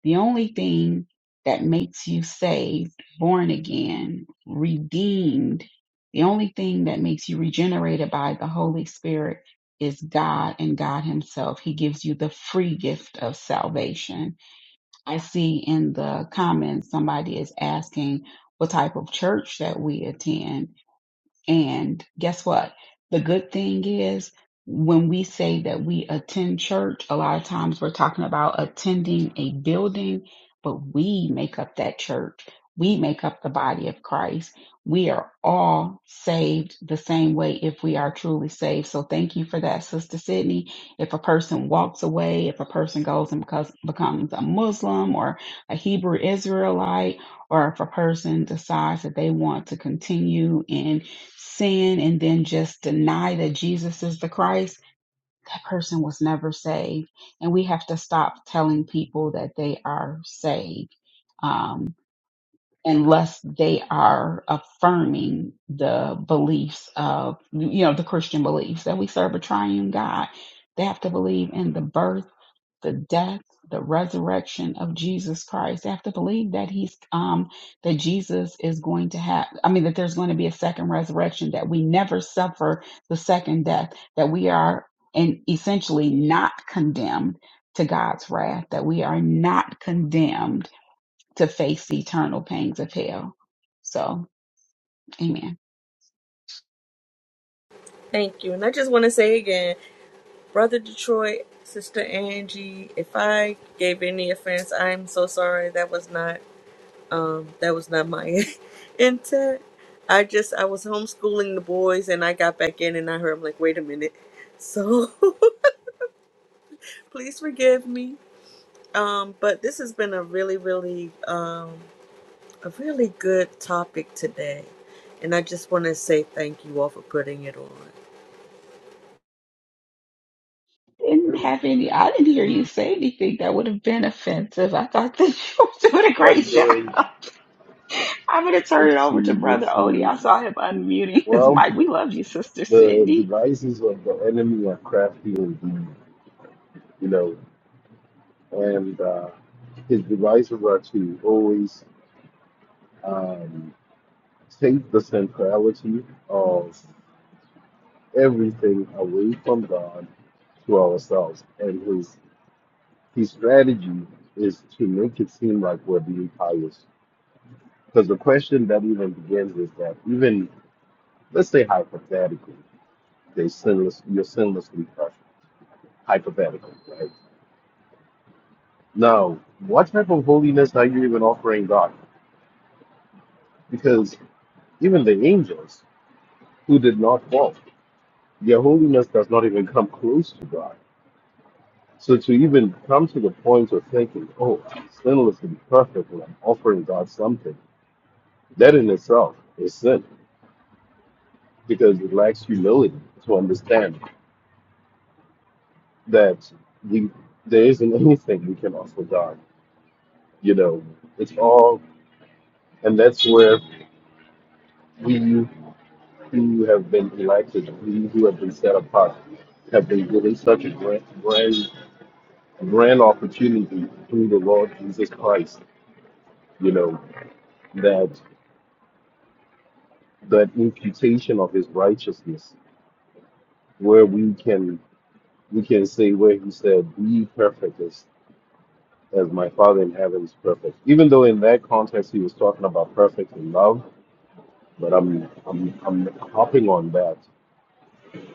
Speaker 2: The only thing that makes you saved, born again, redeemed, the only thing that makes you regenerated by the Holy Spirit is God and God Himself. He gives you the free gift of salvation. I see in the comments somebody is asking what type of church that we attend. And guess what? The good thing is when we say that we attend church, a lot of times we're talking about attending a building, but we make up that church. We make up the body of Christ. We are all saved the same way if we are truly saved. So thank you for that, Sister Sydney. If a person walks away, if a person goes and becos- becomes a Muslim or a Hebrew Israelite, or if a person decides that they want to continue in sin and then just deny that Jesus is the Christ, that person was never saved. And we have to stop telling people that they are saved um, unless they are affirming the beliefs of, you know, the Christian beliefs that we serve a triune God. They have to believe in the birth the death, the resurrection of Jesus Christ. They have to believe that he's um that Jesus is going to have I mean that there's going to be a second resurrection, that we never suffer the second death, that we are and essentially not condemned to God's wrath, that we are not condemned to face the eternal pangs of hell. So, amen.
Speaker 8: Thank you. And I just want to say again, Brother Detroit, Sister Angie, if I gave any offense, I'm so sorry. That was not um that was not my intent. I just I was homeschooling the boys and I got back in and I heard I'm like, wait a minute. So please forgive me. Um, but this has been a really, really um a really good topic today. And I just want to say thank you all for putting it on.
Speaker 2: Didn't have any I didn't hear you say anything that would have been offensive. I thought that you were doing a
Speaker 10: Buddy
Speaker 2: great job.
Speaker 10: doing?
Speaker 2: I'm gonna
Speaker 10: Good
Speaker 2: turn
Speaker 10: to
Speaker 2: it
Speaker 10: see
Speaker 2: over to
Speaker 10: you. Good to
Speaker 2: Brother
Speaker 10: see
Speaker 2: Odie. I
Speaker 10: you.
Speaker 2: saw him unmuting his
Speaker 10: Well,
Speaker 2: mic. We love you, Sister
Speaker 10: the
Speaker 2: Sydney.
Speaker 10: devices of the enemy are crafty indeed, you know, and uh, his devices are to always um, take the centrality of everything away from God to ourselves. And his his strategy is to make it seem like we're being pious. Because the question that even begins is that even let's say hypothetically. They sinless, you're sinlessly perfect, hypothetically, right? Now, what type of holiness are you even offering God? Because even the angels who did not fall, their holiness does not even come close to God. So to even come to the point of thinking, oh, I'm sinlessly perfect when I'm offering God something, that in itself is sin because it lacks humility to understand that we there isn't anything we can offer God. You know, it's all, and that's where We who have been elected, we who have been set apart, have been given such a grand, grand, grand opportunity through the Lord Jesus Christ, you know, that that imputation of his righteousness, where we can we can say where he said, Be perfect as, as my Father in heaven is perfect. Even though in that context he was talking about perfect in love, but I'm I'm I'm hopping on that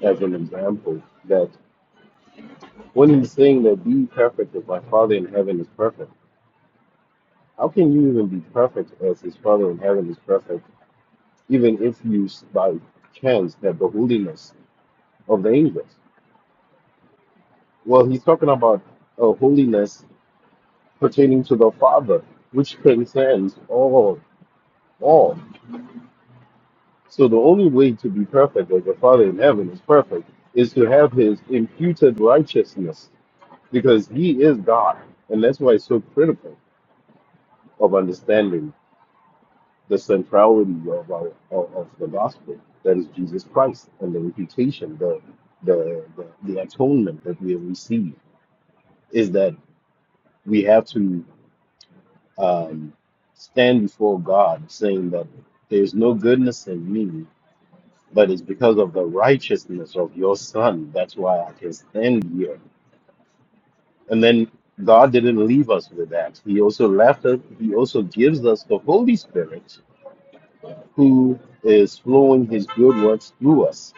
Speaker 10: as an example that. When he's saying that be perfect as my Father in heaven is perfect, how can you even be perfect as his Father in heaven is perfect, even if you s- by chance have the holiness of the angels? Well, he's talking about a holiness pertaining to the Father, which transcends all, all. So the only way to be perfect as the Father in heaven is perfect is to have his imputed righteousness, because he is God, and that's why it's so critical of understanding the centrality of, our, of, of the gospel that is Jesus Christ and the reputation, the, the the the atonement that we have received is that we have to um, stand before God, saying that there's no goodness in me, but it's because of the righteousness of your Son. That's why I can stand here. And then God didn't leave us with that. He also left us. He also gives us the Holy Spirit, who is flowing His good works through us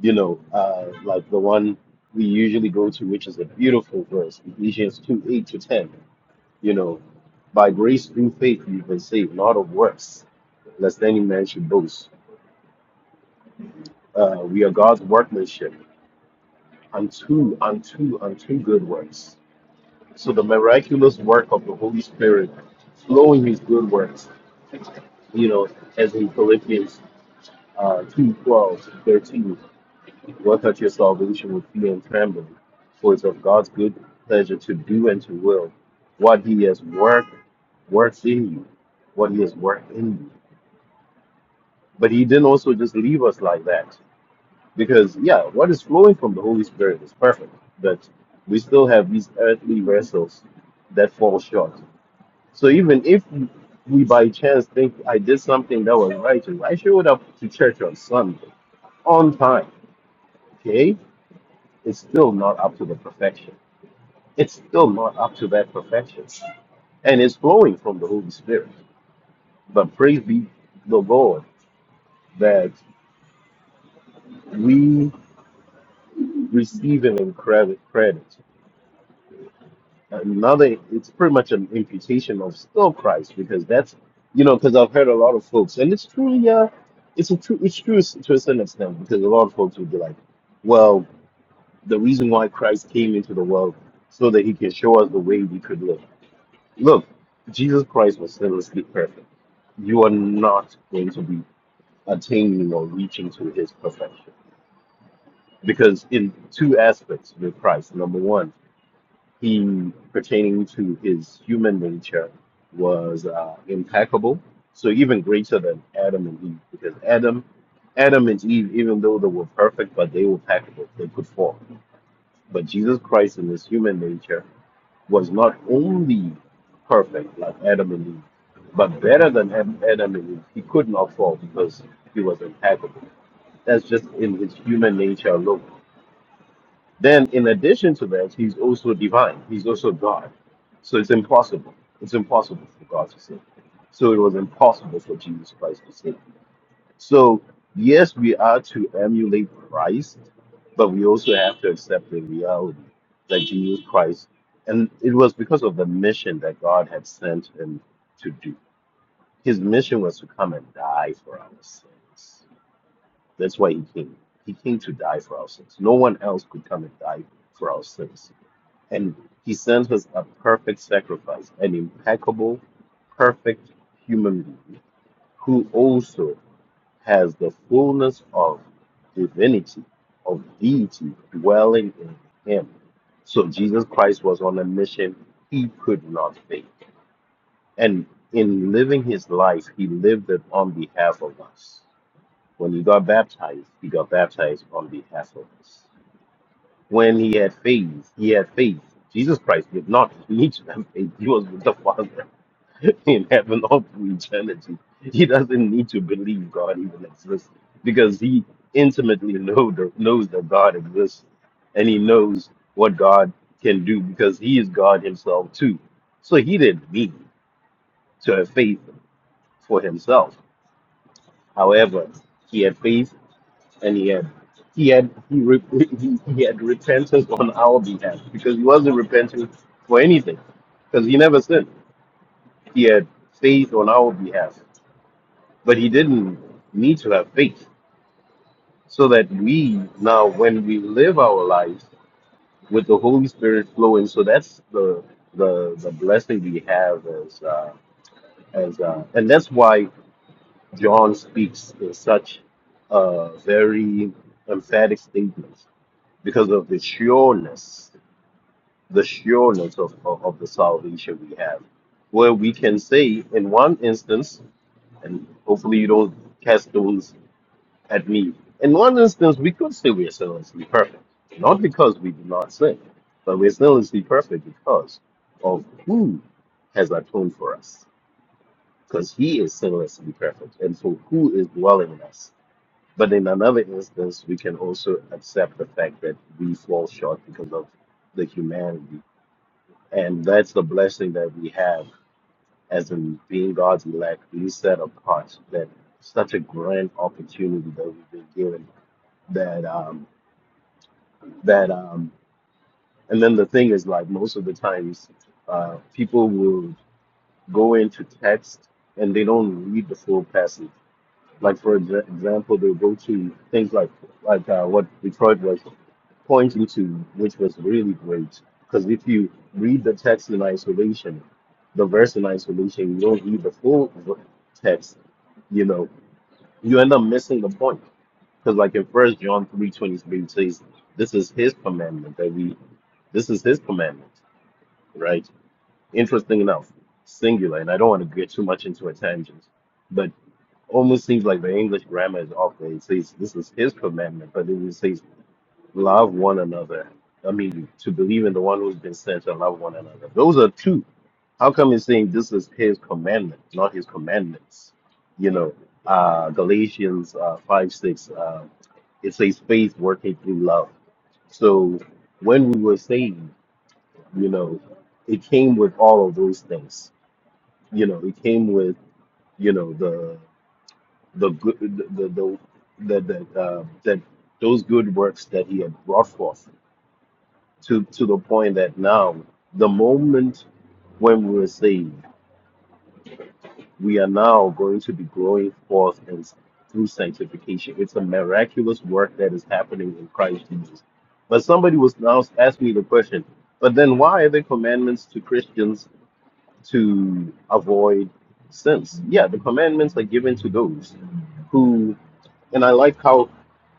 Speaker 10: you know, uh, like the one we usually go to, which is a beautiful verse, Ephesians 2 8 to 10. You know, by grace through faith you've been saved, not of works, lest any man should boast. Uh, we are God's workmanship, unto, unto, unto good works. So the miraculous work of the Holy Spirit flowing his good works, you know, as in Philippians uh, 2 12 to 13 Work out your salvation with fear and trembling, for it's of God's good pleasure to do and to will what He has worked, works in you, what He has worked in you. But He didn't also just leave us like that, because yeah, what is flowing from the Holy Spirit is perfect, but we still have these earthly vessels that fall short. So even if we by chance think I did something that was righteous, I showed up to church on Sunday on time, okay? It's still not up to the perfection. It's still not up to that perfection. And it's flowing from the Holy Spirit. But praise be the Lord that we receive an incredible credit. Another, it's pretty much an imputation of still Christ because that's, you know, because I've heard a lot of folks, and it's truly yeah, it's a true, it's true to a certain extent because a lot of folks would be like, well, the reason why Christ came into the world so that he can show us the way we could live Look, Jesus Christ was sinlessly perfect. You are not going to be attaining or reaching to his perfection. Because in two aspects with Christ, number one, he pertaining to his human nature was uh, impeccable, so even greater than Adam and Eve, because Adam, Adam and Eve, even though they were perfect, but they were peccable, they could fall. But Jesus Christ in his human nature was not only perfect like Adam and Eve, but better than Ad- Adam and Eve. He could not fall because he was impeccable. That's just in his human nature alone. Then, in addition to that, he's also divine. He's also God. So it's impossible. It's impossible for God to sin. So it was impossible for Jesus Christ to sin. So, yes, we are to emulate Christ, but we also have to accept the reality that Jesus Christ, and it was because of the mission that God had sent him to do. His mission was to come and die for our sins. That's why he came. He came to die for our sins. No one else could come and die for our sins. And he sent us a perfect sacrifice, an impeccable, perfect human being who also has the fullness of divinity, of deity dwelling in him. So Jesus Christ was on a mission he could not fail. And in living his life, he lived it on behalf of us. When he got baptized, he got baptized on behalf of us. When he had faith, he had faith. Jesus Christ did not need to have faith. He was with the Father. in heaven or for eternity. He doesn't need to believe God even exists because he intimately know the, knows that God exists and he knows what God can do because he is God himself too. So he didn't need to have faith for himself. However, he had faith and he had he had he, re, he, he had repentance on our behalf because he wasn't repenting for anything because he never sinned. He had faith on our behalf But he didn't need to have faith so that we now, when we live our lives with the Holy Spirit flowing, so that's the the, the blessing we have as uh, as uh, and that's why John speaks in such uh, very emphatic statements because of the sureness, the sureness of, of, of the salvation we have, where we can say in one instance, and hopefully you don't cast stones at me. In one instance, we could say we are sinlessly perfect, not because we do not sin, but we're sinlessly perfect because of who has atoned for us, because he is sinlessly perfect, and so who is dwelling in us. But in another instance, we can also accept the fact that we fall short because of the humanity, and that's the blessing that we have as in being God's elect, being set apart. That such a grand opportunity that we've been given. That um, that um and then the thing is like most of the times uh people will go into text and they don't read the full passage like for exa- example they'll go to things like like uh, what detroit was pointing to which was really great because if you read the text in isolation the verse in isolation you don't read the full v- text you know you end up missing the point because like in first john three twenty three it says this is his commandment that we." This is his commandment, right? Interesting enough, singular, and I don't want to get too much into a tangent, but almost seems like the English grammar is off there. It says this is his commandment, but then it says love one another. I mean, to believe in the one who's been sent and love one another. Those are two. How come it's saying this is his commandment, not his commandments? You know, uh, Galatians uh, 5 6, uh, it says faith working through love. So when we were saved, you know it came with all of those things you know it came with you know the the good the the the, the, the uh, that those good works that he had brought forth to to the point that now the moment when we were saved we are now going to be growing forth and through sanctification it's a miraculous work that is happening in christ jesus but somebody was now asking me the question but then why are there commandments to christians to avoid sins. Yeah, the commandments are given to those who, and I like how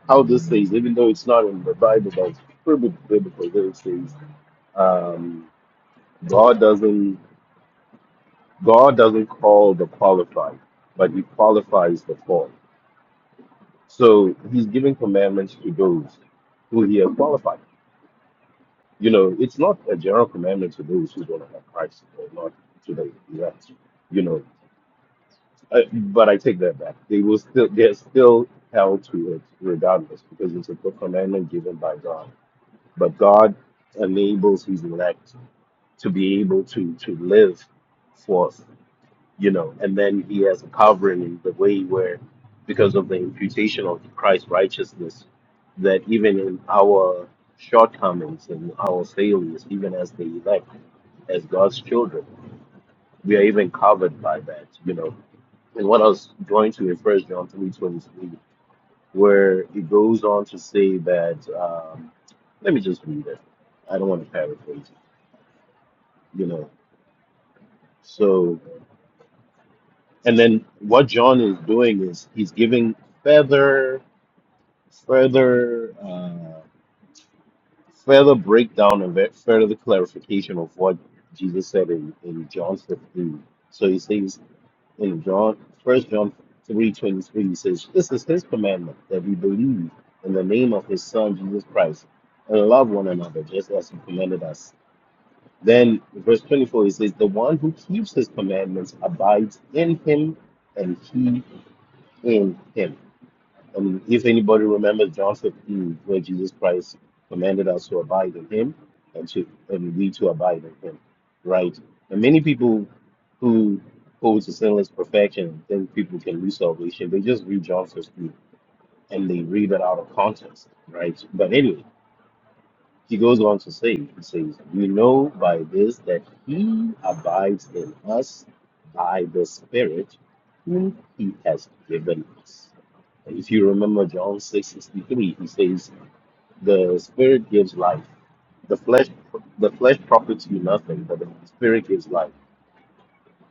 Speaker 10: how this says, even though it's not in the Bible, but it's pretty biblical. There it says, um, God doesn't God doesn't call the qualified, but He qualifies the called. So He's giving commandments to those who He has qualified. You know, it's not a general commandment to those who don't have Christ or not to the elect. You know, Uh, but I take that back. They will still they're still held to it regardless because it's a commandment given by God. But God enables his elect to be able to to live forth, you know, and then he has a covering in the way where because of the imputation of Christ's righteousness, that even in our shortcomings and our failures, even as the elect, as God's children, we are even covered by that, you know and what I was going to in First John three twenty three, where it goes on to say that, um, let me just read it. I don't want to paraphrase it, you know. So, and then what John is doing is he's giving further, further, uh, further breakdown and ve- further clarification of what Jesus said in, in John 15. So he says in John, First John three twenty three says, "This is His commandment that we believe in the name of His Son Jesus Christ and love one another, just as He commanded us." Then verse twenty four he says, "The one who keeps His commandments abides in Him, and He in Him." Um, if anybody remembers John 15, where Jesus Christ commanded us to abide in Him and to and we to abide in Him, right? And many people who hold to sinless perfection and think people can lose salvation, they just read John 15 and they read it out of context, right? But anyway, he goes on to say, he says, "We know by this that He abides in us by the Spirit whom He has given us." If you remember John 6:63, he says, "The spirit gives life. The flesh the flesh profits you nothing, but the spirit gives life."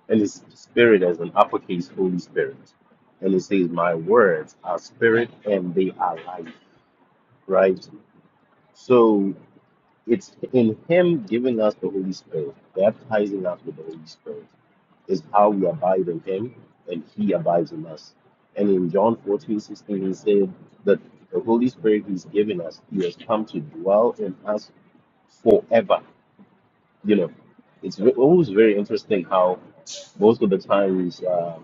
Speaker 10: And his spirit as an uppercase Holy Spirit. And it says, "My words are spirit and they are life." Right? So It's in Him giving us the Holy Spirit, baptizing us with the Holy Spirit, is how we abide in Him and He abides in us. And in John 14:16, He said that the Holy Spirit He's given us, He has come to dwell in us forever. You know, it's ve- always very interesting how most of the times um,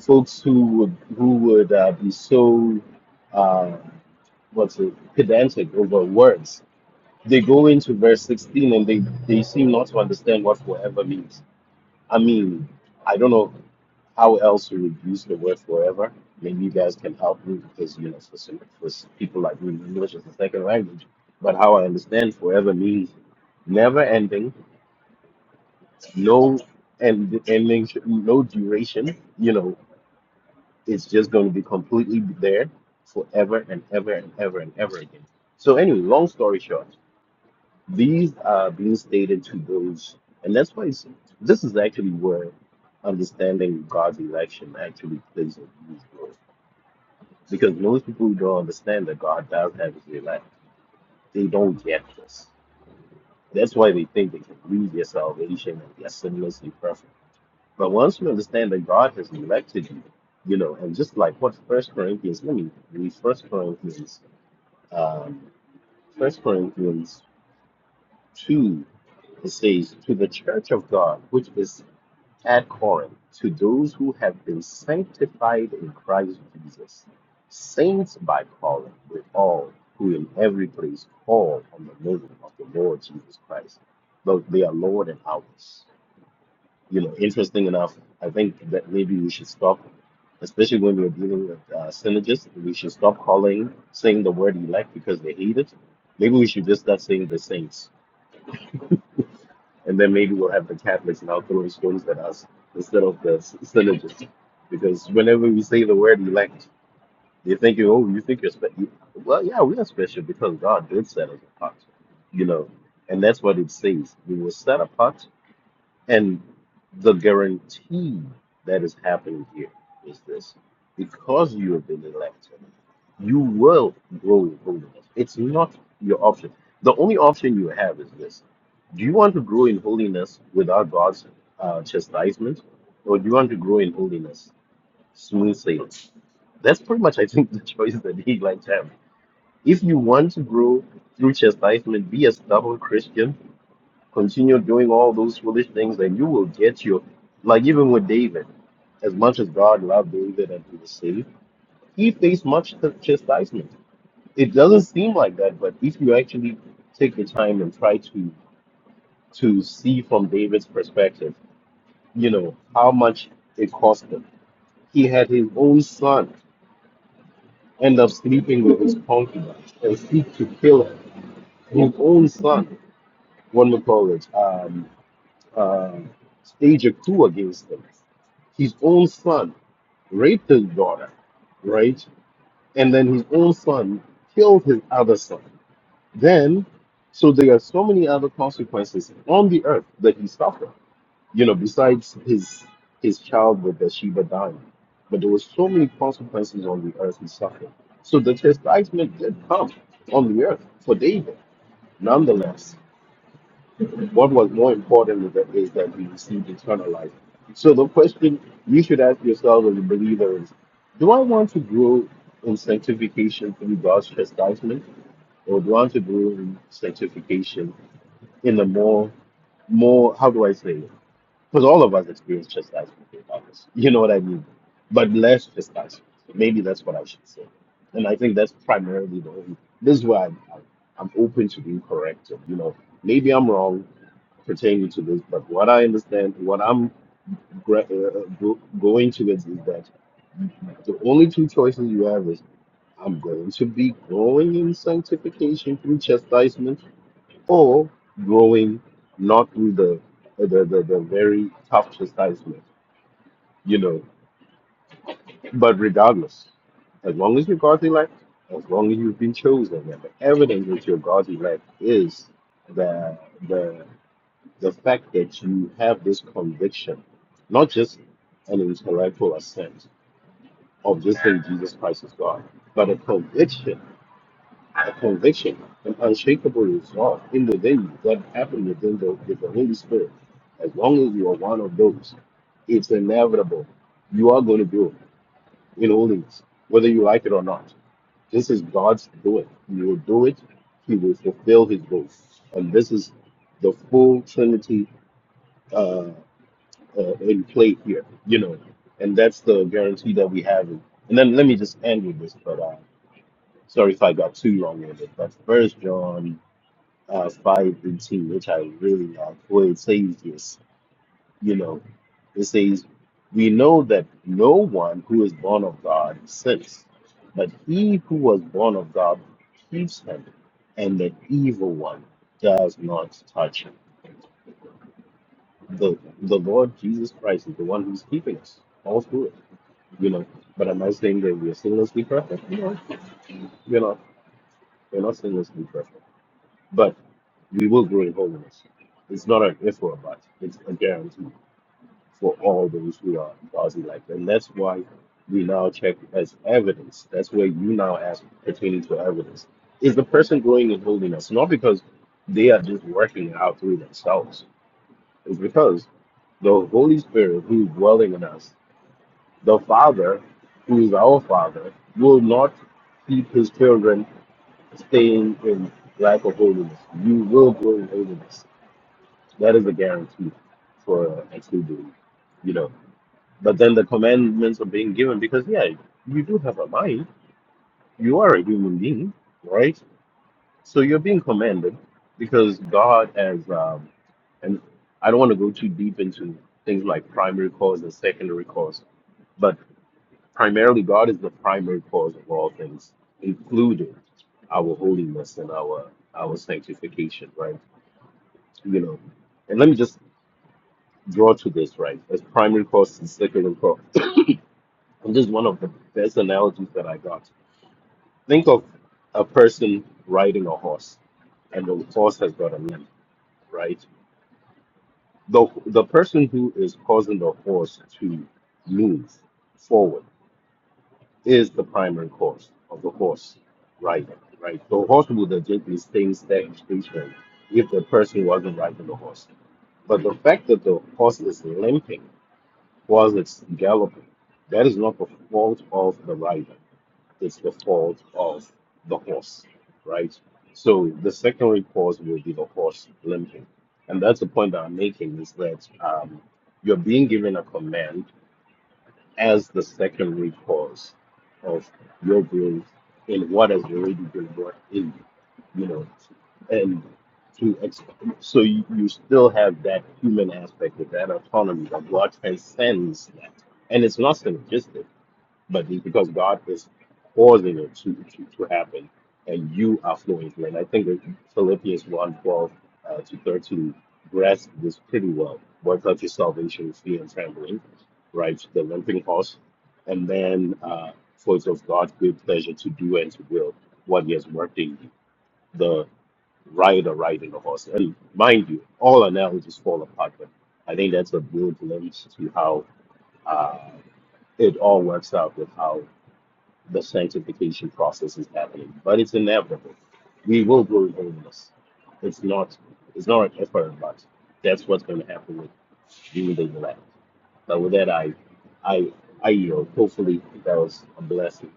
Speaker 10: folks who would, who would uh, be so uh, what's it, pedantic over words they go into verse 16 and they, they seem not to understand what forever means. I mean, I don't know how else to reduce the word forever. Maybe you guys can help me because, you know, for, some, for s- people like me, English is the second language. But how I understand forever means never ending, no end, ending, sh- no duration. You know, it's just going to be completely there forever and ever and ever and ever again. So, anyway, long story short. These are being stated to those, and that's why it's, this is actually where understanding God's election actually plays a huge role. Because most people who don't understand that God does have his elect, they don't get this. That's why they think they can lose their salvation and they're sinlessly perfect. But once you understand that God has elected you, you know, and just like what First Corinthians, let me read First Corinthians, um, First Corinthians two, it says, "To the church of God, which is at Corinth to those who have been sanctified in Christ Jesus, saints by calling with all who in every place call on the name of the Lord Jesus Christ, though they are Lord and ours. You know, interesting enough, I think that maybe we should stop, especially when we're dealing with uh, synergists, we should stop calling, saying the word elect because they hate it. Maybe we should just start saying the saints and then maybe we'll have the Catholics now throwing stones at us instead of the s- synergists. Because whenever we say the word elect, they're thinking, oh, you think you're special. Well, yeah, we are special because God did set us apart, you know. And that's what it says. We were set apart, and the guarantee that is happening here is this because you have been elected. You will grow in holiness. It's not your option. The only option you have is this Do you want to grow in holiness without God's uh, chastisement, or do you want to grow in holiness smooth sailing? That's pretty much, I think, the choice that he likes to have. If you want to grow through chastisement, be a stubborn Christian, continue doing all those foolish things, and you will get your, like even with David, as much as God loved David and he was saved, he faced much chastisement it doesn't seem like that, but if you actually take the time and try to to see from David's perspective, you know, how much it cost him. He had his own son end up sleeping with his concubine and seek to kill him. His own son, what would call it, um, uh, stage a coup against him. His own son raped his daughter, right? And then his own son killed his other son Then, so there are so many other consequences on the earth that he suffered. You know, besides his his child with Bathsheba dying, but there were so many consequences on the earth he suffered. So the chastisement did come on the earth for David. Nonetheless, what was more important is that, is that he received eternal life. So the question you should ask yourself as a believer is, do I want to grow in sanctification through God's chastisement, or do I want to grow in sanctification? in the more more how do I say it? Because all of us experience chastisement, in others. you know what I mean? But less chastisement. Maybe that's what I should say. And I think that's primarily the only. This is why I'm, I'm I'm open to being corrected. You know, maybe I'm wrong pertaining to this, but what I understand, what I'm gra- uh, uh, go- going towards is that the only two choices you have is I'm going to be growing in sanctification through chastisement or growing not through the the, the, the very tough chastisement, you know. But regardless, as long as you're God's elect, as long as you've been chosen, and the evidence that you're God's elect is the the the fact that you have this conviction, not just an intellectual assent of just saying Jesus Christ is God, but a conviction a conviction, an unshakable resolve in the day that happened within the, with the Holy Spirit. As long as you are one of those, it's inevitable. You are going to do it in holiness, whether you like it or not. This is God's doing. He will do it. He will fulfill His will, and this is the full Trinity uh, uh, in play here. You know, and that's the guarantee that we have. And then let me just end with this, but uh, sorry if I got too long-winded. But First John uh, fire routine, which I really like, where it says this, you know, it says, We know that no one who is born of God sins, but he who was born of God keeps him, and the evil one does not touch him. The, the Lord Jesus Christ is the one who's keeping us all through it, you know. But am I saying that we're sinlessly perfect? No, we're not. We're not sinlessly perfect But we will grow in holiness. It's not an if or a but. It's a guarantee for all those who are God's like. And that's why we now check as evidence. That's where you now ask pertaining to evidence. Is the person growing in holiness? Not because they are just working it out through themselves. It's because the Holy Spirit who is dwelling in us, the Father who is our Father, will not keep his children staying in lack of holiness. You will grow in holiness that is a guarantee for a true dude, you know. But then the commandments are being given because, yeah, you do have a mind. You are a human being, right? So you're being commanded because God has, um, and I don't want to go too deep into things like primary cause and secondary cause, but primarily God is the primary cause of all things, including our holiness and our our sanctification, right? You know, and let me just draw to this, right? As primary course and secondary course. And this is one of the best analogies that I got. Think of a person riding a horse, and the horse has got a limp, right? The, the person who is causing the horse to move forward is the primary cause of the horse riding, right? The horse would have just been staying sta- stationary if the person wasn't riding the horse. But the fact that the horse is limping Was it's galloping. That is not the fault of the rider. It's the fault of the horse, right? So the secondary cause will be the horse limping. And that's the point that I'm making is that um, you're being given a command as the secondary cause of your growth in what has already been brought in you, you know, and to ex- so you, you still have that human aspect of that autonomy that God transcends that, and it's not synergistic but it's because God is causing it to, to, to happen, and you are flowing through. And I think that Philippians one twelve uh, to 13 grasps this pretty well. Work out your salvation with fear and trembling, right? The limping horse, and then uh, for it's of God's good pleasure to do and to will what He has worked in you. The rider riding the horse. And mind you, all analogies fall apart, but I think that's a good glimpse to how uh, it all works out with how the sanctification process is happening, but it's inevitable. We will grow in holiness. It's not it's not an effort but That's what's going to happen with you, and the elect. But with that, I I I yield. Hopefully, that was a blessing.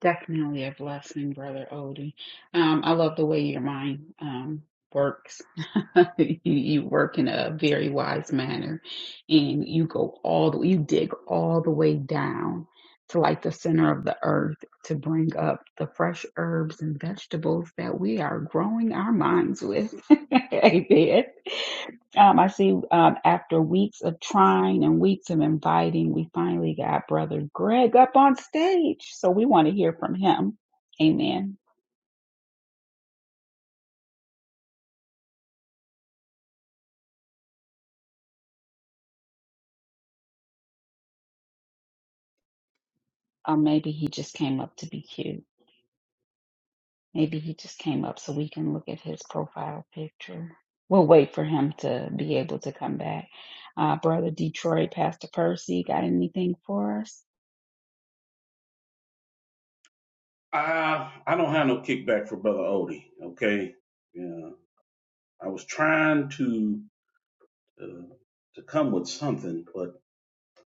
Speaker 2: Definitely a blessing, Brother Odie. Um, I love the way your mind um, works. you, you work in a very wise manner, and you go all the you dig all the way down to like the center of the earth to bring up the fresh herbs and vegetables that we are growing our minds with. Amen. Um, I see um, after weeks of trying and weeks of inviting, we finally got Brother Greg up on stage. So we want to hear from him. Amen. Or maybe he just came up to be cute. Maybe he just came up so we can look at his profile picture. We'll wait for him to be able to come back. Uh, Brother Detroit, Pastor Percy, got anything for us?
Speaker 1: I I don't have no kickback for brother Odie. Okay, yeah, I was trying to uh, to come with something, but.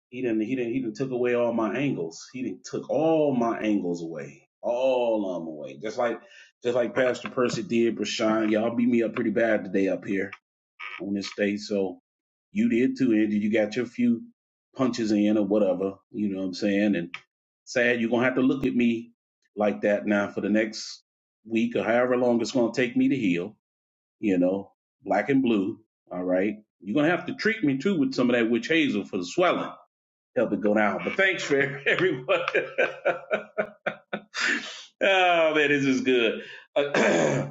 Speaker 1: He didn't. He didn't. He done took away all my angles. He done took all my angles away, all of them away. Just like, just like Pastor Percy did, Brashawn. Y'all beat me up pretty bad today up here on this stage. So you did too, Angie. You got your few punches in or whatever. You know what I'm saying? And sad, you're gonna have to look at me like that now for the next week or however long it's gonna take me to heal. You know, black and blue. All right. You're gonna have to treat me too with some of that witch hazel for the swelling help it go down. But thanks for everyone. oh man, this is good. Uh,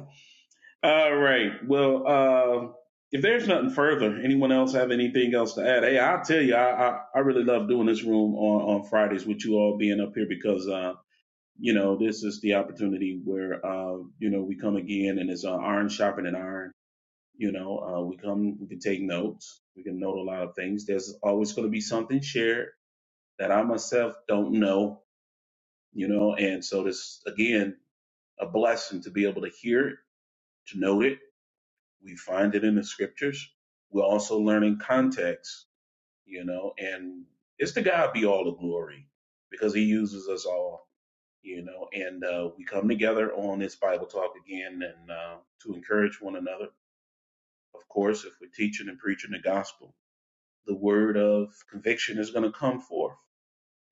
Speaker 1: all right. Well, um, if there's nothing further, anyone else have anything else to add? Hey, I'll tell you, I I, I really love doing this room on on Fridays with you all being up here because. Uh, you know, this is the opportunity where, uh, you know, we come again and it's uh, iron sharpening iron. You know, uh, we come, we can take notes. We can note a lot of things. There's always going to be something shared that I myself don't know you know and so this again a blessing to be able to hear it to know it we find it in the scriptures we're also learning context you know and it's to god be all the glory because he uses us all you know and uh, we come together on this bible talk again and uh, to encourage one another of course if we're teaching and preaching the gospel the word of conviction is going to come forth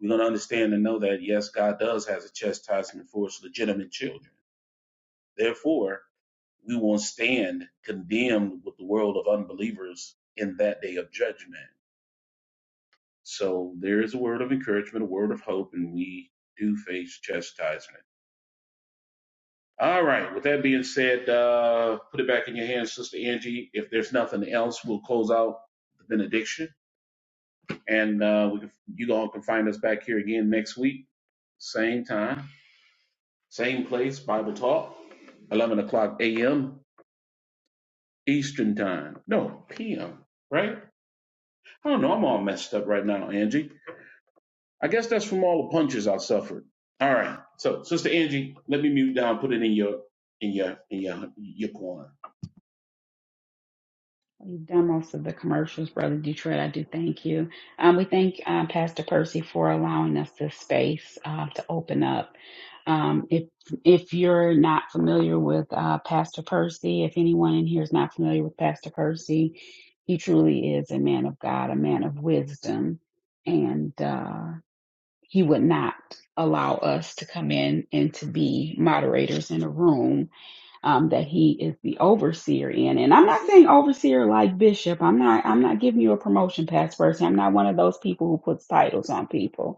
Speaker 1: we're going to understand and know that yes god does has a chastisement for his legitimate children Therefore, we will stand condemned with the world of unbelievers in that day of judgment. So there is a word of encouragement, a word of hope, and we do face chastisement. All right. With that being said, uh, put it back in your hands, Sister Angie. If there's nothing else, we'll close out the benediction, and uh, we can, you all can find us back here again next week, same time, same place, Bible talk, 11 o'clock a.m. Eastern time. No, p.m. Right? I don't know. I'm all messed up right now, Angie. I guess that's from all the punches I suffered. All right. So, Sister Angie, let me mute down. Put it in your in your in your your corner.
Speaker 2: You've done most of the commercials, Brother Detroit. I do thank you. Um, we thank uh, Pastor Percy for allowing us this space uh, to open up. Um, if if you're not familiar with uh, Pastor Percy, if anyone in here is not familiar with Pastor Percy, he truly is a man of God, a man of wisdom, and uh, he would not allow us to come in and to be moderators in a room um, that he is the overseer in. And I'm not saying overseer like bishop. I'm not. I'm not giving you a promotion, pass person. I'm not one of those people who puts titles on people.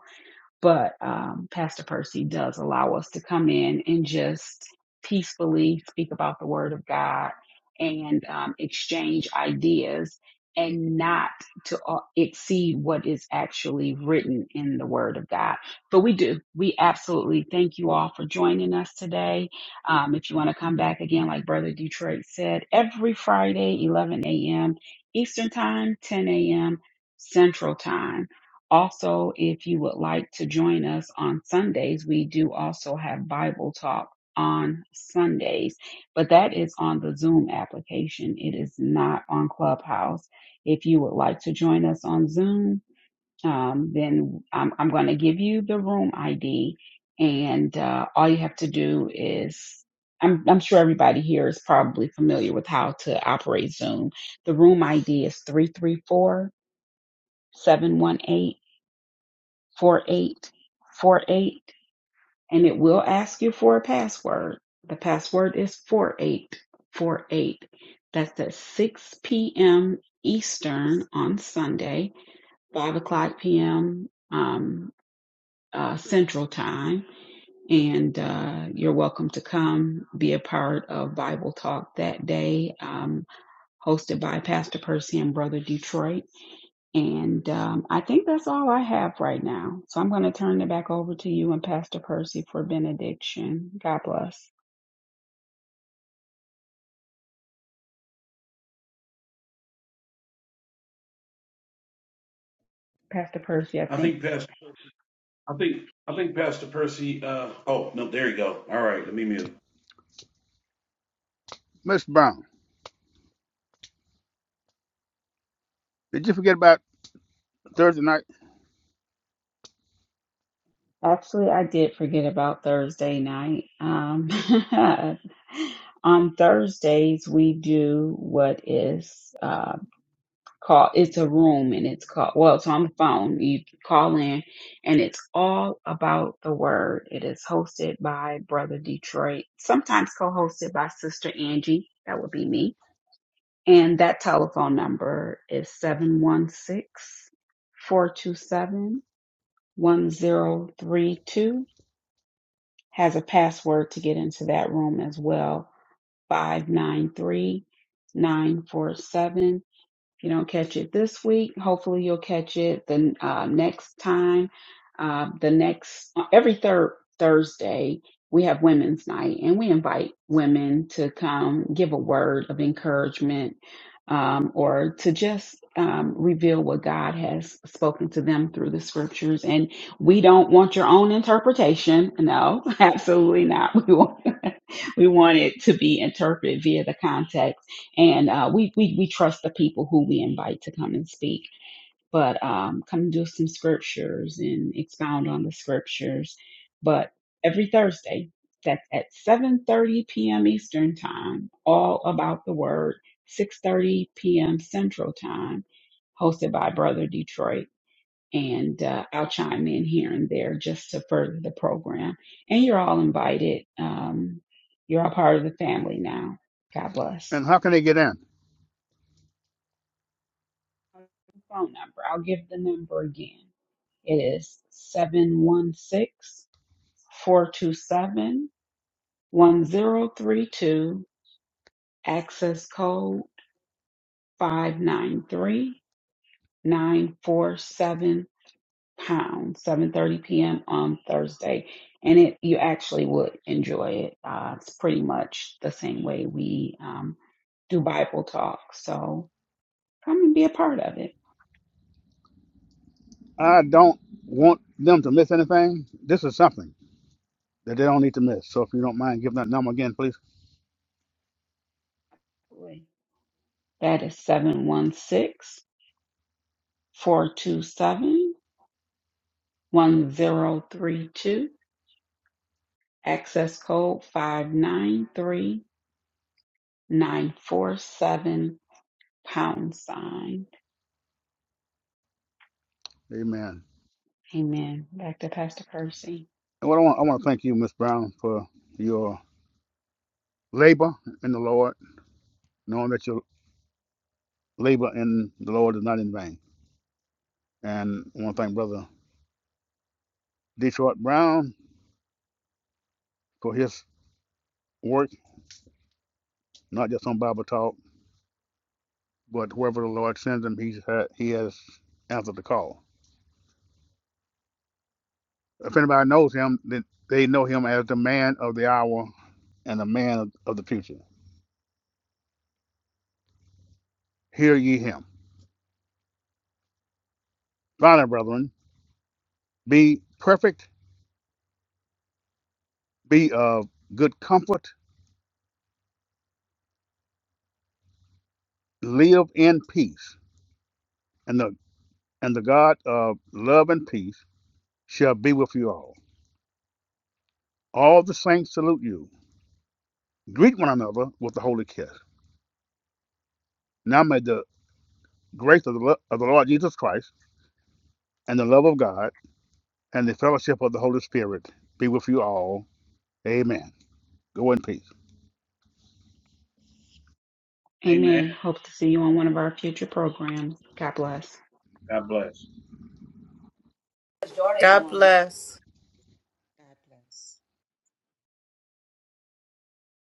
Speaker 2: But um, Pastor Percy does allow us to come in and just peacefully speak about the Word of God and um, exchange ideas and not to uh, exceed what is actually written in the Word of God. So we do. We absolutely thank you all for joining us today. Um, if you want to come back again, like Brother Detroit said, every Friday, 11 a.m. Eastern Time, 10 a.m. Central Time. Also, if you would like to join us on Sundays, we do also have Bible talk on Sundays, but that is on the Zoom application. It is not on Clubhouse. If you would like to join us on Zoom, um, then I'm, I'm going to give you the room ID, and uh, all you have to do is I'm, I'm sure everybody here is probably familiar with how to operate Zoom. The room ID is 334 718. 4848 and it will ask you for a password. The password is 4848. That's at 6 p.m. Eastern on Sunday, 5 o'clock p.m. Um, uh, Central Time. And uh, you're welcome to come be a part of Bible Talk that day, um, hosted by Pastor Percy and Brother Detroit. And um, I think that's all I have right now. So I'm going to turn it back over to you and Pastor Percy for benediction. God bless. Pastor Percy, I
Speaker 1: I
Speaker 2: think.
Speaker 1: think Pastor. I think I think Pastor Percy. Uh, Oh no, there you go. All right, let me mute.
Speaker 7: Miss Brown, did you forget about Thursday night
Speaker 2: Actually, I did forget about Thursday night. Um, on Thursdays, we do what is call it's a room and it's called well it's on the phone you call in and it's all about the word it is hosted by brother detroit sometimes co-hosted by sister angie that would be me and that telephone number is seven one six four two seven one zero three two. has a password to get into that room as well five nine three nine four seven. If you don't catch it this week, hopefully you'll catch it the uh, next time. Uh, the next uh, every third Thursday we have Women's Night, and we invite women to come give a word of encouragement um, or to just um, reveal what God has spoken to them through the scriptures. And we don't want your own interpretation. No, absolutely not. We want we want it to be interpreted via the context and uh, we, we we trust the people who we invite to come and speak but um, come and do some scriptures and expound on the scriptures but every thursday that's at 7.30 p.m eastern time all about the word 6.30 p.m central time hosted by brother detroit and uh, i'll chime in here and there just to further the program and you're all invited um, you're all part of the family now god bless
Speaker 7: and how can they get in?
Speaker 2: phone number. I'll give the number again. its two seven one zero three two. access code five nine three nine four seven pound, 7.30 p.m. on Thursday. And it you actually would enjoy it. Uh, it's pretty much the same way we um, do Bible talk. So come and be a part of it.
Speaker 7: I don't want them to miss anything. This is something that they don't need to miss. So if you don't mind giving that number again, please.
Speaker 2: That is 716. four two seven one zero three two, access code five nine three nine four seven pound sign.
Speaker 7: Amen.
Speaker 2: Amen. Back to Pastor Percy.
Speaker 7: And what I want I want to thank you, Miss Brown, for your labor in the Lord, knowing that you labor in the Lord is not in vain. And I want to thank Brother Detroit Brown for his work, not just on Bible Talk, but wherever the Lord sends him, he's had, he has answered the call. If anybody knows him, then they know him as the man of the hour and the man of the future. Hear ye him. Finally, brethren, be perfect, be of good comfort, live in peace, and the and the God of love and peace shall be with you all. All the saints salute you. Greet one another with the holy kiss. Now may the grace of the, lo- of the Lord Jesus Christ and the love of God and the fellowship of the Holy Spirit be with you all. Amen. Go in peace.
Speaker 1: Amen.
Speaker 2: Amen. Hope to see you on one of our future programs. God bless.
Speaker 1: God bless.
Speaker 8: God bless.
Speaker 9: God bless.